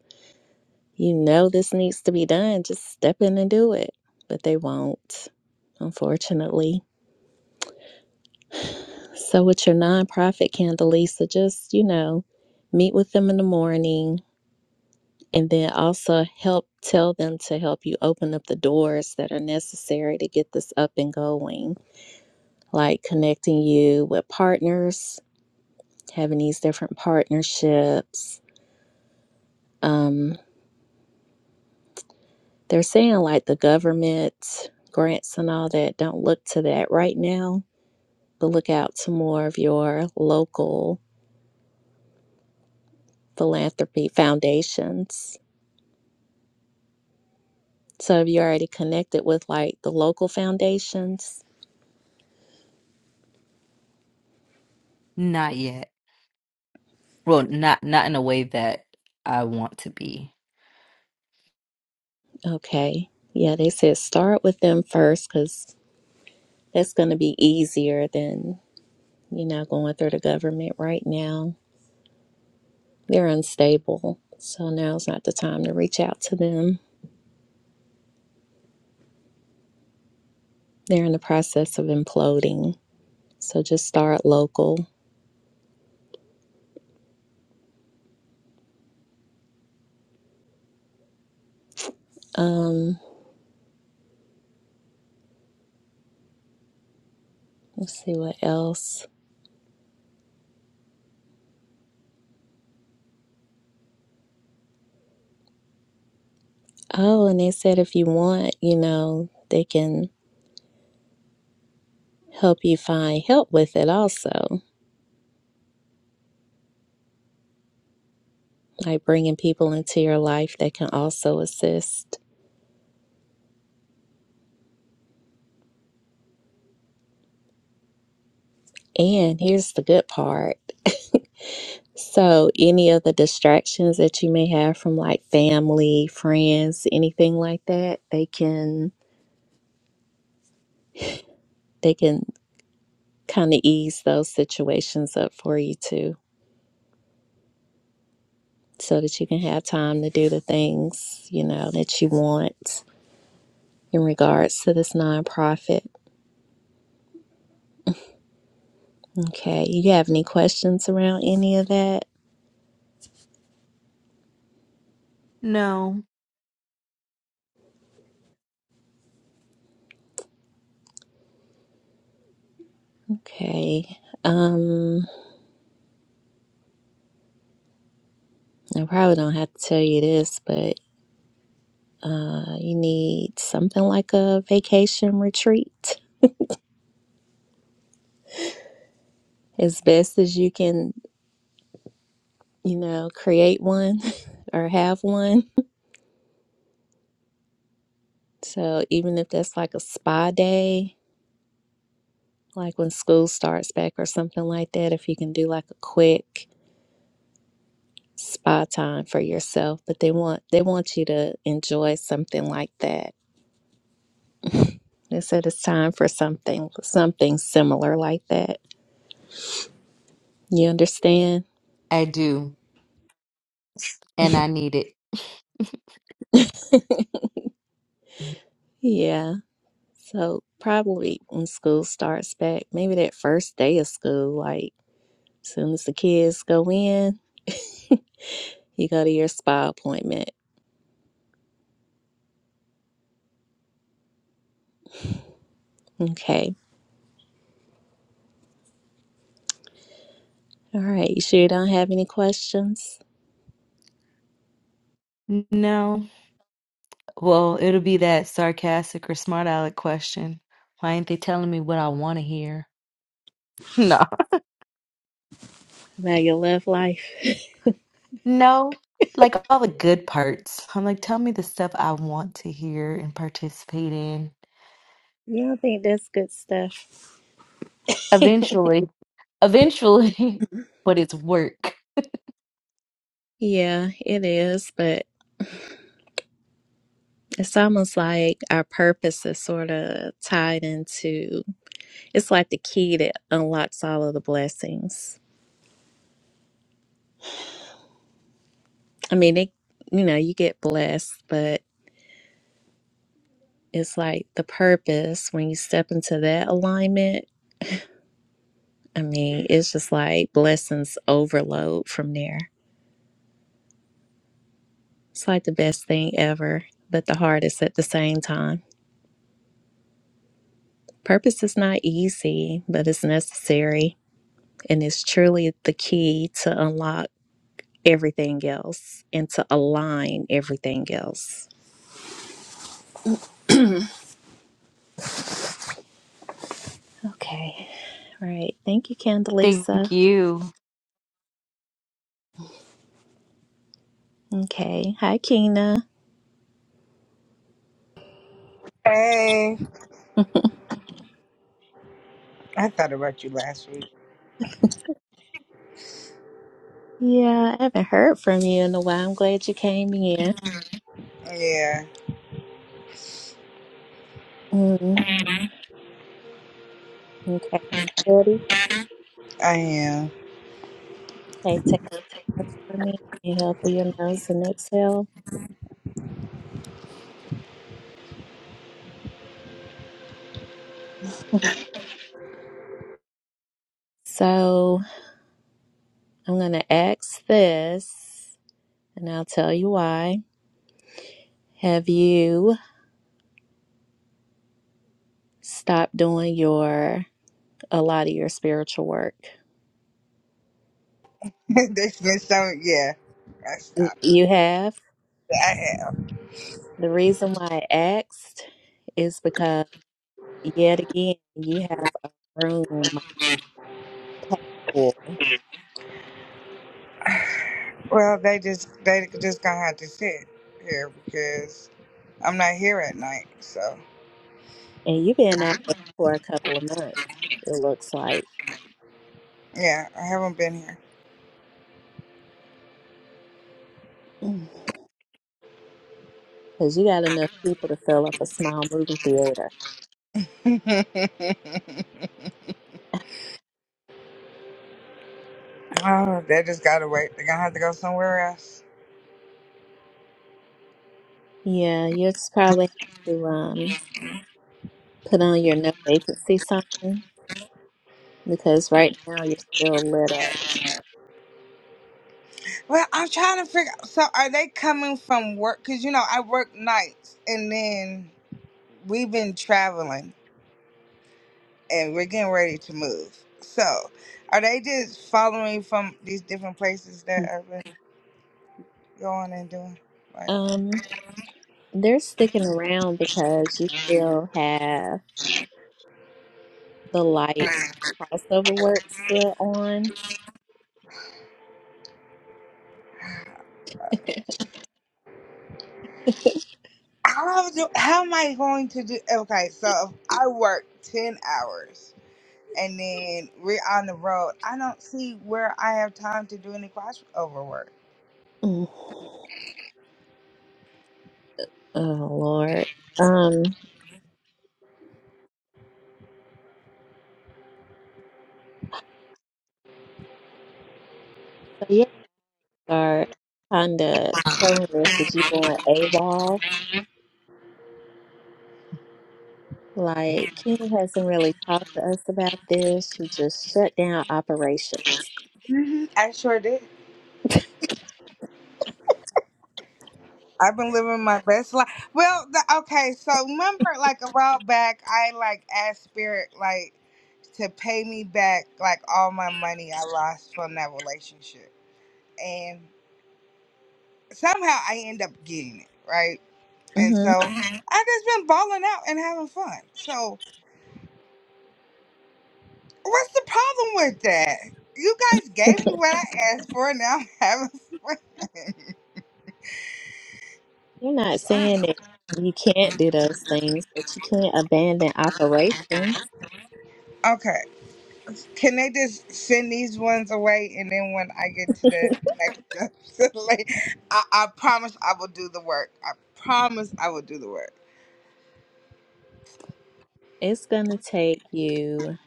Speaker 1: you know, this needs to be done, just step in and do it. But they won't, unfortunately. So with your nonprofit, Candelisa, just, you know, meet with them in the morning and then also help tell them to help you open up the doors that are necessary to get this up and going, like connecting you with partners, having these different partnerships um, They're saying like the government grants and all that, don't look to that right now, but look out to more of your local philanthropy foundations. So if you're already connected with like the local foundations,
Speaker 13: Not yet. Well, not not in a way that I want to be.
Speaker 1: okay. Yeah, they said start with them first because that's going to be easier than, you know, going through the government right now. They're unstable. So now's not the time to reach out to them. They're in the process of imploding. So just start local. Um, let's see what else. Oh, and they said if you want, you know, they can help you find help with it also, like bringing people into your life that can also assist. And here's the good part. So, any of the distractions that you may have from like family, friends, anything like that, they can they can kind of ease those situations up for you too. so that you can have time to do the things, you know, that you want in regards to this nonprofit. Okay. You have any questions around any of that?
Speaker 13: No.
Speaker 1: Okay. Um, I probably don't have to tell you this, but uh, you need something like a vacation retreat as best as you can, you know, create one or have one. So even if that's like a spa day, like when school starts back or something like that, if you can do like a quick spa time for yourself, but they want they want you to enjoy something like that. They said it's time for something something similar like that. You understand?
Speaker 13: I do. and I need it.
Speaker 1: Yeah. So probably when school starts back, maybe that first day of school, like soon as the kids go in, you go to your spa appointment. Okay. All right. You sure you don't have any questions
Speaker 13: No, Well, it'll be that sarcastic or smart aleck question. Why ain't they telling me what I want to hear? No.
Speaker 1: about your love life?
Speaker 13: No. Like all the good parts. I'm like, tell me the stuff I want to hear and participate in.
Speaker 1: you don't think that's good stuff?
Speaker 13: Eventually. Eventually. but it's work.
Speaker 1: Yeah, it is, but It's almost like our purpose is sort of tied into it's like the key that unlocks all of the blessings. I mean, it, you know, you get blessed, but it's like the purpose when you step into that alignment. I mean, it's just like blessings overload from there. It's like the best thing ever, but the hardest at the same time. Purpose is not easy, but it's necessary. And it's truly the key to unlock. everything else and to align everything else. Okay. All right. Thank you,
Speaker 13: Thank
Speaker 1: Candelisa.
Speaker 13: you.
Speaker 1: Okay. Hi, Keena.
Speaker 14: Hey, I thought about you last week.
Speaker 1: Yeah, I haven't heard from you in a while. I'm glad you came in.
Speaker 14: Yeah,
Speaker 1: Mm, okay. Ready?
Speaker 14: I am.
Speaker 1: Okay, take a breath for me. Inhale through your nose and exhale. So I'm going to ask this, and I'll tell you why. Have you stopped doing your a lot of your spiritual work?
Speaker 14: There's been some, yeah. I stopped.
Speaker 1: You have?
Speaker 14: I
Speaker 1: The reason why I asked is because yet again you have a room packed full,
Speaker 14: am. Well, they just they just gonna have to sit here because I'm not here at night. So
Speaker 1: and you've been out there for a couple of months. It looks like
Speaker 14: yeah, I haven't been
Speaker 1: because you got enough people to fill up a small movie theater.
Speaker 14: here. oh, they just gotta wait. They're gonna have to go somewhere else.
Speaker 1: Yeah, you just probably have to um put on your no vacancy sign because right now you're still lit up.
Speaker 14: Well, I'm trying to figure. So, are they coming from work? Cause you know I work nights, and then we've been traveling. and we're getting ready to move. So, are they just following from these different places that I've been going and doing? Like,
Speaker 1: Um, they're sticking around because you still have the light crossover work still on.
Speaker 14: how do, how am I going to do? Okay, so if I work ten hours and then we're on the road, I don't see where I have time to do any crossover work.
Speaker 1: Mm. Oh Lord. Um so yeah, are kinda showing us that you going AWOL. Like King hasn't really talked to us about this. She just shut down operations.
Speaker 14: hmm I sure did. I've been living my best life. Well, the, okay, so remember, like a while back, I like asked Spirit, like. to pay me back like all my money I lost from that relationship. And somehow I end up getting it, right? And so
Speaker 1: hmm
Speaker 14: Mhm. I just been balling out and having fun. So what's the problem with that? You guys gave me what I asked for and now I'm having fun.
Speaker 1: You're not
Speaker 14: So, Mhm.
Speaker 1: saying that you can't do those things, but you can't abandon operations.
Speaker 14: okay. Can they just send these ones away and then when I get to the next episode, like, I, I promise I will do the work. I promise I will do the work.
Speaker 1: It's gonna take you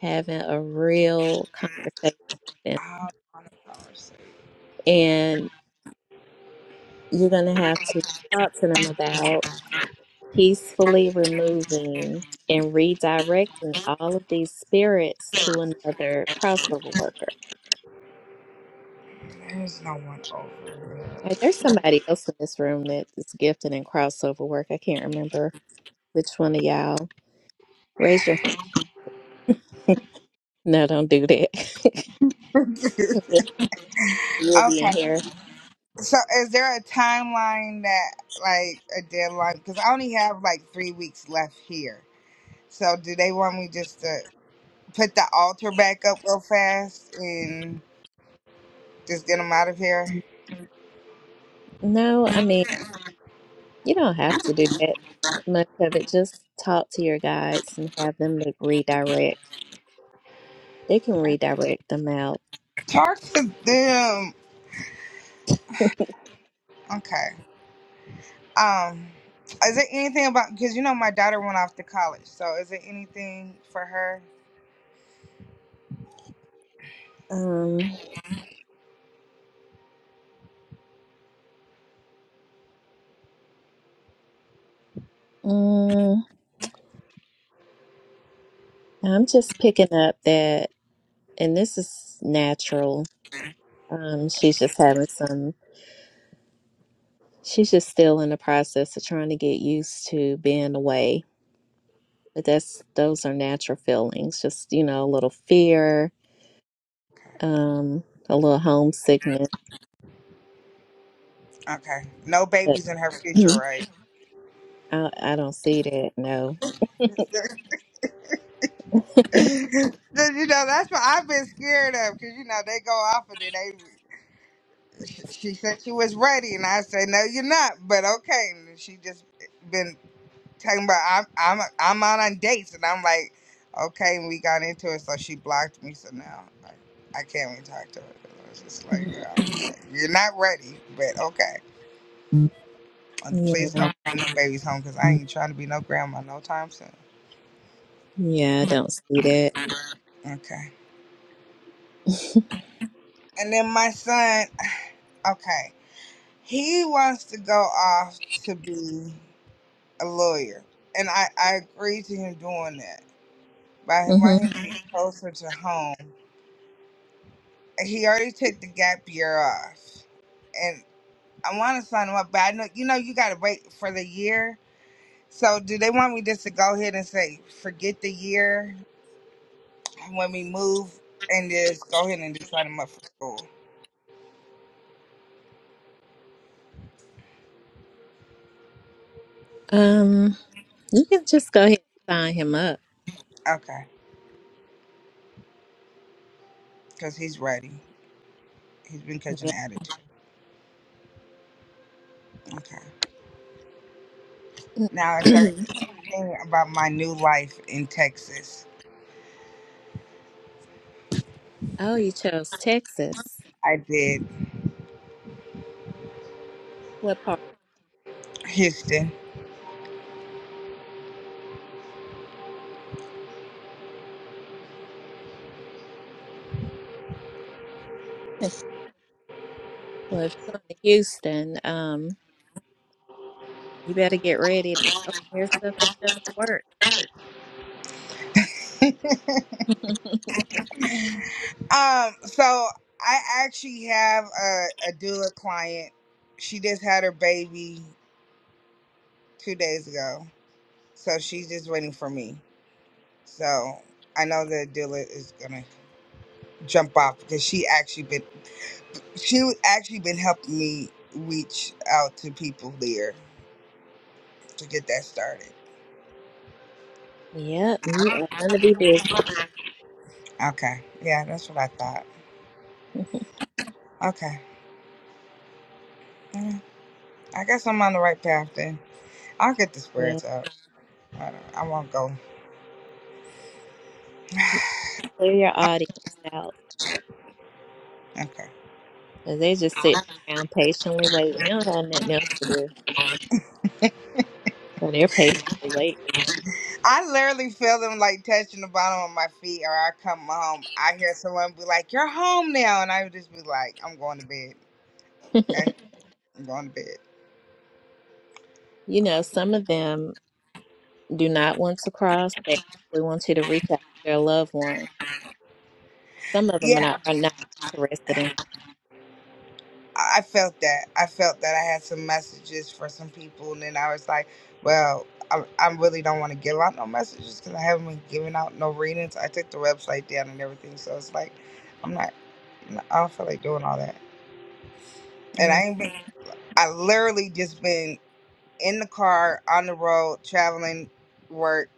Speaker 1: having a real conversation
Speaker 14: I promise.
Speaker 1: and you're gonna have to talk to them about peacefully removing and redirecting all of these spirits to another crossover worker.
Speaker 14: There's no one over. it.
Speaker 1: Like, there's somebody else in this room that is gifted in crossover work. I can't remember which one of y'all. Raise your no, don't do that. You'll be in
Speaker 14: Okay.
Speaker 1: here.
Speaker 14: So is there a timeline that like a deadline? Because I only have like three weeks left here. So do they want me just to put the altar back up real fast and just get them out of here?
Speaker 1: No, I mean you don't have to do that much of it. Just talk to your guides and have them make redirect. They can redirect them out.
Speaker 14: Talk to them. Okay. Um. Is there anything about because you know my daughter went off to college, so is there anything for her?
Speaker 1: Um, mm, I'm just picking up that, and this is natural. Um, she's just having some, she's just still in the process of trying to get used to being away. But that's, those are natural feelings, just, you know, a little fear,
Speaker 14: Okay.
Speaker 1: um, a little homesickness.
Speaker 14: Okay. No
Speaker 1: But
Speaker 14: babies in her future, right?
Speaker 1: I, I don't see that, no.
Speaker 14: So, you know, that's what I've been scared of because, you know, they go off and then they. She she said she was ready, and I said, "No, you're not." But okay, and she just been talking about I'm I'm I'm out on dates, and I'm like, okay, and we got into it, so she blocked me. So now like, I can't even talk to her. I was just like,
Speaker 1: Mhm.
Speaker 14: girl, you're not ready, but okay, and
Speaker 1: Yeah,
Speaker 14: please don't bring no babies home because I ain't trying to be no grandma no time soon.
Speaker 1: yeah, I don't see that.
Speaker 14: Okay, and then my son, okay. He wants to go off to be a lawyer, and I, I agree to him doing that. But I
Speaker 1: hmm
Speaker 14: want him to be closer to home. He already took the gap year off, and I want to sign him up. But I know you know you got to wait for the year. So do they want me just to go ahead and say forget the year when we move and just go ahead and just sign him up for school?
Speaker 1: Um, you can just go ahead and sign him up.
Speaker 14: Okay, because he's ready. He's been catching the attitude. Okay. Now, is there
Speaker 1: Yeah.
Speaker 14: anything about my new life in Texas?
Speaker 1: oh, you chose Texas.
Speaker 14: I did
Speaker 1: What part?
Speaker 14: Houston.
Speaker 1: Yes, Well, if you're going to Houston, um, you better get ready to open your stuff back up for work.
Speaker 14: Um, so I actually have a, a doula client. She just had her baby two days ago, so she's just waiting for me. So I know the doula is gonna jump off because she actually been she actually been helping me reach out to people there to get that started.
Speaker 1: Yep, you are going to be busy.
Speaker 14: Okay, yeah, that's what I thought. Okay. I guess I'm on the right path then. I'll get the
Speaker 1: yeah,
Speaker 14: spirits up. I, don't, I won't go.
Speaker 1: clear your audience out.
Speaker 14: Okay.
Speaker 1: 'cause they just sit around patiently waiting. They don't have nothing else to do. So they're patiently
Speaker 14: I literally feel them like touching the bottom of my feet, or I come home. I hear someone be like, "You're home now," and I would just be like, "I'm going to bed."
Speaker 1: waiting.
Speaker 14: Okay, I'm going to bed.
Speaker 1: you know,
Speaker 14: Um,
Speaker 1: some of them do not want to cross. They actually want you to reach out to their loved one. Some of them are
Speaker 14: yeah,
Speaker 1: not, are not interested in.
Speaker 14: I I felt that. I felt that I had some messages for some people, and then I was like, "Well, I, I really don't want to give out no messages because I haven't been giving out no readings. I took the website down and everything, so it's like, I'm not. I don't feel like doing all that." and I
Speaker 1: Mm,
Speaker 14: ain't been. I literally just been in the car, on the road, traveling, work,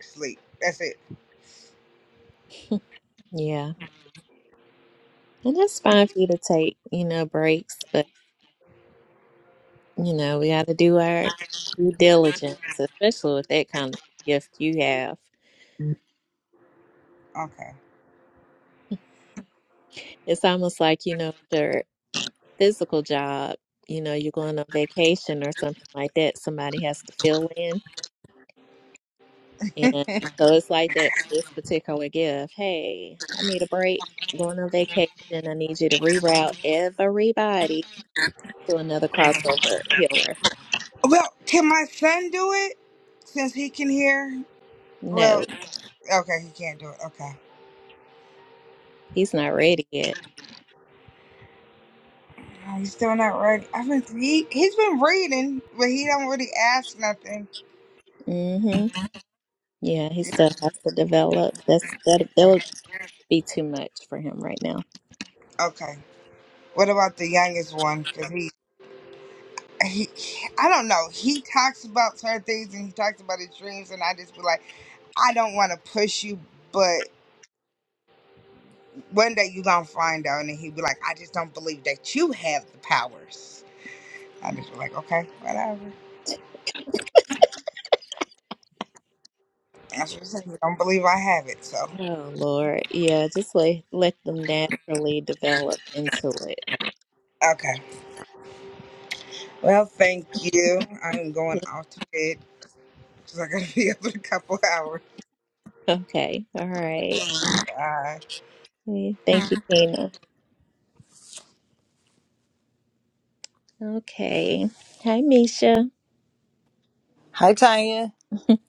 Speaker 14: sleep. That's it.
Speaker 1: yeah. And that's fine for you to take, you know, breaks, but You know, we got to do our due diligence, especially with that kind of gift you have.
Speaker 14: Okay.
Speaker 1: It's almost like, you know, your physical job, you know, you're going on vacation or something like that, somebody has to fill in. And so it's like that, for this particular gift. Hey, I need a break. I'm going on vacation. I need you to reroute everybody to another crossover healer.
Speaker 14: Well, can my son do it since he can hear?
Speaker 1: No,
Speaker 14: Well, okay, he can't do it. Okay.
Speaker 1: he's not ready yet.
Speaker 14: Oh, He's still not ready. I've been he he's been reading, but he don't really ask nothing.
Speaker 1: Mm-hmm. Yeah, he
Speaker 14: Yeah,
Speaker 1: still has to develop. That's
Speaker 14: Okay.
Speaker 1: that. be too much for him right now.
Speaker 14: Okay. What about the youngest one? Cause he he I don't know. He talks about certain things and he talks about his dreams, and I just be like. I don't want to push you, but one day you gonna find out, and he be like, I just don't believe that you have the powers. I just be like, okay, whatever. That's what I said. You don't believe I have it, so
Speaker 1: Oh Lord, yeah, just let let them naturally develop into it.
Speaker 14: okay. Well, thank you. I'm going off to bed because I gotta be up in a couple hours.
Speaker 1: Okay, all right.
Speaker 14: Bye.
Speaker 1: Yeah, Thank you, Kina. Okay. Hi, Misha.
Speaker 15: Hi, Tanya.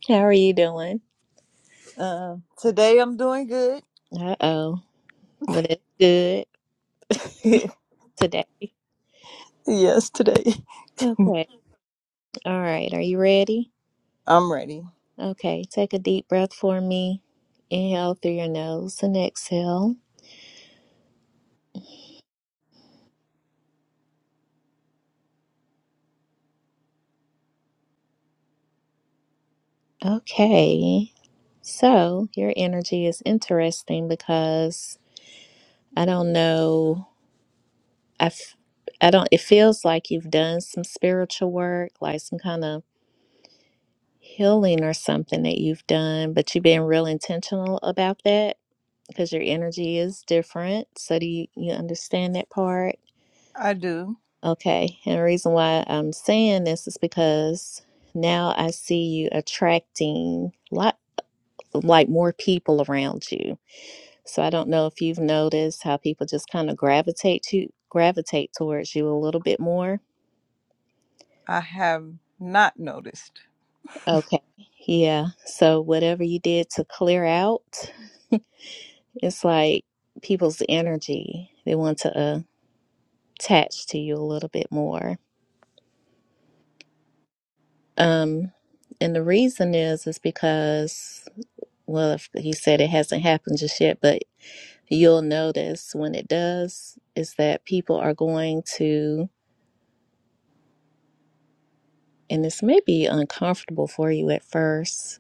Speaker 1: How are you doing?
Speaker 15: Um, today I'm doing good.
Speaker 1: Uh oh, but it's good today.
Speaker 15: yes, today
Speaker 1: Okay, all right. Are you ready?
Speaker 15: I'm ready.
Speaker 1: Okay, take a deep breath for me. Inhale through your nose and exhale. Okay, so your energy is interesting because I don't know. I, f- I don't, it feels like you've done some spiritual work, like some kind of healing or something that you've done, but you've been real intentional about that because your energy is different. So do you, you understand that part?
Speaker 15: I do.
Speaker 1: Okay. And the reason why I'm saying this is because now I see you attracting lot like more people around you. So I don't know if you've noticed how people just kind of gravitate to gravitate towards you a little bit more
Speaker 15: I have not noticed.
Speaker 1: Okay. Yeah. So whatever you did to clear out, it's like people's energy. They want to uh, attach to you a little bit more. Um, and the reason is is because well, if he said it hasn't happened just yet, but you'll notice when it does is that people are going to, and this may be uncomfortable for you at first,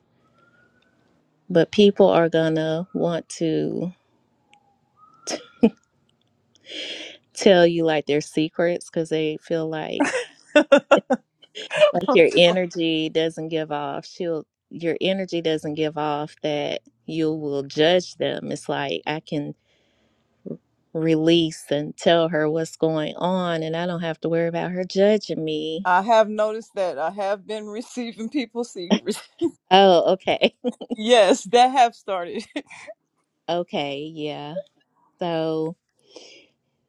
Speaker 1: but people are gonna want to tell you like their secrets because they feel like like your energy doesn't give off she'll your energy doesn't give off that you will judge them it's like i can release and tell her what's going on and i don't have to worry about her judging me
Speaker 15: I have noticed that I have been receiving people's secrets.
Speaker 1: oh okay
Speaker 15: Yes, that have started.
Speaker 1: okay yeah so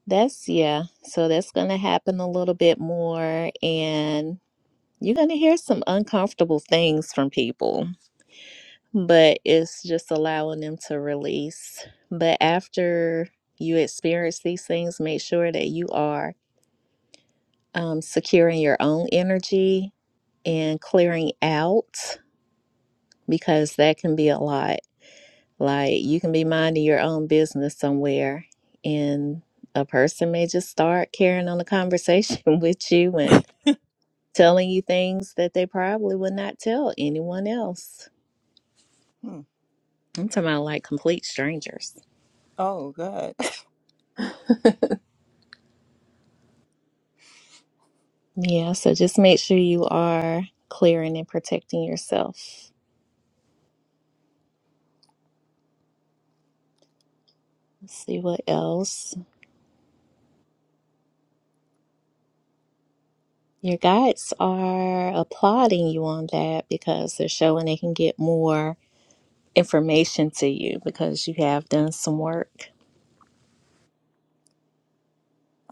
Speaker 1: that's yeah so that's gonna happen a little bit more and you're gonna hear some uncomfortable things from people but it's just allowing them to release. But after you experience these things, make sure that you are um, securing your own energy and clearing out because that can be a lot. Like you can be minding your own business somewhere, and a person may just start carrying on a conversation with you and telling you things that they probably would not tell anyone else.
Speaker 15: Hmm.
Speaker 1: I'm talking about like complete strangers.
Speaker 15: oh God.
Speaker 1: Yeah, so just make sure you are clearing and protecting yourself. Let's see what else. Your guides are applauding you on that because they're showing they can get more information to you because you have done some work.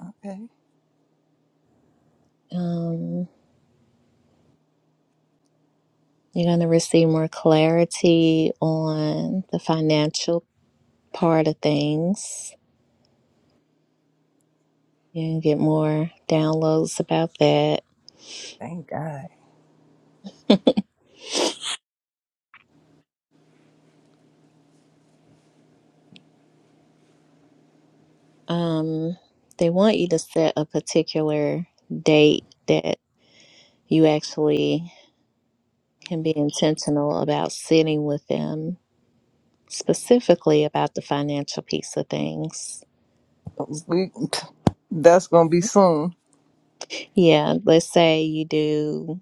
Speaker 15: Okay.
Speaker 1: Um, you're going to receive more clarity on the financial part of things. You can get more downloads about that.
Speaker 15: Thank God.
Speaker 1: Um, they want you to set a particular date that. You actually can be intentional about sitting with them, specifically about the financial piece of things.
Speaker 15: We. That's gonna be soon.
Speaker 1: Yeah, let's say you do,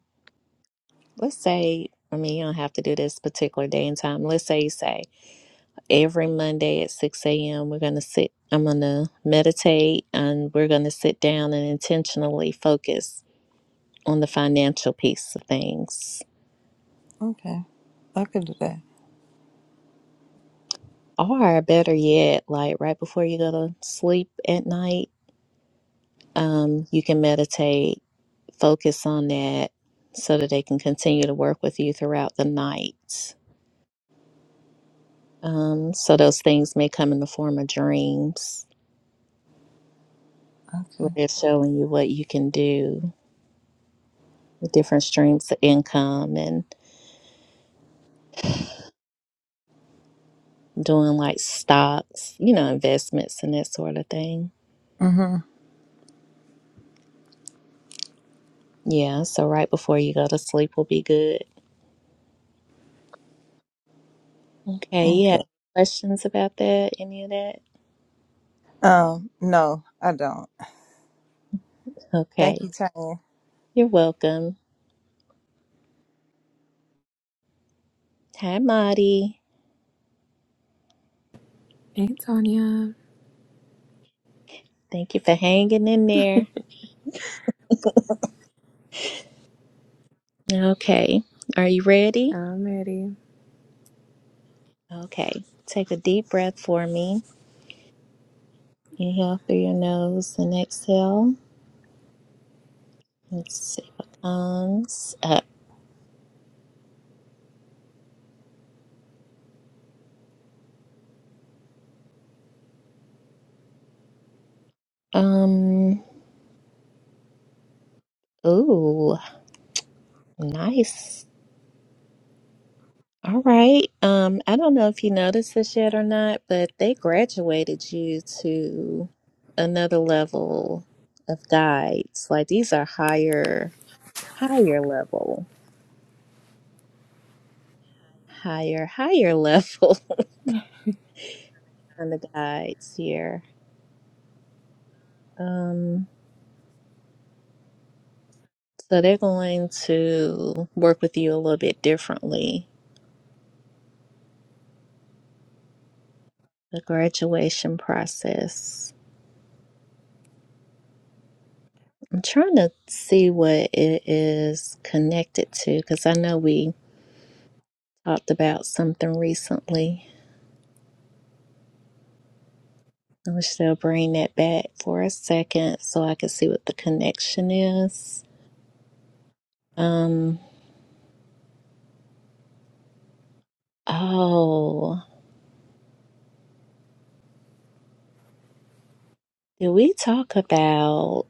Speaker 1: let's say, I mean, you don't have to do this particular day and time. Let's say you say every Monday at 6 a.m., we're going to sit, I'm going to meditate and we're going to sit down and intentionally focus on the financial piece of things.
Speaker 15: Okay. I can do that.
Speaker 1: Or better yet, like right before you go to sleep at night Um, you can meditate, focus on that so that they can continue to work with you throughout the night. Um, so those things may come in the form of dreams where
Speaker 15: Okay.
Speaker 1: they're showing you what you can do, the different streams of income and doing like stocks, you know, investments and that sort of thing.
Speaker 15: Mhm.
Speaker 1: Yeah, so right before you go to sleep will be good. Okay, yeah.
Speaker 15: Okay.
Speaker 1: Questions about that? Any of that?
Speaker 15: Um. No, I don't. Thank you,
Speaker 1: Okay.
Speaker 15: Tanya.
Speaker 1: You're welcome. Hi, Marty.
Speaker 8: Hey, Tanya.
Speaker 1: Thank you for hanging in there. Okay. Are you ready?
Speaker 8: I'm ready.
Speaker 1: Okay. Take a deep breath for me. Inhale through your nose and exhale. Let's see what comes up. Um, ooh, nice. All right. Um, I don't know if you noticed this yet or not, but they graduated you to another level of guides. Like these are higher, higher level, higher, higher level and the guides here. Um, so they're going to work with you a little bit differently. The graduation process. I'm trying to see what it is connected to because I know we talked about something recently. I wish they'll bring that back for a second so I can see what the connection is. Um, oh, did we talk about?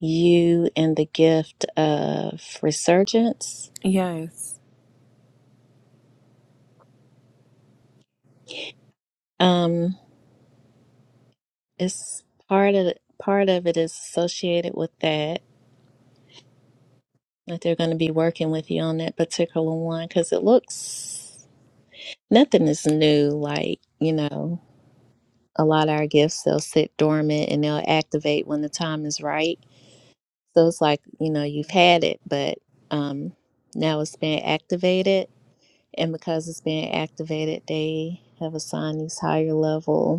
Speaker 1: you and the gift of resurgence.
Speaker 8: Yes.
Speaker 1: Um, it's part of part of it is associated with that. That they're going to be working with you on that particular one because it looks nothing is new. Like you know, a lot of our gifts they'll sit dormant and they'll activate when the time is right. So it's like you know you've had it, but um, now it's being activated, and because it's being activated, they have assigned these higher level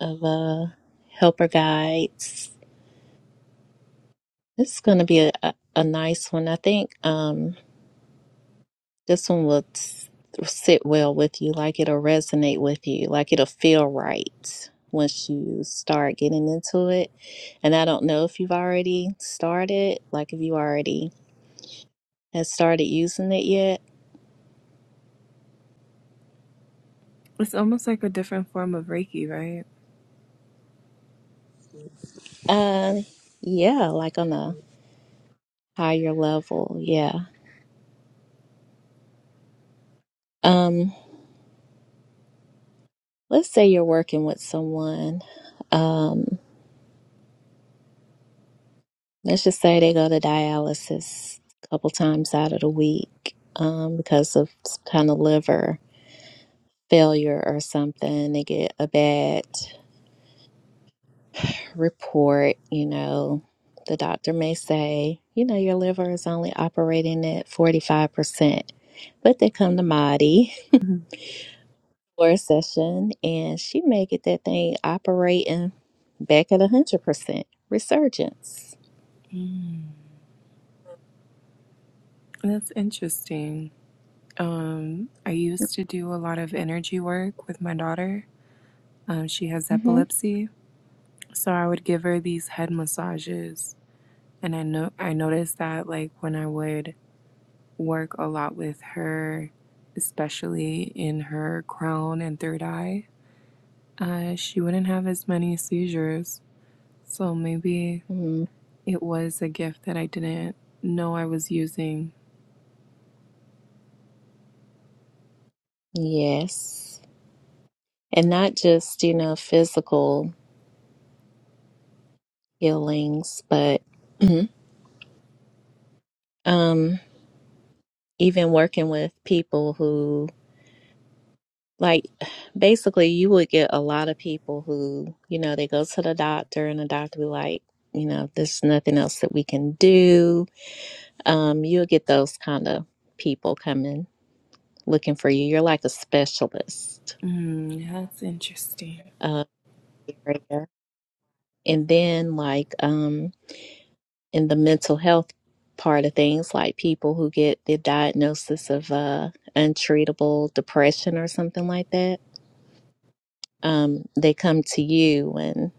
Speaker 1: of uh, helper guides. This is going to be a, a, a nice one. I think um, this one will s- sit well with you, like it'll resonate with you, like it'll feel right once you start getting into it. And I don't know if you've already started, like if you already have started using it yet.
Speaker 8: It's almost like a different form of Reiki, right?
Speaker 1: Um, yeah, like on a higher level. Yeah. Um, let's say you're working with someone. um. let's just say they go to dialysis a couple times out of the week um, because of some kind of liver failure or something. They get a bad report, you know. The doctor may say, you know, your liver is only operating at 45%, but they come to Maddie
Speaker 8: Mhm.
Speaker 1: for a session and she may get that thing operating back at 100% resurgence.
Speaker 8: That's interesting. Um, I used to do a lot of energy work with my daughter. Um, she has
Speaker 1: Mm-hmm.
Speaker 8: epilepsy, so I would give her these head massages, and I know I noticed that like when I would work a lot with her, especially in her crown and third eye, uh, she wouldn't have as many seizures. So maybe
Speaker 1: mm
Speaker 8: It was a gift that I didn't know I was using.
Speaker 1: Yes. and not just you know physical healings but um even working with people who like basically you would get a lot of people who you know they go to the doctor and the doctor be like you know there's nothing else that we can do um you'll get those kind of people coming looking for you you're like a specialist
Speaker 8: Mm, that's interesting.
Speaker 1: uh area and then like um in the mental health part of things, like people who get the diagnosis of uh, untreatable depression or something like that. Um, they come to you and,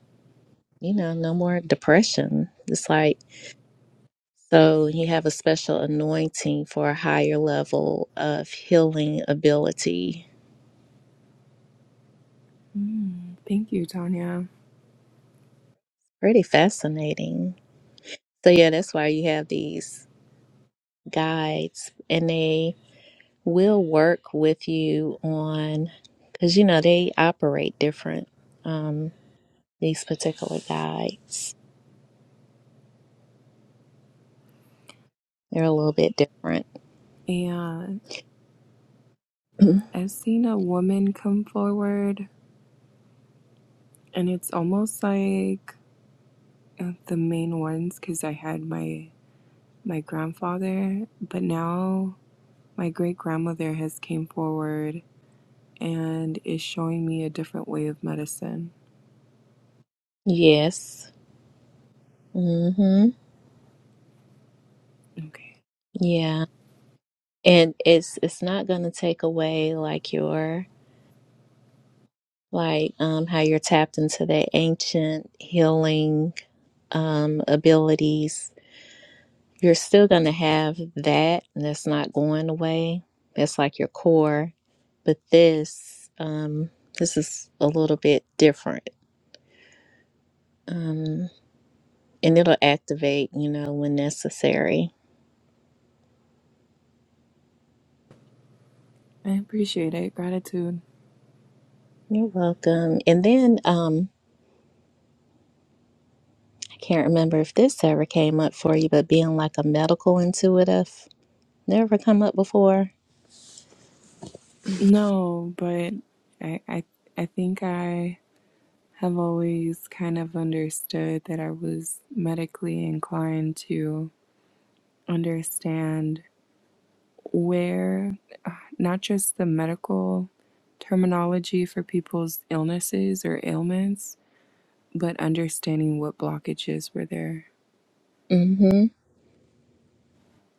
Speaker 1: you know, no more depression. It's like, so you have a special anointing for a higher level of healing ability.
Speaker 8: Mm, thank you, Tanya.
Speaker 1: Pretty fascinating. So, yeah, that's why you have these guides and they will work with you on because you know they operate different um these particular guides they're a little bit different
Speaker 8: And I've seen a woman come forward, and it's almost like uh, the main ones because I had my my grandfather, but now my great grandmother has came forward and is showing me a different way of medicine.
Speaker 1: yes mm-hmm
Speaker 8: Okay,
Speaker 1: yeah and it's it's not gonna take away like your like um how you're tapped into the ancient healing um abilities You're still going to have that that's not going away. That's like your core. But this, um, this is a little bit different. Um, and it'll activate, you know, when necessary.
Speaker 8: I appreciate it. Gratitude.
Speaker 1: You're welcome. And then um, I can't remember if this ever came up for you, but being like a medical intuitive never come up before.
Speaker 8: No, but I, I I think I have always kind of understood that I was medically inclined to understand where uh, not just the medical terminology for people's illnesses or ailments, but understanding what blockages were there.
Speaker 1: Mm-hmm.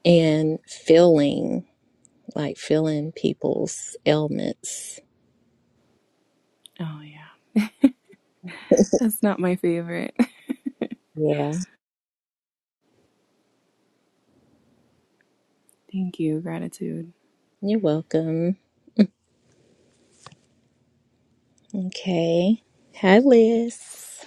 Speaker 1: And feeling, like feeling people's ailments.
Speaker 8: Oh yeah. That's not my favorite.
Speaker 1: Yeah.
Speaker 8: Thank you, gratitude.
Speaker 1: You're welcome. Okay. Hi, Liz.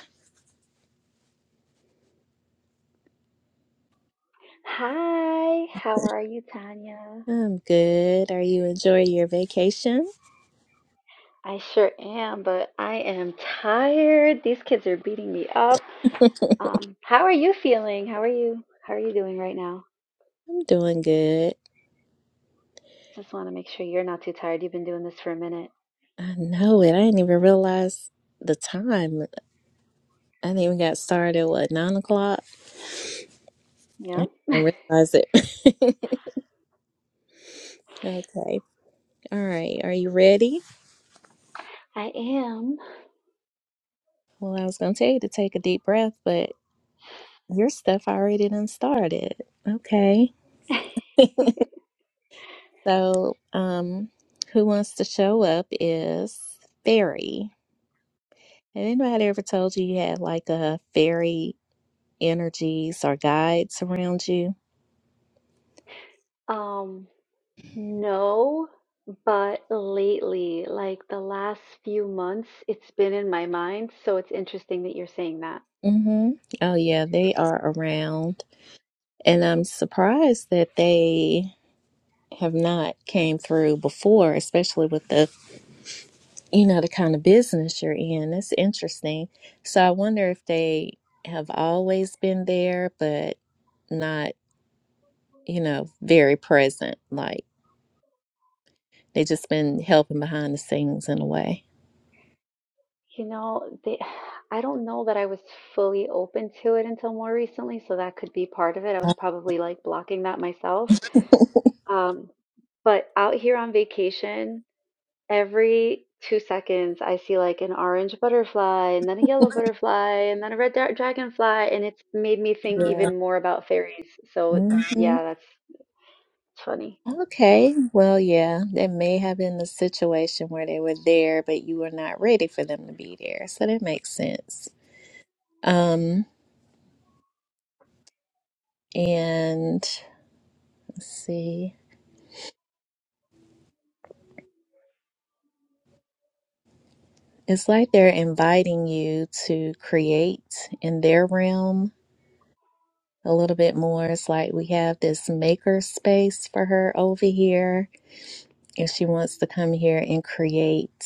Speaker 16: Hi, how are you, Tanya?
Speaker 1: I'm good. Are you enjoying your vacation?
Speaker 16: I sure am, but I am tired. These kids are beating me up. Um, how are you feeling? How are you? How are you doing right now?
Speaker 1: I'm doing good.
Speaker 16: Just want to make sure you're not too tired. You've been doing this for a minute.
Speaker 1: I know it. I didn't even realize the time. I didn't even got started, what, nine o'clock?
Speaker 16: Yep,
Speaker 1: And realize it. okay. All right. Are you ready?
Speaker 16: I am.
Speaker 1: Well, I was going to tell you to take a deep breath, but your stuff already done started. Okay. So, um, who wants to show up is Fairy. Had anybody ever told you you had like a fairy energies or guides around you?
Speaker 16: Um, no, but lately, like the last few months, it's been in my mind, so it's interesting that you're saying that.
Speaker 1: Mm-hmm. Oh yeah, they are around. And I'm surprised that they have not came through before, especially with the you know, the kind of business you're in. That's interesting. So I wonder if they have always been there but not, you know, very present. Like they just been helping behind the scenes in a way.
Speaker 16: You know, they, I don't know that I was fully open to it until more recently, so that could be part of it. I
Speaker 1: Oh,
Speaker 16: was probably like blocking that myself. Um, but out here on vacation, every two seconds, I see like an orange butterfly and then a yellow butterfly and then a red dra- dragonfly, and it's made me think
Speaker 1: Yeah.
Speaker 16: even more about fairies. So,
Speaker 1: hmm
Speaker 16: yeah, that's it's funny.
Speaker 1: Okay, well, yeah, that may have been the situation where they were there, but you were not ready for them to be there. So that makes sense. Um, and let's see, it's like they're inviting you to create in their realm a little bit more. It's like we have this maker space for her over here, and she wants to come here and create.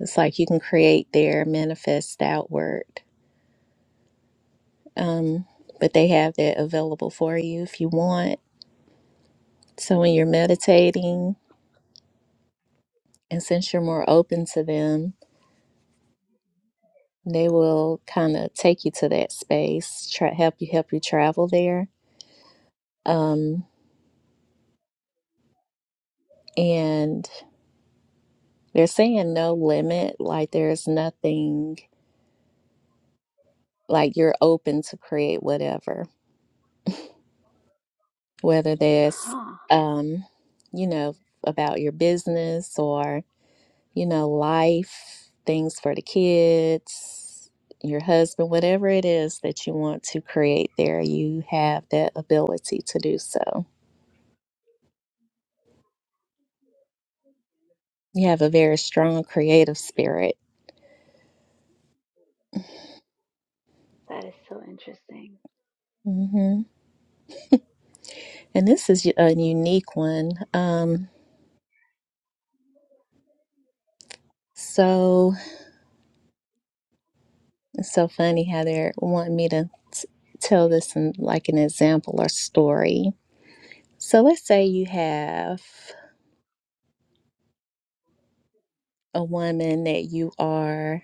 Speaker 1: It's like you can create there, manifest outward. Um, but they have that available for you if you want. So when you're meditating, and since you're more open to them, they will kind of take you to that space, try help you help you travel there. Um, and they're saying no limit, like there's nothing, like you're open to create whatever, whether that's,
Speaker 16: Huh,
Speaker 1: um, you know, about your business or. you know, life, things for the kids, your husband, whatever it is that you want to create there, you have that ability to do so. You have a very strong creative spirit.
Speaker 16: that is so interesting.
Speaker 1: hmm And this is a unique one. Um, so it's so funny how they're wanting me to t- tell this in like an example or story. So let's say you have a woman that you are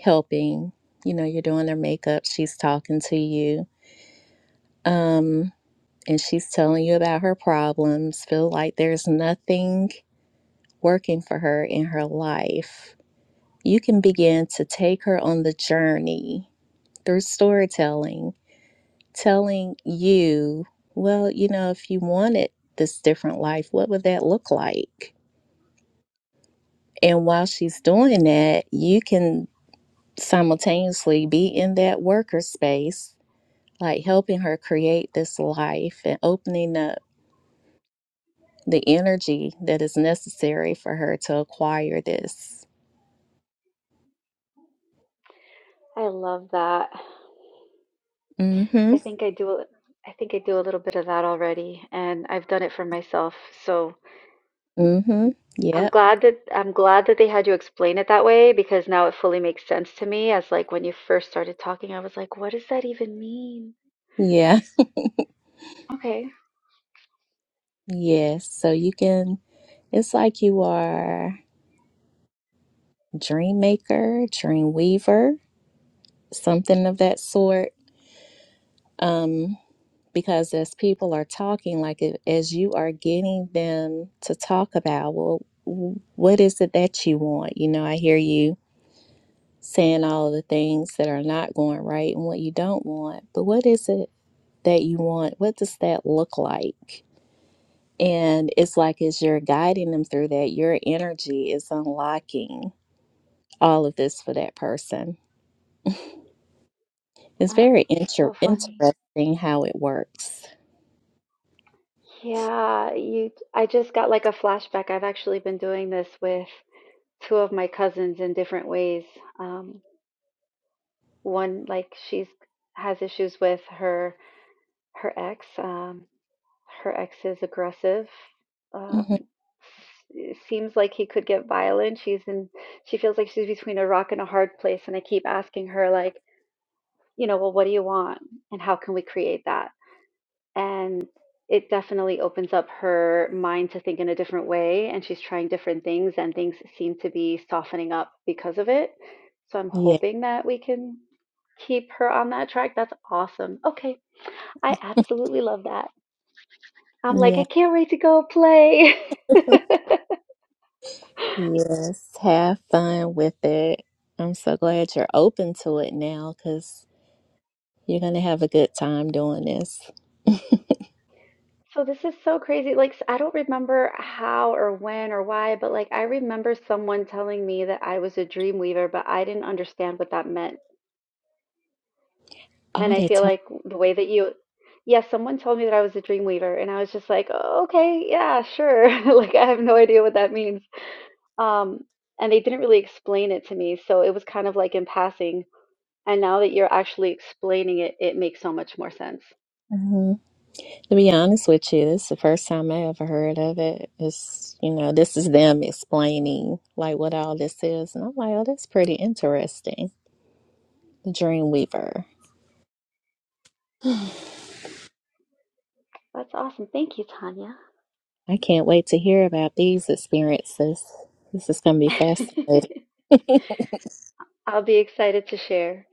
Speaker 1: helping. You know, you're doing their makeup, she's talking to you, um, and she's telling you about her problems. Feel like there's nothing working for her in her life. You can begin to take her on the journey through storytelling, telling you, well, you know, if you wanted this different life, what would that look like? And while she's doing that, you can simultaneously be in that worker space like helping her create this life and opening up the energy that is necessary for her to acquire this.
Speaker 16: I love that.
Speaker 1: Mm-hmm.
Speaker 16: I think I do. a- I think I do a little bit of that already, and I've done it for myself. So
Speaker 1: Mm-hmm.
Speaker 16: I'm
Speaker 1: Yep.
Speaker 16: glad that I'm glad that they had you explain it that way because now it fully makes sense to me. As like when you first started talking, I was like, "What does that even mean?"
Speaker 1: Yeah.
Speaker 16: Okay,
Speaker 1: Yes. So you can it's like you are dream maker, dream weaver, something of that sort. Um, because as people are talking, like if- as you are getting them to talk about, well, w- what is it that you want? You know, I hear you saying all the things that are not going right and what you don't want, but what is it that you want? What does that look like? And it's like as you're guiding them through that, your energy is unlocking all of this for that person. It's
Speaker 16: uh,
Speaker 1: very
Speaker 16: it's
Speaker 1: inter-
Speaker 16: so funny.
Speaker 1: interesting how it works.
Speaker 16: Yeah, you. I just got like a flashback. I've actually been doing this with two of my cousins in different ways. Um, one like she's has issues with her her ex. Um, Her ex is aggressive.
Speaker 1: hmm
Speaker 16: Um, s- seems like he could get violent. She's in, she feels like she's between a rock and a hard place. And I keep asking her, like, you know, well, what do you want? And how can we create that? And it definitely opens up her mind to think in a different way. And she's trying different things, and things seem to be softening up because of it. So I'm
Speaker 1: Yeah,
Speaker 16: hoping that we can keep her on that track. That's awesome. Okay. I absolutely love that. I'm like,
Speaker 1: yeah,
Speaker 16: I can't wait to go play.
Speaker 1: yes. Have fun with it. I'm so glad you're open to it now because you're going to have a good time doing this.
Speaker 16: So this is so crazy. Like, s- I don't remember how or when or why, but like, I remember someone telling me that I was a dream weaver, but I didn't understand what that meant.
Speaker 1: Oh,
Speaker 16: And I
Speaker 1: they
Speaker 16: feel
Speaker 1: talk.
Speaker 16: like the way that you, yeah, someone told me that I was a dream weaver, and I was just like, oh, okay, yeah, sure. Like, I have no idea what that means. Um, and they didn't really explain it to me, so it was kind of like in passing. And now that you're actually explaining it, it makes so much more sense.
Speaker 1: To be honest with you, this is the first time I ever heard of it. It's, you know, this is them explaining like what all this is. And I'm like, oh, that's pretty interesting. Dreamweaver.
Speaker 16: That's awesome. Thank you, Tanya.
Speaker 1: I can't wait to hear about these experiences. This is going to be fascinating.
Speaker 16: I'll be excited to share.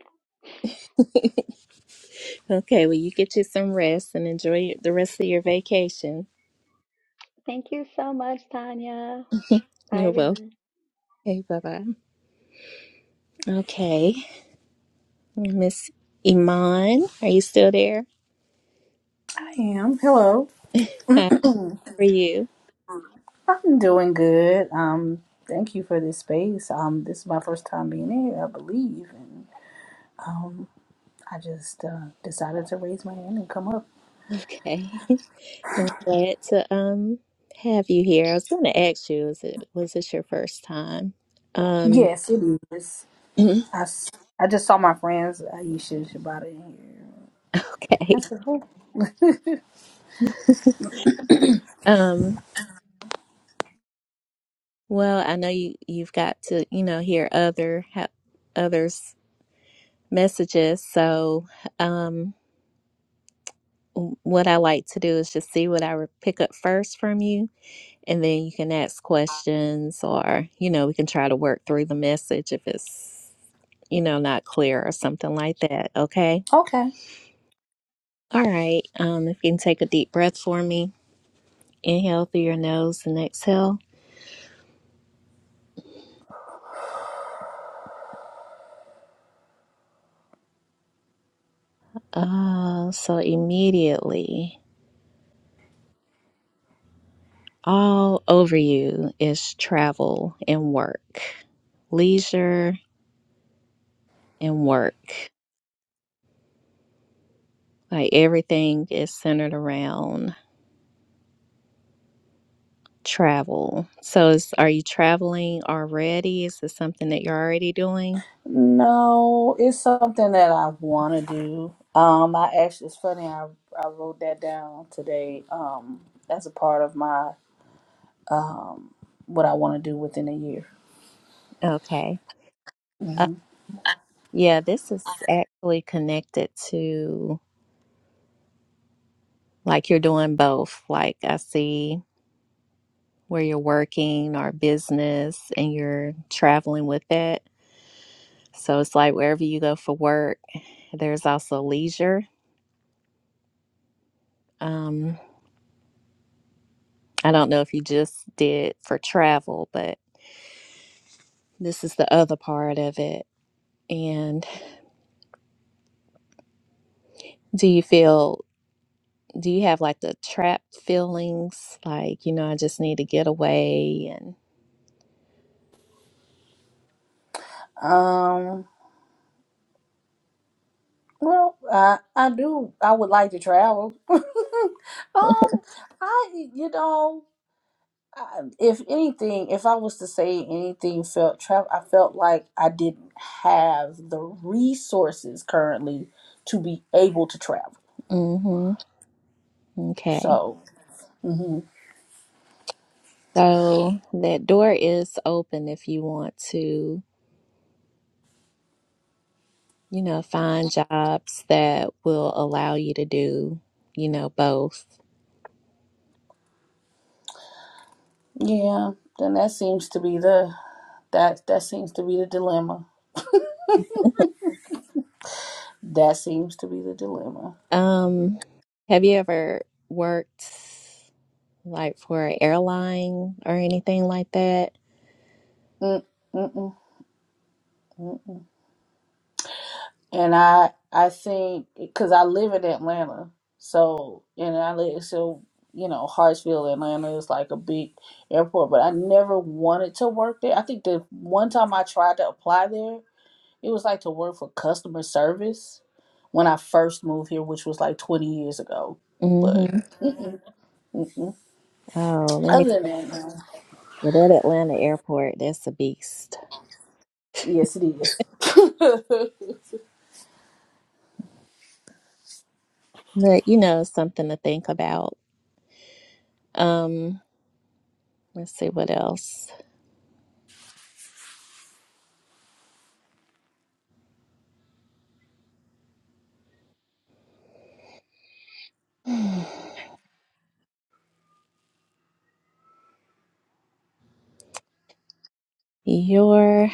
Speaker 1: okay, well, you get you some rest and enjoy the rest of your vacation.
Speaker 16: Thank you so much, Tanya. Bye,
Speaker 1: You're welcome.
Speaker 16: everyone.
Speaker 1: Okay, bye bye. Okay, Miss Iman, are you still there?
Speaker 17: I am. Hello.
Speaker 1: Hi, how are you?
Speaker 17: I'm doing good. Um, thank you for this space. Um, this is my first time being here, I believe, and um, I just uh, decided to raise my hand and come up.
Speaker 1: Okay. Well, I'm glad to um have you here. I was going to ask you, is it was this your first time? Um,
Speaker 17: Yes, it is. I, s- I just saw my friends Aisha Shibata in here. That's
Speaker 1: okay.
Speaker 17: said, "Oh,
Speaker 1: Um, well, I know you you've got to you know hear other ha others' messages. So, um, w- what I like to do is just see what I re- pick up first from you, and then you can ask questions, or you know we can try to work through the message if it's you know not clear or something like that. Okay.
Speaker 17: okay.
Speaker 1: All right. Um, if you can take a deep breath for me, inhale through your nose and exhale. Uh, so immediately, all over you is travel and work, leisure and work. Like everything is centered around travel. So, is, are you traveling already? Is this something that you're already doing?
Speaker 17: No, it's something that I want to do. Um, I actually, it's funny. I I wrote that down today. Um, that's a part of my um, what I want to do within a year.
Speaker 1: Okay. Uh,
Speaker 17: hmm
Speaker 1: yeah, this is actually connected to like you're doing both. Like I see where you're working or business and you're traveling with it. So it's like wherever you go for work, there's also leisure. Um, I don't know if you just did for travel, but this is the other part of it. And do you feel, do you have like the trapped feelings? Like, you know, I just need to get away and,
Speaker 17: Um, well, I I do. I would like to travel. um, I you know, I, if anything, if I was to say anything, felt travel. I felt like I didn't have the resources currently to be able to travel.
Speaker 1: mm-hmm, okay.
Speaker 17: So, hmm
Speaker 1: So that door is open if you want to you know, find jobs that will allow you to do, you know, both.
Speaker 17: yeah, then that seems to be the that that seems to be the dilemma. That seems to be the dilemma.
Speaker 1: Um, have you ever worked like for an airline or anything like that?
Speaker 17: Mm, mm-mm, mm-mm. and I I think because I live in Atlanta, so and I live so you know Hartsfield, Atlanta is like a big airport, but I never wanted to work there. I think the one time I tried to apply there, it was like to work for customer service when I first moved here, which was like twenty years ago. But
Speaker 1: Mm-hmm.
Speaker 17: mm-mm, mm-mm.
Speaker 1: Oh, let me
Speaker 17: other than
Speaker 1: tell
Speaker 17: that,
Speaker 1: you, that Atlanta airport, that's a beast.
Speaker 17: no. yes, it is.
Speaker 1: But you know, it's something to think about. Um, let's see what else. Your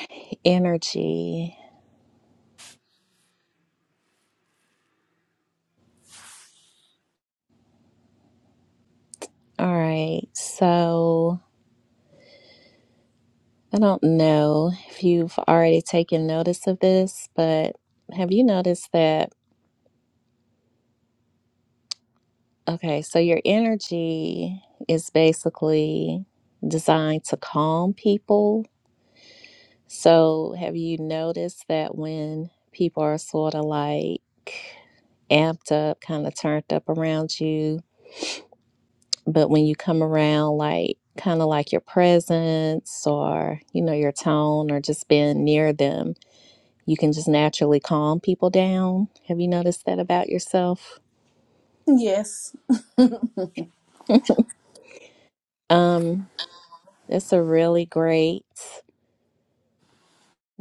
Speaker 1: energy. All right. So I don't know if you've already taken notice of this, but have you noticed that? Okay. So your energy is basically designed to calm people. So have you noticed that when people are sort of like amped up, kind of turned up around you? But when you come around, like kind of like your presence or, you know, your tone or just being near them, you can just naturally calm people down. Have you noticed that about yourself?
Speaker 17: yes.
Speaker 1: Um, it's a really great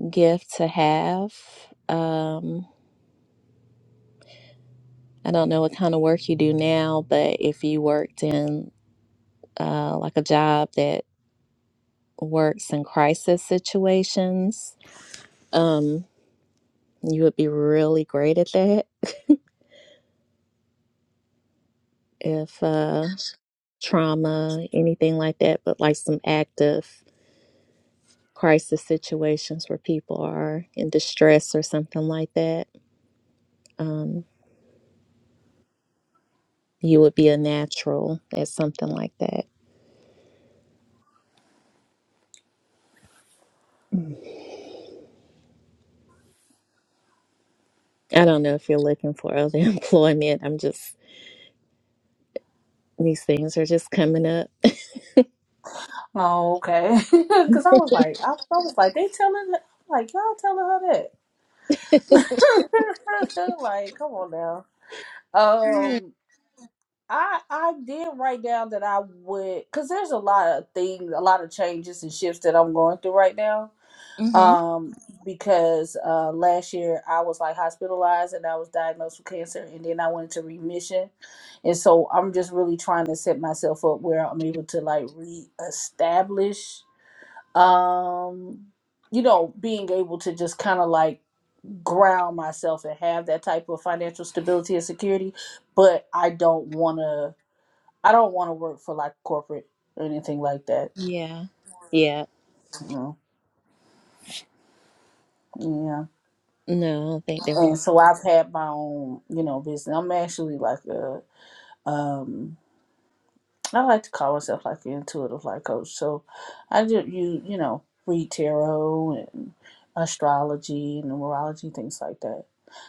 Speaker 1: gift to have. Um, I don't know what kind of work you do now, but if you worked in uh, like a job that works in crisis situations, um, you would be really great at that. if uh, trauma, anything like that, but like some active crisis situations where people are in distress or something like that, um, you would be a natural at something like that. Mm. I don't know if you're looking for other employment. I'm just, these things are just coming up.
Speaker 17: Oh, okay. Because I was like, I, I was like, they telling, like y'all telling her that. like, come on now. Um, I I did write down that I would, because there's a lot of things, a lot of changes and shifts that I'm going through right now.
Speaker 1: Mm-hmm.
Speaker 17: Um, because uh, last year I was like hospitalized and I was diagnosed with cancer, and then I went into remission, and so I'm just really trying to set myself up where I'm able to like reestablish um you know being able to just kind of like ground myself and have that type of financial stability and security but i don't want to i don't want to work for like corporate or anything like that
Speaker 1: Yeah. Yeah.
Speaker 17: Mm, yeah
Speaker 1: No, I don't think they would.
Speaker 17: and so i've had my own you know business i'm actually like a um I like to call myself like the intuitive life coach. So I do you you know read tarot and astrology and numerology things like that.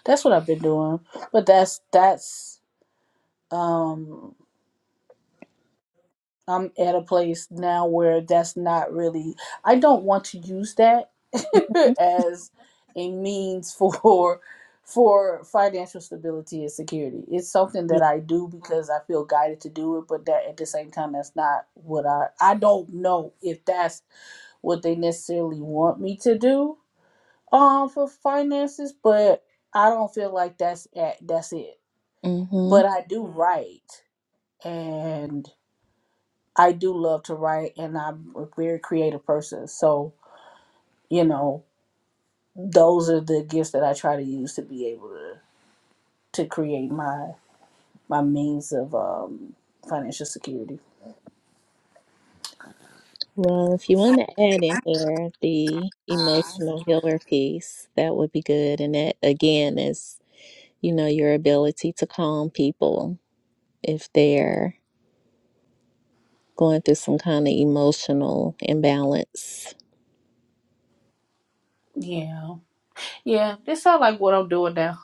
Speaker 17: That's what I've been doing. But that's that's um I'm at a place now where that's not really, I don't want to use that as a means for for financial stability and security. It's something that I do because I feel guided to do it, but that at the same time that's not what I I don't know if that's what they necessarily want me to do um for finances, but I don't feel like that's at, that's it.
Speaker 1: Mm-hmm.
Speaker 17: But I do write and I do love to write and I'm a very creative person. So, you know, those are the gifts that I try to use to be able to to create my my means of um financial security.
Speaker 1: Well, if you want to add in there the emotional healer piece, that would be good. And that again is, you know, your ability to calm people if they're going through some kind of emotional imbalance.
Speaker 17: Yeah. Yeah. This sounds like what I'm doing now.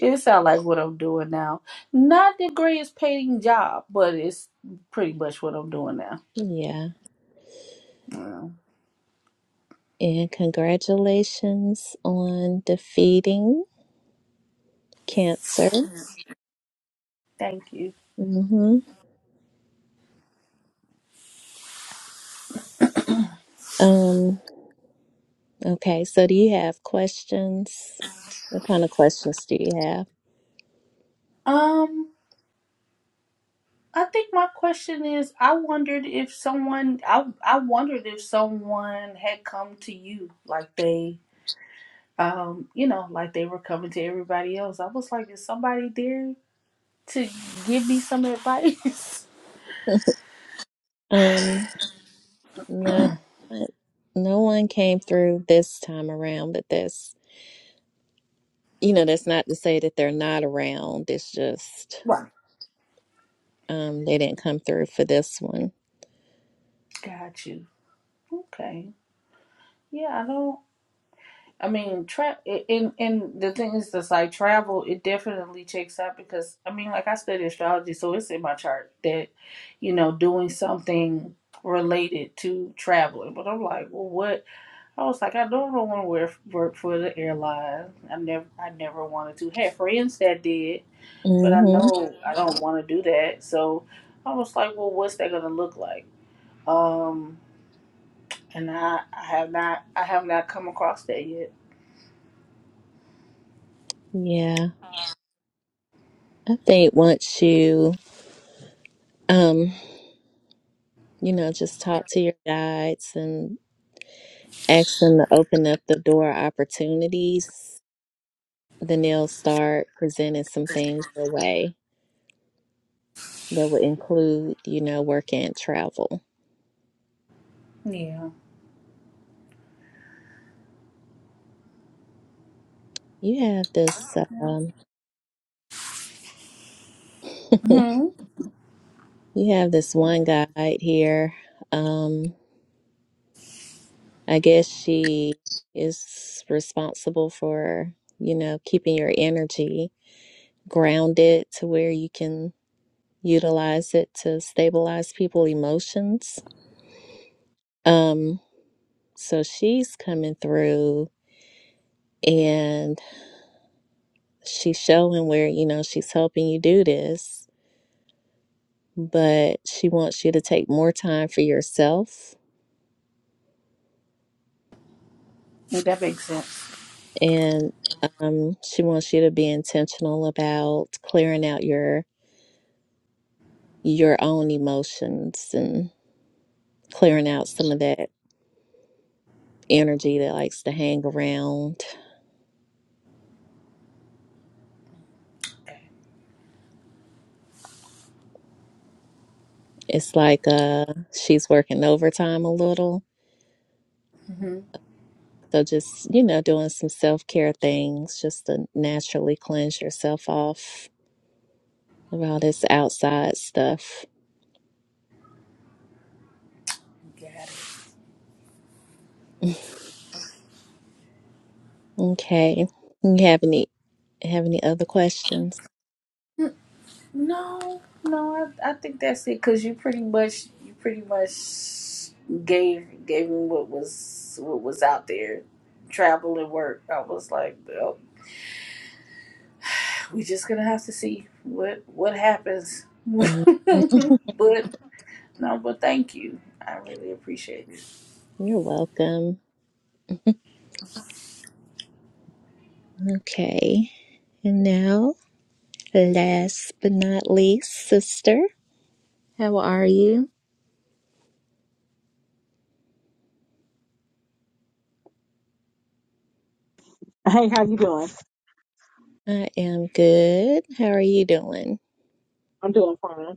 Speaker 17: It sounds like what I'm doing now. Not the greatest paying job, but it's pretty much what I'm doing now.
Speaker 1: Yeah.
Speaker 17: Yeah.
Speaker 1: And congratulations on defeating cancer.
Speaker 17: Thank you.
Speaker 1: Mm-hmm. Um, okay, so do you have questions? What kind of questions do you have?
Speaker 17: Um I think my question is I wondered if someone I I wondered if someone had come to you like they um you know like they were coming to everybody else. I was like is somebody there to give me some advice?
Speaker 1: Um, No, no one came through this time around, but that's, you know, that's not to say that they're not around. It's just
Speaker 17: Right.
Speaker 1: um they didn't come through for this one.
Speaker 17: Got you. Okay. Yeah, I don't. I mean, tra- and and the thing is, just like travel, it definitely checks out because I mean, like I study astrology, so it's in my chart that, you know, doing something related to traveling. But I'm like, well, what? I was like, I don't want to work work for the airline. I never, I never wanted to. Had friends that did, but I
Speaker 1: Mm-hmm.
Speaker 17: know I don't want to do that. So I was like, well, what's that gonna look like? Um, and I, I have not, I have not come across that yet.
Speaker 1: Yeah. I think once you um, you know, just talk to your guides and ask them to open up the door opportunities, then they'll start presenting some things your way that will include, you know, work and travel.
Speaker 17: Yeah.
Speaker 1: You have this um
Speaker 17: Hmm.
Speaker 1: You have this one guide here. Um, I guess she is responsible for, you know, keeping your energy grounded to where you can utilize it to stabilize people's emotions. Um, so she's coming through and she's showing where, you know, she's helping you do this, but she wants you to take more time for yourself
Speaker 17: Yeah, that makes sense.
Speaker 1: and um, she wants you to be intentional about clearing out your your own emotions and clearing out some of that energy that likes to hang around.
Speaker 17: Okay,
Speaker 1: It's like uh, she's working overtime a little,
Speaker 17: hmm
Speaker 1: so just you know doing some self care things just to naturally cleanse yourself off of all this outside stuff.
Speaker 17: got it.
Speaker 1: okay, you have any have any other questions?
Speaker 17: No, no, I, I think that's it. Cause you pretty much, you pretty much gave gave me what was what was out there, travel and work. I was like, well, we just gonna have to see what what happens.
Speaker 1: Mm,
Speaker 17: but no, but thank you. I really appreciate it.
Speaker 1: You're welcome. Okay. And now, last but not least, sister, how are you?
Speaker 18: Hey, how you doing?
Speaker 1: I am good. How are you doing?
Speaker 18: I'm doing fine.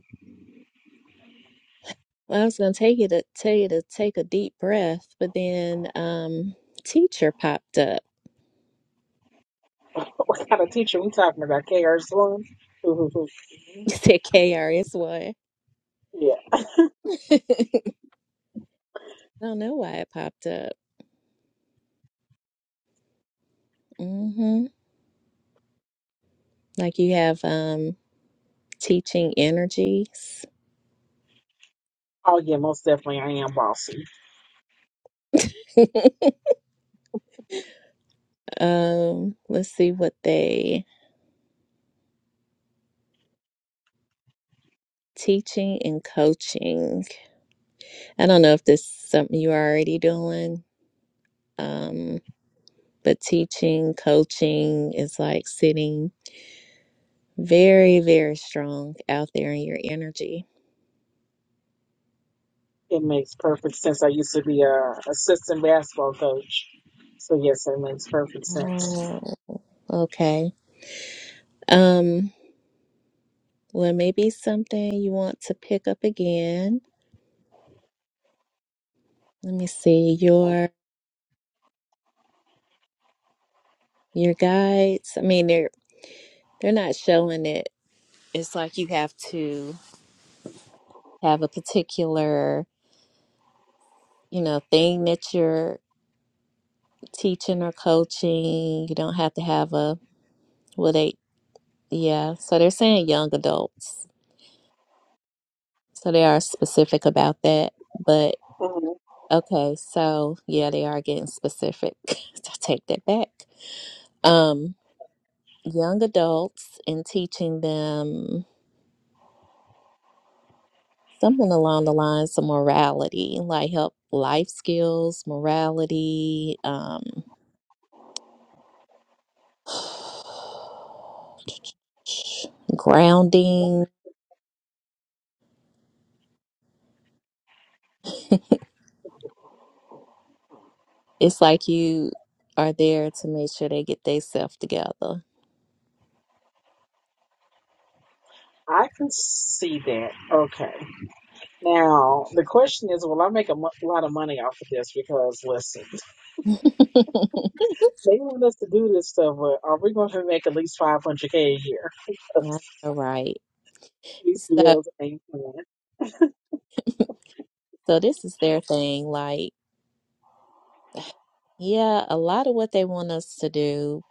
Speaker 1: Well, I was gonna take you to tell you to take a deep breath, but then um teacher popped up.
Speaker 18: What kind of teacher we talking about? K.R. Sloan? Who, who, who?
Speaker 1: You said KRS1.
Speaker 18: Yeah.
Speaker 1: Don't know why it popped up. Mm-hmm. Like you have um teaching energies.
Speaker 18: Oh, yeah, most definitely. I am bossy.
Speaker 1: Um, let's see what they teaching and coaching. I don't know if this is something you are already doing, um, but teaching, coaching is like sitting very, very strong out there in your energy.
Speaker 18: It makes perfect sense. I used to be a assistant basketball coach. So, yes, it makes perfect sense.
Speaker 1: Oh, okay. Um, well, maybe something you want to pick up again. Let me see your your guides. I mean, they're they're not showing it. It's like you have to have a particular, you know, thing that you're teaching or coaching. You don't have to have a Well, they, yeah. So they're saying young adults. So they are specific about that. But
Speaker 18: Mhm.
Speaker 1: okay, so yeah, they are getting specific. So take that back. Um, young adults and teaching them something along the lines of morality, like help life skills, morality, um, grounding. It's like you are there to make sure they get themselves together
Speaker 18: I can see that. Okay. Now, the question is, will I make a mo- lot of money off of this? Because, listen,
Speaker 1: All
Speaker 18: they want us to do this stuff, but are we going to make at least 500K a year?
Speaker 1: right.
Speaker 18: Because these
Speaker 1: So,
Speaker 18: bills ain't paying.
Speaker 1: so this is their thing. Like, yeah, a lot of what they want us to do,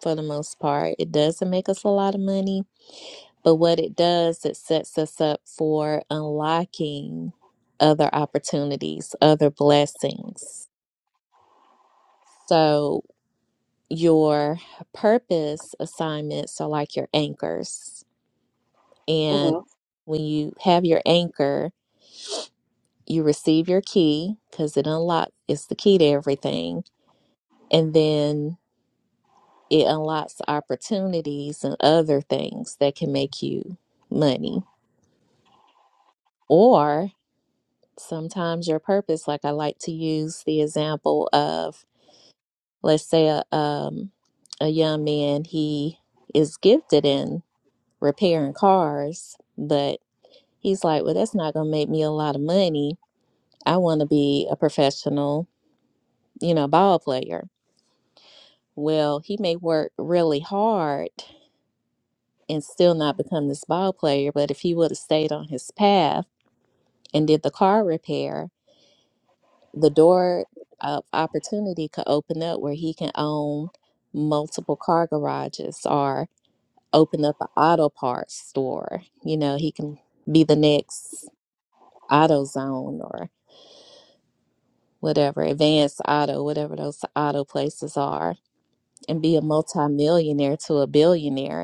Speaker 1: for the most part, it doesn't make us a lot of money, but what it does, it sets us up for unlocking other opportunities, other blessings. So, your purpose assignments are like your anchors,
Speaker 18: hmm
Speaker 1: and when you have your anchor you receive your key because it unlocks it's the key to everything and then it unlocks opportunities and other things that can make you money or sometimes your purpose like i like to use the example of let's say a, um, a young man he is gifted in repairing cars but he's like well that's not going to make me a lot of money i want to be a professional you know ball player Well, he may work really hard and still not become this ball player, but if he would have stayed on his path and did the car repair, the door of opportunity could open up where he can own multiple car garages or open up an auto parts store. You know, he can be the next AutoZone or whatever, advanced auto, whatever those auto places are, and be a multimillionaire to a billionaire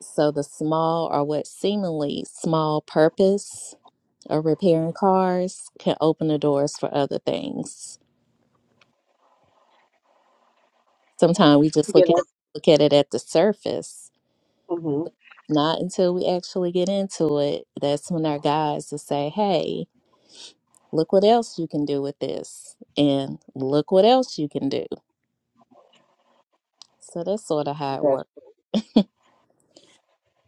Speaker 1: So the small or what seemingly small purpose of repairing cars can open the doors for other things. Sometimes we just
Speaker 18: Yeah,
Speaker 1: look at
Speaker 18: that's,
Speaker 1: look at it at the surface.
Speaker 18: hmm
Speaker 1: Not until we actually get into it, that's when our guides will say, Hey, look what else you can do with this and look what else you can do. So that's sort of how it works.
Speaker 18: that's,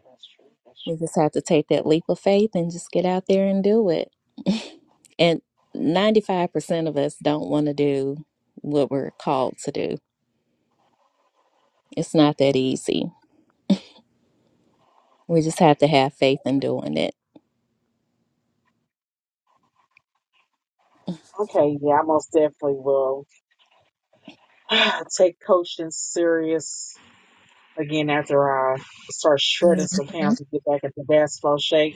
Speaker 18: that's true. That's
Speaker 1: We just have to take that leap of faith and just get out there and do it. And 95% of us don't want to do what we're called to do. It's not that easy. We just have to have faith in doing it.
Speaker 18: true. Okay, yeah, I most definitely will take coaching serious again after I start
Speaker 1: hmm
Speaker 18: shredding some pounds and get back into basketball shape.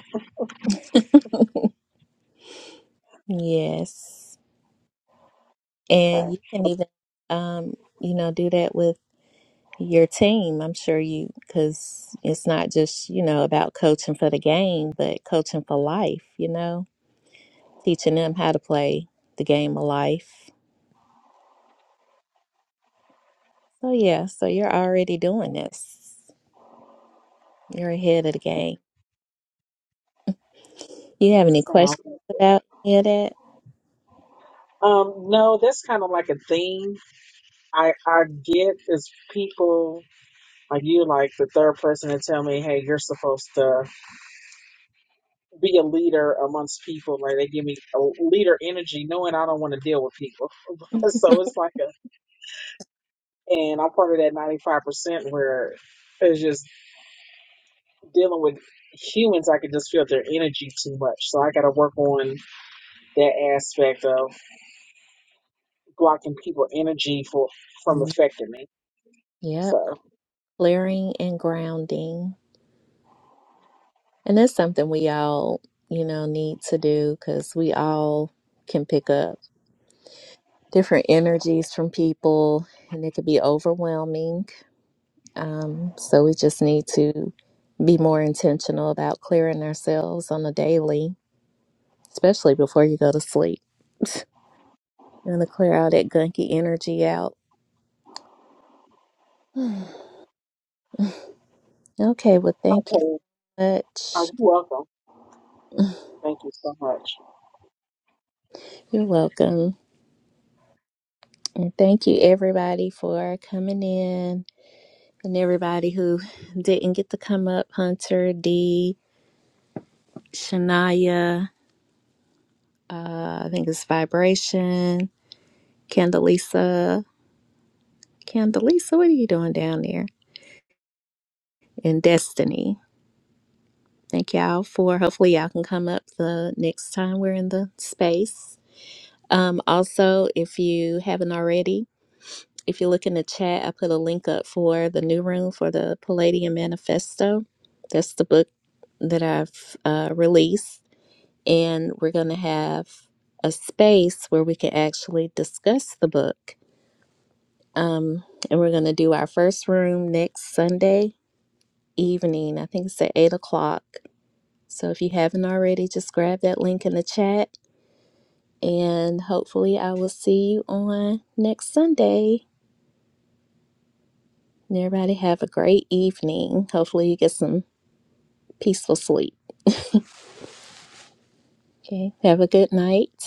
Speaker 1: Yes.
Speaker 18: Okay,
Speaker 1: And you can even, um, you know, do that with your team. I'm sure you, because it's not just, you know, about coaching for the game, but coaching for life, you know, teaching them how to play the game of life Oh, yeah. So you're already doing this. You're ahead of the game. You have any
Speaker 18: sound.
Speaker 1: questions about any of that?
Speaker 18: Um, no, that's kind of like a theme I I get is people like you, like the third person to tell me, hey, you're supposed to be a leader amongst people. Like they give me a leader energy, knowing I don't want to deal with people. so it's like a and I'm part of that 95% where it's just dealing with humans. I can just feel their energy too much, so I got to work on that aspect of blocking people' energy for from
Speaker 1: Mhm.
Speaker 18: affecting me.
Speaker 1: Yep.
Speaker 18: So,
Speaker 1: Clearing and grounding. And that's something we all, you know, need to do because we all can pick up different energies from people and it could be overwhelming. Um, so we just need to be more intentional about clearing ourselves on a daily, especially before you go to sleep. Going to clear all that gunky energy out. okay, well, thank you
Speaker 18: okay, are
Speaker 1: much.
Speaker 18: you welcome? Thank you so much.
Speaker 1: You're welcome. And thank you, everybody, for coming in and everybody who didn't get to come up Hunter, D, Shania, uh, I think it's Vibration, Candelisa. Candelisa, what are you doing down there? And Destiny. Thank y'all for hopefully y'all can come up the next time we're in the space. Um, also, if you haven't already, if you look in the chat, I put a link up for the new room for the Palladium Manifesto. That's the book that I've uh, released. And we're going to have a space where we can actually discuss the book. Um, and we're going to do our first room next Sunday evening. I think it's at 8 o'clock. So if you haven't already, just grab that link in the chat. And hopefully, I will see you on next Sunday. And everybody have a great evening. Hopefully, you get some peaceful sleep. Okay. Have a good night.